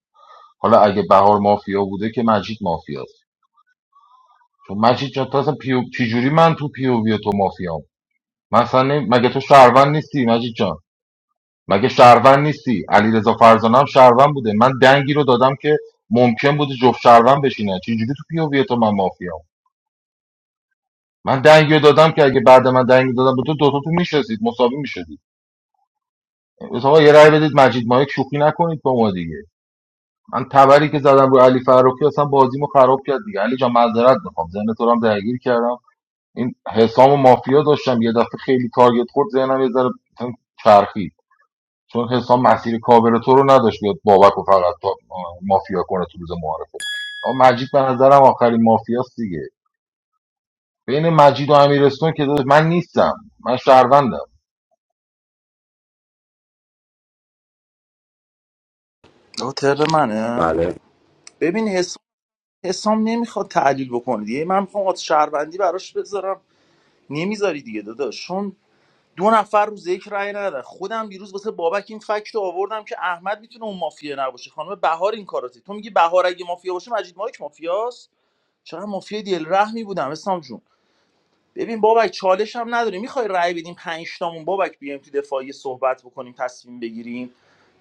حالا اگه بهار مافیا بوده که مجید مافیاست چون مجید جان تو اصلا پیو... چجوری من تو پیو و تو مافیام مثلا نمی- مگه تو شهروند نیستی مجید جان مگه شهروند نیستی علیرضا فرزانه هم شهروند بوده من دنگی رو دادم که ممکن بوده جفت شهروند بشینه چجوری تو پیووی تو من مافیام من دنگی رو دادم که اگه بعد من دنگی دادم به تو دوتاتون میشستید مساوی میشدید آقا یه رأی بدید مجید مایک شوخی نکنید با ما دیگه من تبری که زدم رو علی فراخی اصلا بازیمو خراب کرد دیگه علی جان معذرت میخوام ذهن تو رو هم درگیر کردم این حسام و مافیا داشتم یه دفعه خیلی تارگت خورد ذهنم یه ذره چرخید چون حسام مسیر کاور تو رو نداشت بیاد بابک و فقط تا مافیا کنه تو روز معارفه اما مجید به نظرم آخرین مافیاست دیگه بین مجید و امیرستون که داداش من نیستم من شهروندم آه، ترم منه بله ببین حسام حسام نمیخواد تحلیل بکنه دیگه من میخوام آت شهروندی براش بذارم نمیذاری دیگه داداش چون دو نفر روز یک رأی ندادن خودم دیروز واسه بابک این فکت رو آوردم که احمد میتونه اون مافیا نباشه خانم بهار این کاراتی تو میگی بهار اگه مافیا باشه مجید مایک مافیاست چقدر مافیا دل رحمی بودم حسام جون ببین بابک چالش هم نداری میخوای رأی بدیم پنج تامون بابک بیایم تو دفاعی صحبت بکنیم تصمیم بگیریم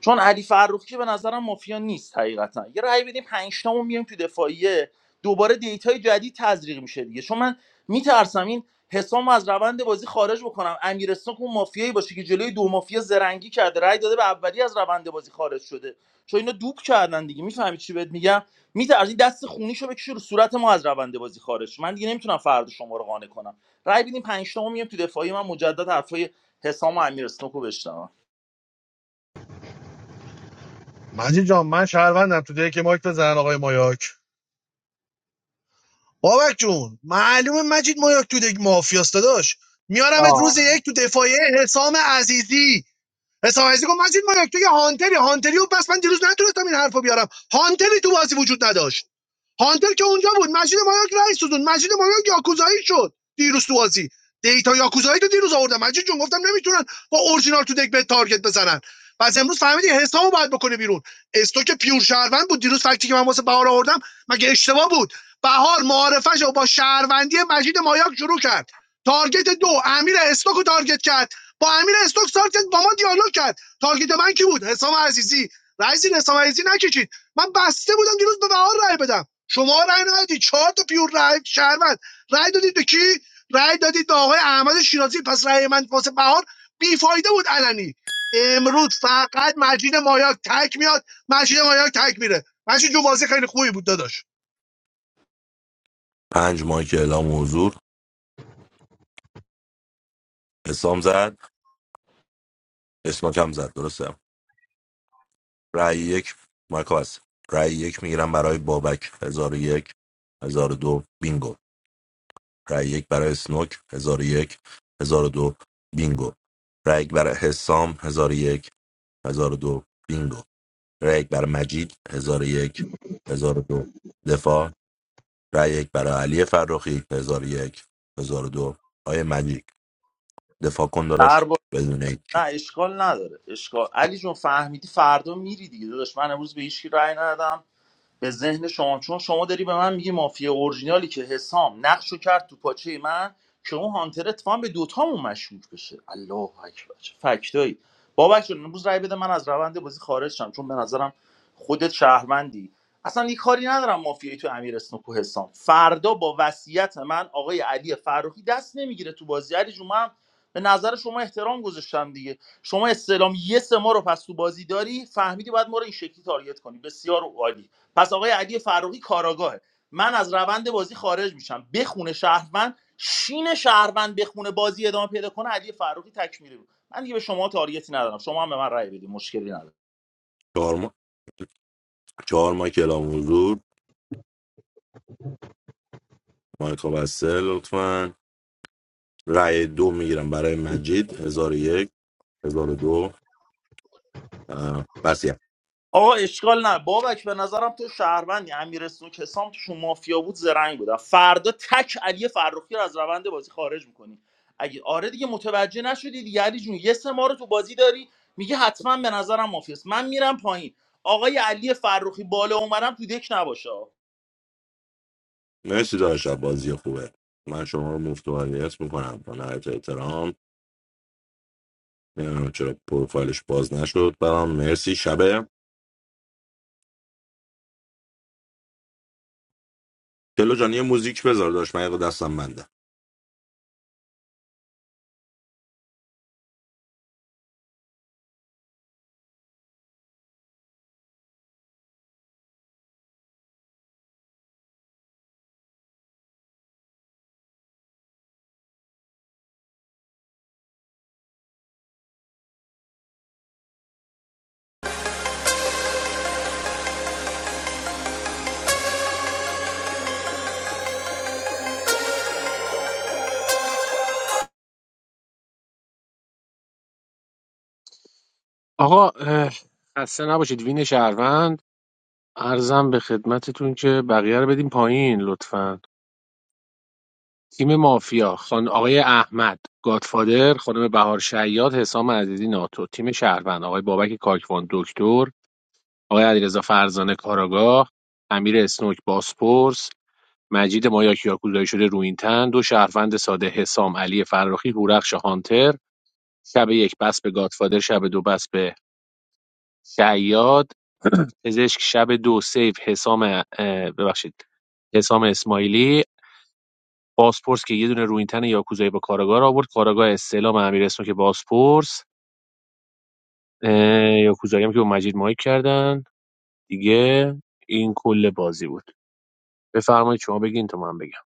چون علی فرخی که به نظرم مافیا نیست حقیقتا یه رأی بدیم پنج تامون بیایم تو دفاعیه دوباره دیتای جدید تزریق میشه دیگه چون من میترسم این حسام از روند بازی خارج بکنم امیرستون که اون مافیایی باشه که جلوی دو مافیا زرنگی کرده رأی داده به اولی از روند بازی خارج شده چون اینا دوب کردن دیگه میفهمی چی بهت میگم میترسین دست خونیشو بکشه رو صورت ما از روند بازی خارج من دیگه نمیتونم فرد شما رو قانع کنم رای بدین پنج تا میام تو دفاعی من مجدد حرفای حسام و امیر اسنوکو بشنوم مجید جان من شهروندم تو دیگه که مایک بزن آقای مایاک بابک جون معلومه مجید مایاک تو دک مافیاست داداش میارمت آه. روز یک تو دفاعیه حسام عزیزی حسام عزیزی گفت مجید ما یک تو یه هانتری هانتری و بس من دیروز نتونستم این حرفو بیارم هانتری تو بازی وجود نداشت هانتر که اونجا بود مجید مایاک رئیس سوزون مجید مایاک یاکوزایی شد دیروز تو بازی دیتا یاکوزایی تو دیروز آوردم مجید جون گفتم نمیتونن با اورجینال تو دک به تارگت بزنن پس امروز فهمیدی حسابو باید بکنه بیرون استو که پیور شهروند بود دیروز فکتی که من واسه بهار آوردم مگه اشتباه بود بهار معارفش رو با شهروندی مجید مایاک شروع کرد تارگت دو امیر استوک رو تارگت کرد با امیر استوک سارت با ما دیالوگ کرد تارگت من کی بود حسام عزیزی رئیس حسام عزیزی نکشید من بسته بودم دیروز به بهار رای بدم شما رای ندادید چهار تا پیور رأی شهروند رأی دادید به کی رأی دادید به آقای احمد شیرازی پس رأی من واسه بهار بیفایده بود علنی امروز فقط مجید مایاک تک میاد مجید مایاک تک میره مجید جو بازی خیلی خوبی بود داداش پنج ماه که اعلام حضور اسلام زد اسمک هم زد درسته رأی یک مایکا هست رأی یک میگیرم برای بابک هزار و یک هزار و دو بینگو رای یک برای اسنوک 1001 دو بینگو رای یک برای حسام 1001 دو بینگو رای یک برای مجید 1001 دو دفاع رای یک برای علی فرخی 1001 دو آیه مجید دفاع کن داداش در با... بدون نه هیچی اشکال نداره اشکال علی جون فهمیدی فردا میری دیگه داداش من امروز به هیچ کی رأی ندادم به ذهن شما چون شما داری به من میگی مافیا اورجینالی که حسام نقشو کرد تو پاچه من که اون هانتر اتفاقا به دوتامون مشکوک بشه الله اکبر چه فکتایی بابک جون امروز رای بده من از روند بازی خارج شم چون به نظرم خودت شهروندی اصلا یه کاری ندارم مافیایی تو امیر اسنوکو حسام فردا با وصیت من آقای علی فروخی دست نمیگیره تو بازی علی جون من به نظر شما احترام گذاشتم دیگه شما استعلام یه سه ما رو پس تو بازی داری فهمیدی بعد ما رو این شکلی تارگت کنی بسیار عالی پس آقای علی فراقی کاراگاهه من از روند بازی خارج میشم بخونه شهروند شین شهروند بخونه بازی ادامه پیدا کنه علی فراقی تکمیلی بود من دیگه به شما تارگتی ندارم شما هم به من رأی بدید مشکلی ندارم چهار ما چهار مایک اعلام حضور مایکا بسته لطفا رای دو میگیرم برای مجید 1001 1002 آقا اشکال نه بابک به نظرم تو شهروندی امیر سنوک حسام توشون مافیا بود زرنگ بودن فردا تک علی فرخی رو از روند بازی خارج میکنی اگه آره دیگه متوجه نشدی دیگه علی جون یه سه ما رو تو بازی داری میگه حتما به نظرم مافیاست من میرم پایین آقای علی فرخی بالا اومدم تو دک نباشه آه. مرسی داشت بازی خوبه من شما رو مفت و هدیت میکنم با نهایت احترام نمیدونم چرا پروفایلش باز نشد برام مرسی شبه تلو جان یه موزیک بذار داشت من یه دقیقه دستم بنده آقا اه، خسته نباشید وین شهروند ارزم به خدمتتون که بقیه رو بدیم پایین لطفاً تیم مافیا: خان آقای احمد گادفادر، خانم بهار شیاد، حسام عزیزی ناتو، تیم شهروند آقای بابک کاکوان دکتر، آقای علیرضا فرزانه کاراگاه، امیر اسنوک باسپورس، مجید مایاک یاکوزایی شده روینتن، دو شهروند ساده حسام علی فرخی، هورخش هانتر، شب یک بس به گادفادر، شب دو بس به شیاد، پزشک شب دو سیف حسام اه، ببخشید حسام اسماعیلی بازپرس که یه دونه روینتن یاکوزایی با کاراگاه رو آورد کاراگاه استعلام امیر اسمو که بازپرس اه، یاکوزایی هم که با مجید مایک کردن دیگه این کل بازی بود بفرمایید شما بگین تا من بگم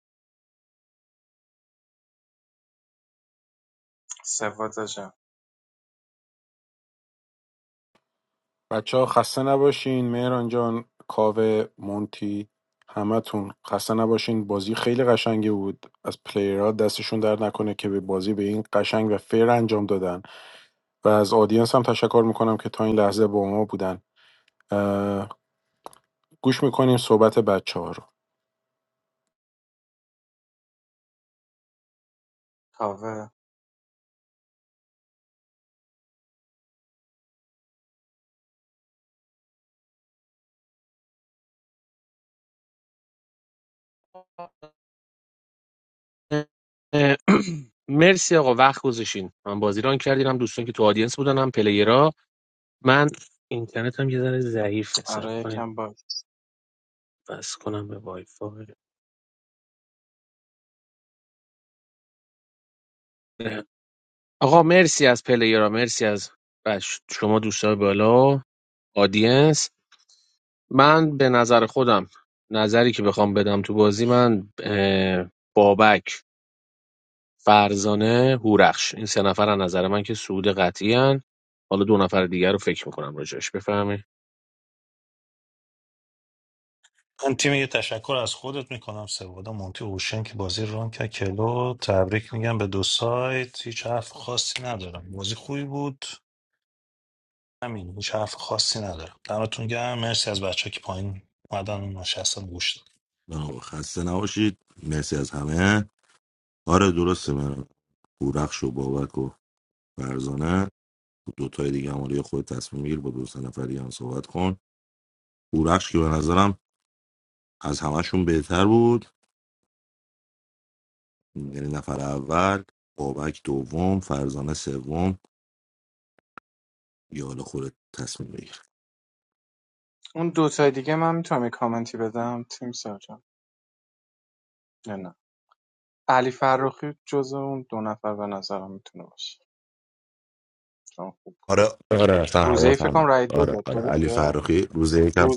مرسی آقا وقت گذاشتین من بازی ران کردین هم دوستان که تو آدینس بودن هم پلیرا من اینترنت هم یه ذره ضعیف حساب کنین بس کنم به وای فای آقا مرسی از پلیرا مرسی از بچ- شما دوستان بالا آدینس من به نظر خودم نظری که بخوام بدم تو بازی من اه، بابک فرزانه هورخش این سه نفر از نظر من که سود قطعی هن. حالا دو نفر دیگر رو فکر میکنم راجعش بفهمه من تیم یه تشکر از خودت میکنم سوادا مونتی اوشن که بازی رو ران کرد کلو تبریک میگم به دو سایت هیچ حرف خاصی ندارم بازی خوبی بود همین هیچ حرف خاصی ندارم دمتون گرم مرسی از بچه که پایین اومدن و نشستن گوش دادن آقا خسته نباشید مرسی از همه آره درسته من بورخش و بابک و فرزانه دوتای دیگه هم آره، خود تصمیم میگیر با دو سه نفر دیگه هم صحبت کن بورخش که به نظرم از همشون بهتر بود یعنی نفر اول بابک دوم فرزانه سوم یا حالا خودت تصمیم بگیر آره آره سلام سلام آره آره علی فرخی روز یکم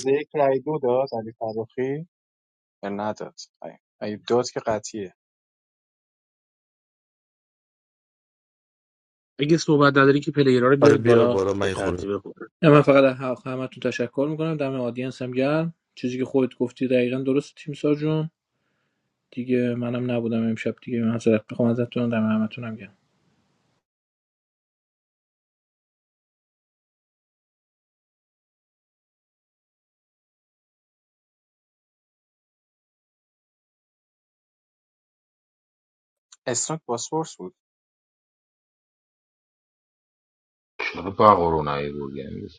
اگه صحبت نداری که پلیرها رو آره بیارید بیار بالا بالا من به یه خورده ترتیب خود. نه، من فقط از حق همتون تشکر میکنم دم آدینس هم گرم چیزی که خودت گفتی دقیقا درست تیم جون دیگه منم نبودم امشب دیگه من حضرت بخوام ازتون دم همتون هم گرم چرا بقارو نیوردی امروز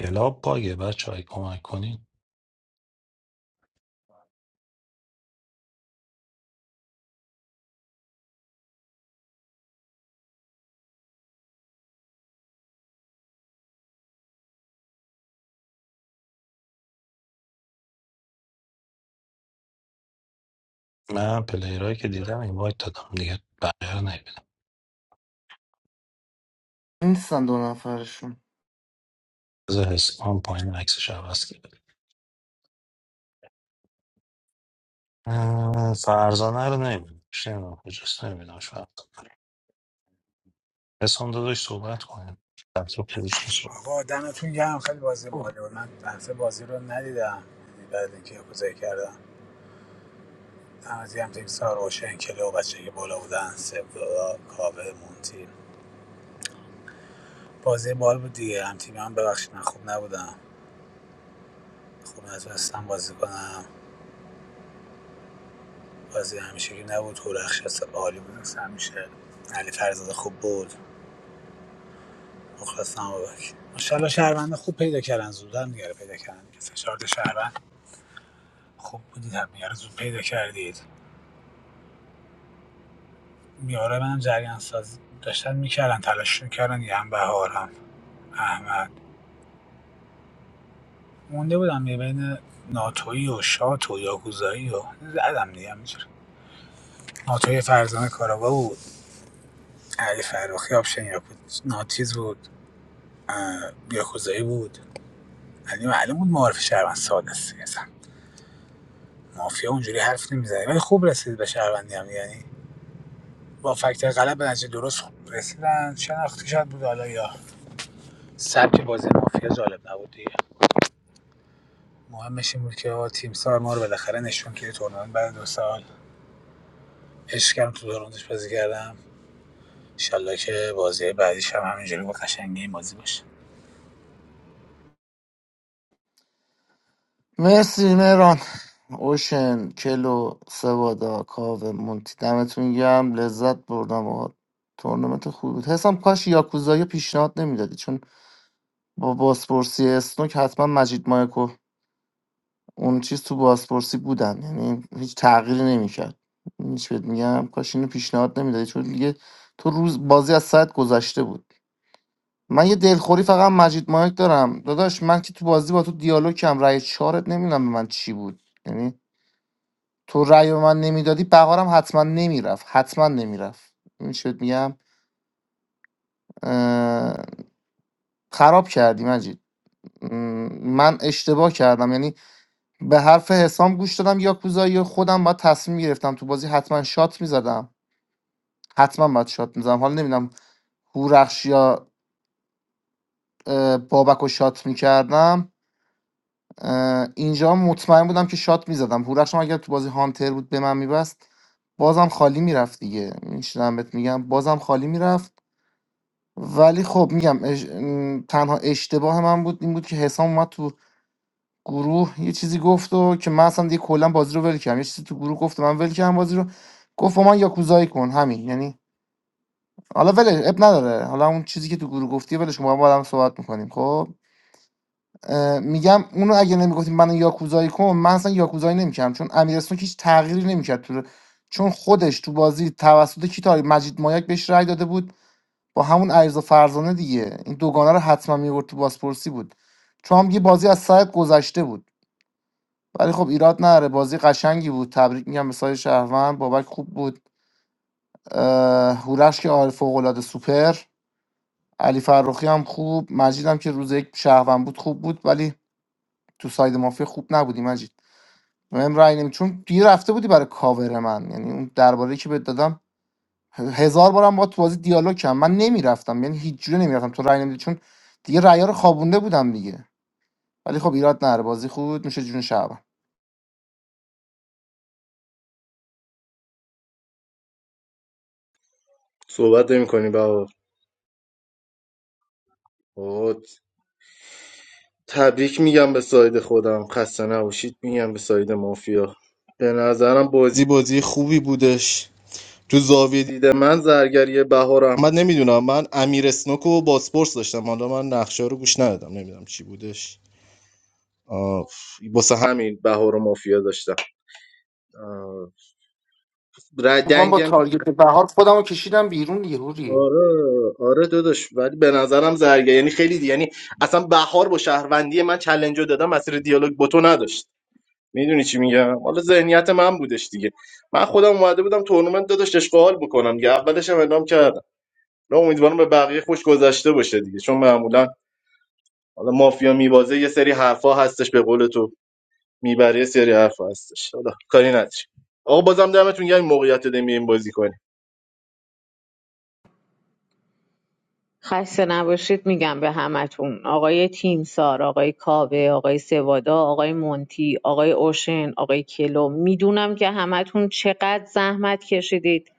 کلاب باگه بچه های کمک کنین من پلیرهایی که دیدم این وایت دادم دیگه بقیه رو نمیبینم نیستن دو نفرشون بذار حس کنم پایین عکسش عوض کرده اه، فرزانه رو نمیبینم نمیدونم کجاست نمیبینم فرزانه حسام داداش صحبت کنیم رفت رو فروش نیست. آقا دمتون گرم خیلی بازی باحالی بود من دفعه بازی رو ندیدم بعد اینکه یکوزایی کردم دمت گرم تیم سار اوشن کلی و بچه که بالا بودن سبلا کاوه مونتی بازی بال بود دیگه هم تیم هم ببخشید من خوب نبودم خوب نتونستم بازی کنم بازی همیشگی نبود هورخش عالی بود مثل همیشه علی فرزاد خوب بود مخلصم بابک ماشاءالله شهروند خوب پیدا کردن زودن دیگه پیدا کردن که سه شهروند خوب بودید هم دیگه رو زود پیدا کردید میاره منم جریان ساز داشتن میکردن تلاش میکردن یه هم بهارم احمد مونده بودم یه بین ناتویی و شات و یاکوزایی و زدم دیگه همینجوری ناتوی فرزانه کاراوا بود علی فراخی آپشن یا بود ناتیز بود اه، یاکوزایی بود علی معلوم بود معارف شهروند ساده است دیگه اصلا مافیا اونجوری حرف نمیزنه ولی خوب رسید به شهروندی هم یعنی با فکتر غلط به نتیجه درست رسیدن شناختی شاید بود حالا یا سبک بازی مافیا جالب نبود دیگه مهمش این بود که تیم سار ما رو بالاخره نشون که تورنمنت بعد دو سال عشق کردم تو دورانش بازی کردم انشالله که بازی بعدیش هم همینجوری با قشنگی این بازی باشه مرسی مهران اوشن کلو سوادا کاوه مونتی دمتون گرم لذت بردم و تورنمنت خوب بود حسام کاش یاکوزایی پیشنهاد نمیدادی چون با بازپرسی اسنوک حتما مجید مایکو اون چیز تو بازپرسی بودن یعنی هیچ تغییری نمیکرد هیچ بهت میگم کاش اینو پیشنهاد نمیدادی چون دیگه تو روز بازی از ساعت گذشته بود من یه دلخوری فقط مجید مایک دارم داداش من که تو بازی با تو دیالوگ کم رأی چارت نمیدونم به من چی بود یعنی تو رأی به من نمیدادی بهارم حتما نمیرفت حتما نمیرفت این چت میگم اه، خراب کردی مجید م، من اشتباه کردم یعنی به حرف حسام گوش دادم یاکوزایی و خودم باید تصمیم گرفتم تو بازی حتما شات میزدم حتما باید شات میزدم حالا نمیدونم هورخش یا اه، بابک و شات میکردم اینجا مطمئن بودم که شات میزدم هورخش هم اگر تو بازی هانتر بود به من میبست بازم خالی میرفت دیگه میشنم بهت میگم بازم خالی میرفت ولی خب میگم اش... م، تنها اشتباه من بود این بود که حسام اومد تو گروه یه چیزی گفت و که من اصلا دیگه کلا بازی رو ول کردم یه چیزی تو گروه گفت و من ول کردم بازی رو گفت با من یاکوزایی کن همین یعنی حالا ول اب نداره حالا اون چیزی که تو گروه گفتی ولش کن با هم با هم صحبت میکنیم خب اه، میگم اونو اگه نمیگفتیم من یاکوزایی کن من اصلا یاکوزایی نمیکردم چون امیرسون هیچ تغییری نمیکرد تو چون خودش تو بازی توسط کی تاری مجید مایک بهش رأی داده بود با همون عریض فرزانه دیگه این دوگانه رو حتما میورد تو بازپرسی بود چون هم یه بازی از سایت گذشته بود ولی خب ایراد نداره بازی قشنگی بود تبریک میگم به سایه شهروند بابک خوب بود اه، هورش که آره فوق العاده سوپر علی فرخی هم خوب مجید هم که روز یک شهروند بود خوب بود ولی تو ساید مافیا خوب نبودی مجید مهم رای نمی چون دیگه رفته بودی برای کاور من یعنی اون درباره که بهت دادم هزار بارم با تو بازی دیالوگ کردم من نمیرفتم یعنی هیچ جوره نمیرفتم تو رای نمیدی چون دیگه ریا رو خوابونده بودم دیگه ولی خب ایراد نره بازی خود میشه جون شب صحبت نمی کنی بابا تبریک میگم به ساید خودم خسته نباشید میگم به ساید مافیا به نظرم بازی بازی خوبی بودش تو زاویه دیده من زرگری بهار احمد نمیدونم من امیر اسنوک و باسپورس داشتم حالا من نقشه رو گوش ندادم نمیدونم چی بودش آه، واسه همین بهار و مافیا داشتم آه، رد من با دنگم تارگت بهار خودم رو کشیدم بیرون دیگه هوری آره آره داداش ولی به نظرم زرگری یعنی خیلی دی. یعنی اصلا بهار با شهروندی من چلنج رو دادم مسیر دیالوگ با تو نداشت میدونی چی میگم حالا ذهنیت من بودش دیگه من خودم اومده بودم تورنمنت داداش اشغال بکنم دیگه اولش هم اعلام کردم نه امیدوارم به بقیه خوش گذشته باشه دیگه چون معمولا حالا مافیا میبازه یه سری حرفا هستش به قول تو میبره یه سری حرفا هستش حالا کاری نداری آقا بازم دمتون گرم این موقعیت رو دادیم بازی کنیم خسته نباشید میگم به همتون آقای تیمسار آقای کاوه آقای سوادا آقای مونتی آقای اوشن آقای کلو میدونم که همتون چقدر زحمت کشیدید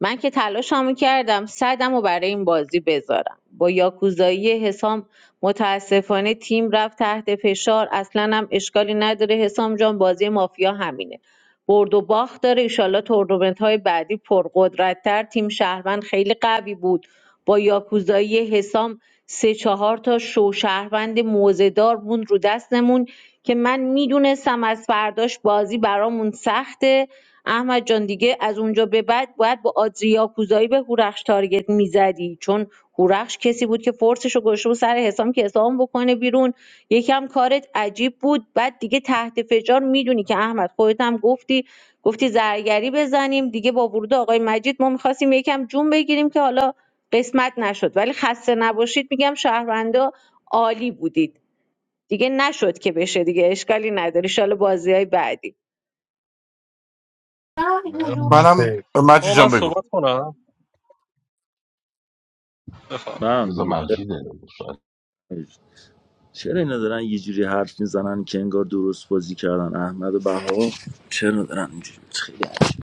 من که تلاشمو کردم صدمو برای این بازی بذارم با یاکوزایی حسام متاسفانه تیم رفت تحت فشار اصلا هم اشکالی نداره حسام جان بازی مافیا همینه برد و باخت داره ایشالله تورنمنت های بعدی پرقدرتتر تیم شهروند خیلی قوی بود با یاکوزایی حسام سه چهار تا شو شهروند موزهدار بود رو دستمون که من میدونستم از فرداش بازی برامون سخته احمد جان دیگه از اونجا به بعد باید با آدری یاکوزایی به هورخش تارگت میزدی چون هورخش کسی بود که فرسش رو گذاشته بود سر حسام که حسام بکنه بیرون یکم کارت عجیب بود بعد دیگه تحت فشار میدونی که احمد خودت هم گفتی گفتی زرگری بزنیم دیگه با ورود آقای مجید ما میخواستیم یکم جون بگیریم که حالا قسمت نشد ولی خسته نباشید میگم شهروندا عالی بودید دیگه نشد که بشه دیگه اشکالی نداره ان بازی های بعدی منم مجی آقا من جان بگو صحبت کنم بفهم منم بذار دیگه مجیده شاید چرا اینا دارن یه جوری حرف میزنن که انگار درست بازی کردن احمد و بهار چرا دارن اینجوری خیلی عجیب.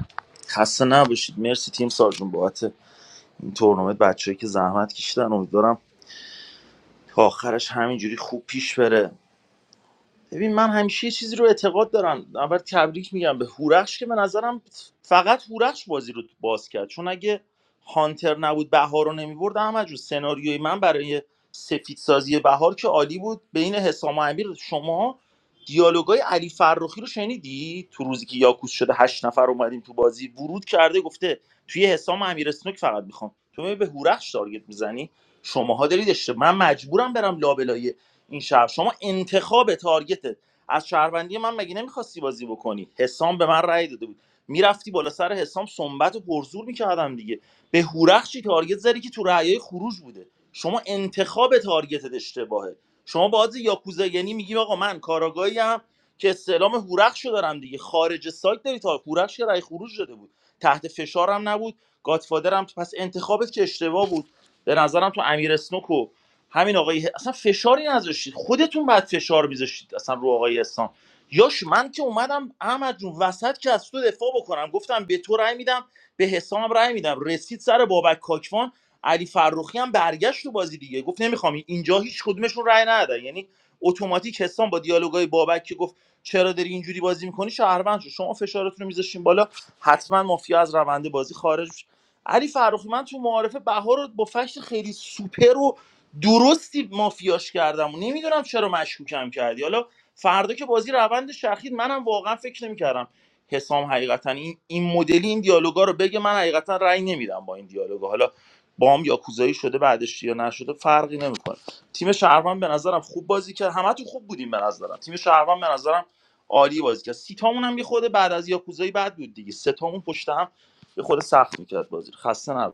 خسته نباشید مرسی تیم سارجون بابت این تورنمنت بچه‌ای که زحمت کشیدن امیدوارم تا آخرش همینجوری خوب پیش بره ببین من همیشه یه چیزی رو اعتقاد دارم اول تبریک میگم به هورخش که به نظرم فقط هورخش بازی رو باز کرد چون اگه هانتر نبود بهار رو نمیبرد احمد جون سناریوی من برای سفید سازی بهار که عالی بود بین حسام و امیر شما دیالوگای علی فرخی رو شنیدی تو روزی که یاکوس شده هشت نفر اومدیم تو بازی ورود کرده گفته توی حسام و امیر اسنوک فقط میخوام تو میای به هورخش تارگت میزنی شماها دارید اشتباه من مجبورم برم لابلای این شهر شما انتخاب تارگتت از شهروندی من مگه نمیخواستی بازی بکنی حسام به من رأی داده بود میرفتی بالا سر حسام صنبت و پرزور میکردم دیگه به هورخشی تارگت زدی که تو رأیای خروج بوده شما انتخاب تارگتت اشتباهه شما باز یاکوزا یعنی میگی آقا من کاراگاهی ام که استعلام هورخشو دارم دیگه خارج سایت داری تا هورخش که رأی خروج داده بود تحت فشارم نبود گاتفادرم پس انتخابت که اشتباه بود به نظرم تو امیر اسنوک و همین آقای اصلا فشاری نذاشتید خودتون بعد فشار میذاشتید اصلا رو آقای اسلام یاش من که اومدم احمد جون وسط که از تو دفاع بکنم گفتم به تو رأی میدم به حسام رأی میدم رسید سر بابک کاکوان علی فرخی هم برگشت تو بازی دیگه گفت نمیخوام اینجا هیچ کدومشون رأی ندادن یعنی اتوماتیک حسام با دیالوگای بابک که گفت چرا داری اینجوری بازی میکنی شهروند شد شما فشارتون رو میذاشتین بالا حتما مافیا از روند بازی خارج میشه علی فرخی من تو معارفه بهار رو با فشت خیلی سوپر درستی مافیاش کردم و نمیدونم چرا مشکوکم کردی حالا فردا که بازی روند شخید منم واقعا فکر نمیکردم حسام حقیقتا این این مدلی این دیالوگا رو بگه من حقیقتا رأی نمیدم با این دیالوگا حالا بام یا کوزایی شده بعدش یا نشده فرقی نمیکنه تیم شهروند به نظرم خوب بازی کرد همتون خوب بودیم به نظرم تیم شهروند به نظرم عالی بازی کرد سیتامون هم یه خورده بعد از یاکوزایی بعد بود دیگه سه تامون پشت هم یه خورده سخت میکرد بازی رو. خسته نباشید.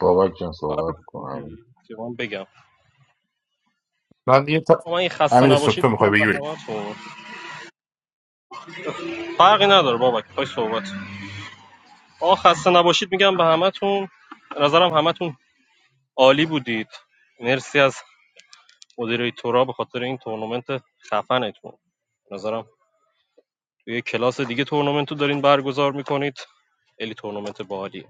بابک جان صحبت کنم که من بگم من یه ت... آقا من این خسته امیر نباشید سکتو میخوای میگم به بگی بگی. همتون فرقی نداره بابک پای صحبت آقا خسته نباشید میگم به همتون به نظرم همتون عالی بودید مرسی از مدیریتورا به خاطر این تورنمنت خفنتون به نظرم توی یه کلاس دیگه تورنمنت رو دارین برگزار میکنید خیلی تورنمنت باحالیه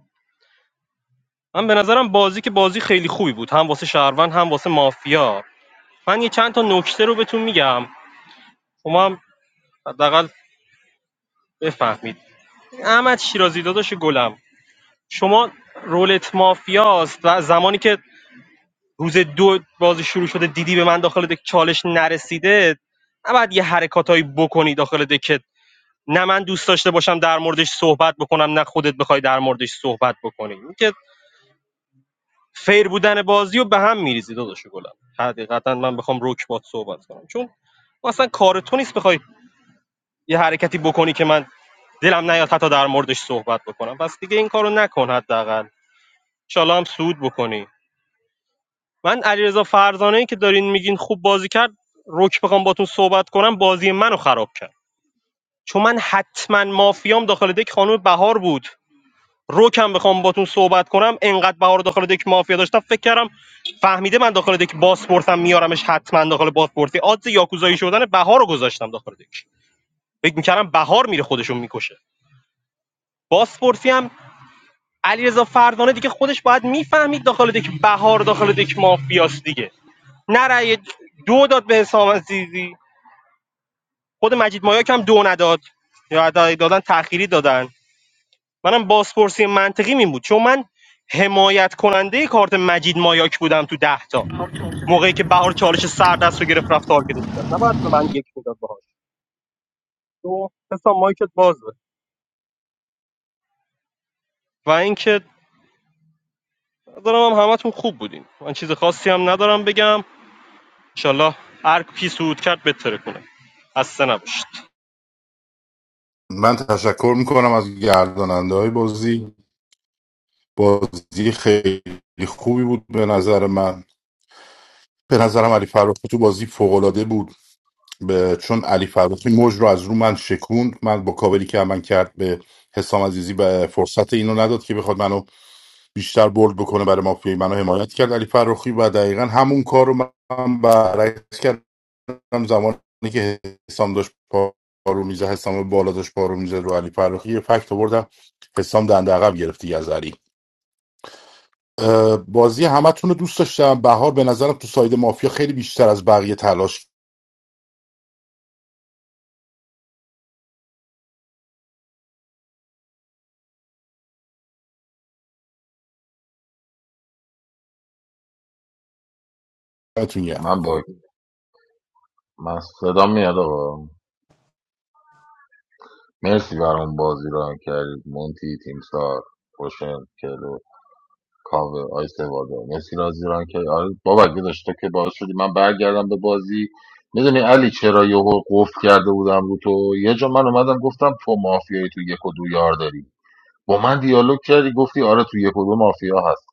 من به نظرم بازی که بازی خیلی خوبی بود هم واسه شهروند هم واسه مافیا من یه چند تا نکته رو بهتون میگم شما هم حداقل بفهمید احمد شیرازی داداش گلم شما رولت مافیاست و زمانی که روز دو بازی شروع شده دیدی به من داخل دک چالش نرسیده نباید یه حرکاتایی بکنی داخل دک نه من دوست داشته باشم در موردش صحبت بکنم نه خودت بخوای در موردش صحبت بکنی این که فیر بودن بازی رو به هم میریزی داداش گلم حقیقتا من بخوام روک بات صحبت کنم چون اصلا کار تو نیست بخوای یه حرکتی بکنی که من دلم نیاد حتی در موردش صحبت بکنم پس دیگه این کارو نکن حداقل انشالله هم سود بکنی من علیرضا فرزانه ای که دارین میگین خوب بازی کرد روک بخوام باتون صحبت کنم بازی منو خراب کرد چون من حتما مافیام داخل دک خانم بهار بود روکم بخوام باتون صحبت کنم انقدر بهار داخل دک مافیا داشتم فکر کردم فهمیده من داخل دک باسپورتم میارمش حتما داخل باسپورتی آدز یاکوزایی شدن بهار رو گذاشتم داخل دک فکر میکردم بهار میره خودشون میکشه باسپورتی هم علیرضا فردانه دیگه خودش باید میفهمید داخل دک بهار داخل دک مافیاست دیگه نه رأی دو داد به حسام عزیزی خود مجید مایاک هم دو نداد یا حتی دادن تأخیری دادن منم بازپرسی منطقی این بود چون من حمایت کننده کارت مجید مایاک بودم تو ده تا موقعی که بهار چالش سر دست رو گرفت رفت تارگتش کرد نباید به من یک میداد باهاش تو حسام مایکت بازه و اینکه دارم هم همتون خوب بودین من چیز خاصی هم ندارم بگم انشالله هر کی سود کرد بتره کنه خسته نباشید من تشکر میکنم از گرداننده های بازی بازی خیلی خوبی بود به نظر من به نظرم علی فرخی تو بازی فوق العاده بود به چون علی فرخی موج رو از رو من شکوند من با کاوری که من کرد به حسام عزیزی به فرصت اینو نداد که بخواد منو بیشتر بولد بکنه برای مافیای منو حمایت کرد علی فرخی و دقیقا همون کار رو من برعکس کردم زمانی که حسام داشت پا رو میزه حسام بالا داشت پا رو میزه رو علی فرخی یه فکت آوردم حسام دنده عقب گرفتی از علی اه، بازی همتون رو دوست داشتم بهار به نظرم تو ساید مافیا خیلی بیشتر از بقیه تلاش کرد. من با من صدا میاد آقا مرسی برام بازی رو کردید مونتی تیم سار خوشم، کاور آی سوادا مرسی رازی ران که آره بابک داشت که باعث شدی من برگردم به بازی میدونی علی چرا یهو قفل کرده بودم رو تو یه جا من اومدم گفتم تو مافیایی تو یک و دو یار داری با من دیالوگ کردی گفتی آره تو یک و دو مافیا هست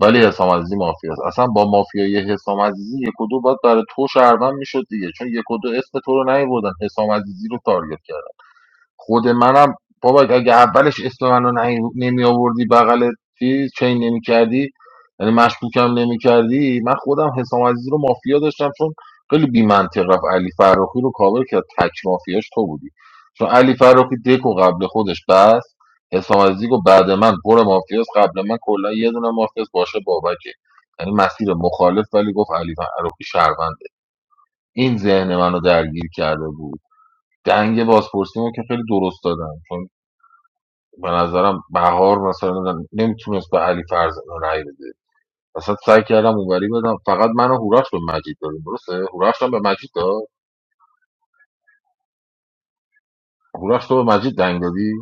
ولی حسام عزیزی مافیا است اصلا با مافیای حسام عزیزی یک و دو باید برای تو شهروند میشد دیگه چون یک و دو اسم تو رو نیوردن حسام عزیزی رو تارگت کردن خود منم بابا اگه اولش اسم منو نمی آوردی بغل چیز چین نمی کردی یعنی مشکوکم نمی کردی من خودم حسام عزیزی رو مافیا داشتم چون خیلی بی منطق رفت علی فراخی رو کاور کرد تک مافیاش تو بودی چون علی فراخی دکو قبل خودش بس حسام عزیزی گفت بعد من پر مافیاس قبل من کلا یه دونه مافیاس باشه بابکه یعنی مسیر مخالف ولی گفت علی فراخی شهرونده این ذهن منو درگیر کرده بود دنگ بازپرسی رو که خیلی درست دادم به نظرم بهار مثلا نمیتونست به علی فرزانه رأی بده مثلا سعی کردم اونوری بدم فقط من و هورش به مجید دادیم درسته هورش هم به مجید داد هورش تو به مجید دنگ دادی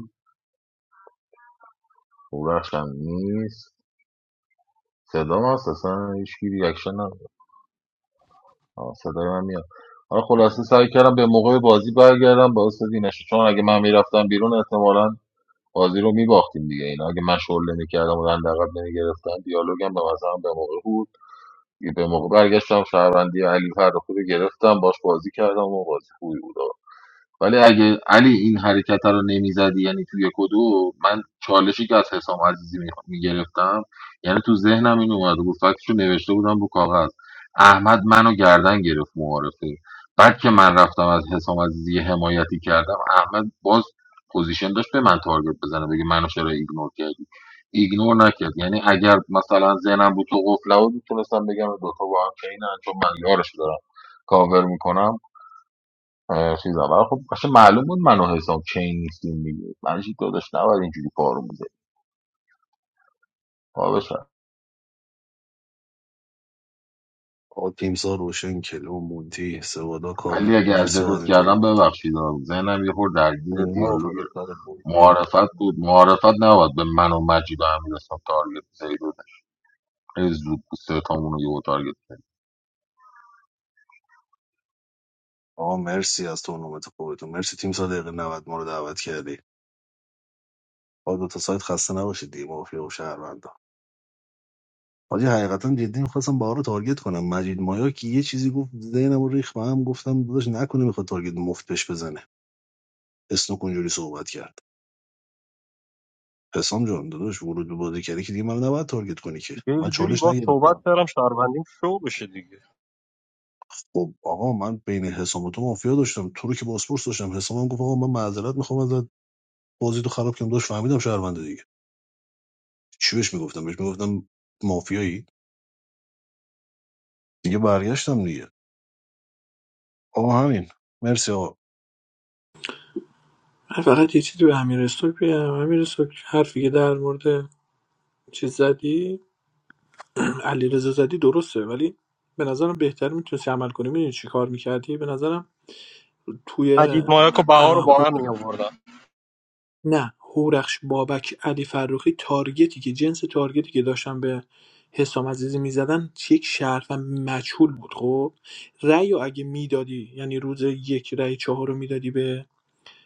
هورش هم نیست صدا هست اصلا هیچ کی ریاکشن نداره. آه، صدای من میاد حالا خلاصه سعی کردم به موقع بازی برگردم با استادی نشه چون اگه من میرفتم بیرون احتمالا بازی رو میباختیم دیگه اینا اگه من شغل نمیکردم و دندقب نمیگرفتم دیالوگم به مثلا به موقع بود به موقع برگشتم شهروندی علی فرخی رو گرفتم باش بازی کردم و بازی خوبی بود ولی اگه علی این حرکت رو نمیزدی یعنی توی کدو من چالشی که از حسام عزیزی میگرفتم یعنی تو ذهنم این اومد بود فکتشو نوشته بودم رو کاغذ احمد منو گردن گرفت معارفه بعد که من رفتم از حسام عزیزی حمایتی کردم احمد باز پوزیشن داشت به من تارگت بزنه بگه منو چرا ایگنور کردی ایگنور نکرد یعنی اگر مثلا ذهنم بود تو قفله بود میتونستم بگم دوتا با هم چینن چون من یارش دارم کاور میکنم اه، چیزا ولی خب اصلا معلوم بود من و حسام چین نیستیم دیگه من چی داداش نباید اینجوری پارو میزدی پا آقا تیمسا روشن کلو مونتی سوادا علی کاوه اگه از مرسی آقا از زدت این کردم تورنمنت ببخشید آه. ذهنم یه خورده درگیر اینا دیالوگ فدات سرت بود. معارفت بود معارفت نباید به من و مجید و امیر حسام تارگت زدی داداش خیلی زود بود سه تامون رو یه تارگت زدی آقا مرسی از تورنمنت خودتون مرسی تیم سا دقیقه 90 ما رو دعوت کردی آقا دو تا سایت خسته نباشید دیگه مافیا و شهروند حاجی حقیقتا جدی میخواستم بهار رو تارگت کنم مجید مایا که یه چیزی گفت ذهنم رو ریخ به گفتم داداش نکنه میخواد تارگت مفت بش بزنه اسنوک اونجوری صحبت کرد حسام جان داداش ورود به بازی کردی که دیگه من نباید تارگت کنی که دیگه من یه جوری چالش با صحبت نگرفتم کردم شهروندیم شو بشه دیگه خب آقا من بین حسام و تو مافیا داشتم تو رو که باسپورس داشتم حسام هم گفت آقا من معذرت میخوام ازت بازی تو خراب کنم داش فهمیدم شهرونده دیگه چی بهش میگفتم بهش میگفتم مافیایی دیگه برگشتم دیگه آقا همین مرسی آقا من فقط یه چیزی به امیر استوک بگم امیر استوک حرفی که در مورد چیز زدی علیرضا زدی درسته ولی به نظرم بهتر میتونستی عمل کنی میدونی چی کار میکردی به نظرم توی مجید مایاک و بهار رو اه، با هور- هم می آوردم. نه هورخش بابک علی فروخی تارگتی که جنس تارگتی که داشتن به حسام عزیزی میزدن یک شرف و مجهول بود خب رأی رو اگه میدادی یعنی روز یک رأی چهار رو میدادی به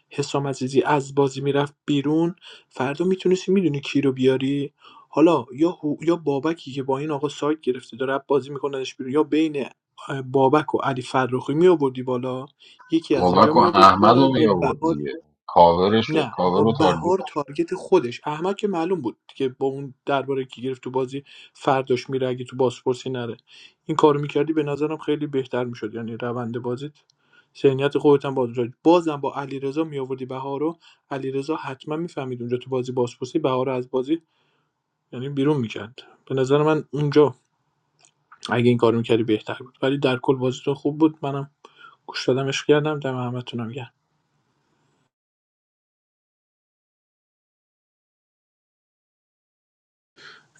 حسام عزیزی از بازی میرفت بیرون فردا میتونستی میدونی کی رو بیاری حالا یا هو- یا بابکی که با این آقا سایت گرفته داره بازی میکنه بیرون یا بین اه، بابک و علی فرخی می آوردی بالا یکی از اینجا بابک و می آوردی احمد بالا رو می با آورد بهار دیگه کاورش نه کاور با رو تارگت بهار تارگت خودش احمد که معلوم بود که با اون درباره که گرفت تو بازی فرداش میره اگه تو بازپرسی نره این کارو میکردی به نظرم خیلی بهتر میشد یعنی روند بازیت ذهنیت خودت هم باز می‌شد. بازم با علیرضا میآوردی بهار رو علیرضا حتما میفهمید اونجا تو بازی بازپرسی بهار رو از بازی یعنی بیرون میکرد به نظر من اونجا اگه این کارو میکردی بهتر بود ولی در کل بازیتون خوب بود منم گوش دادم عشق کردم دم همتونم گرم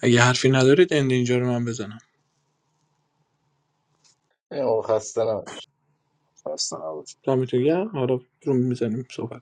اگه حرفی ندارید اند اینجا رو من بزنم ای آقا خسته نباشید. خسته نباشید. دمتون گرم حالا روم میزنیم صحبت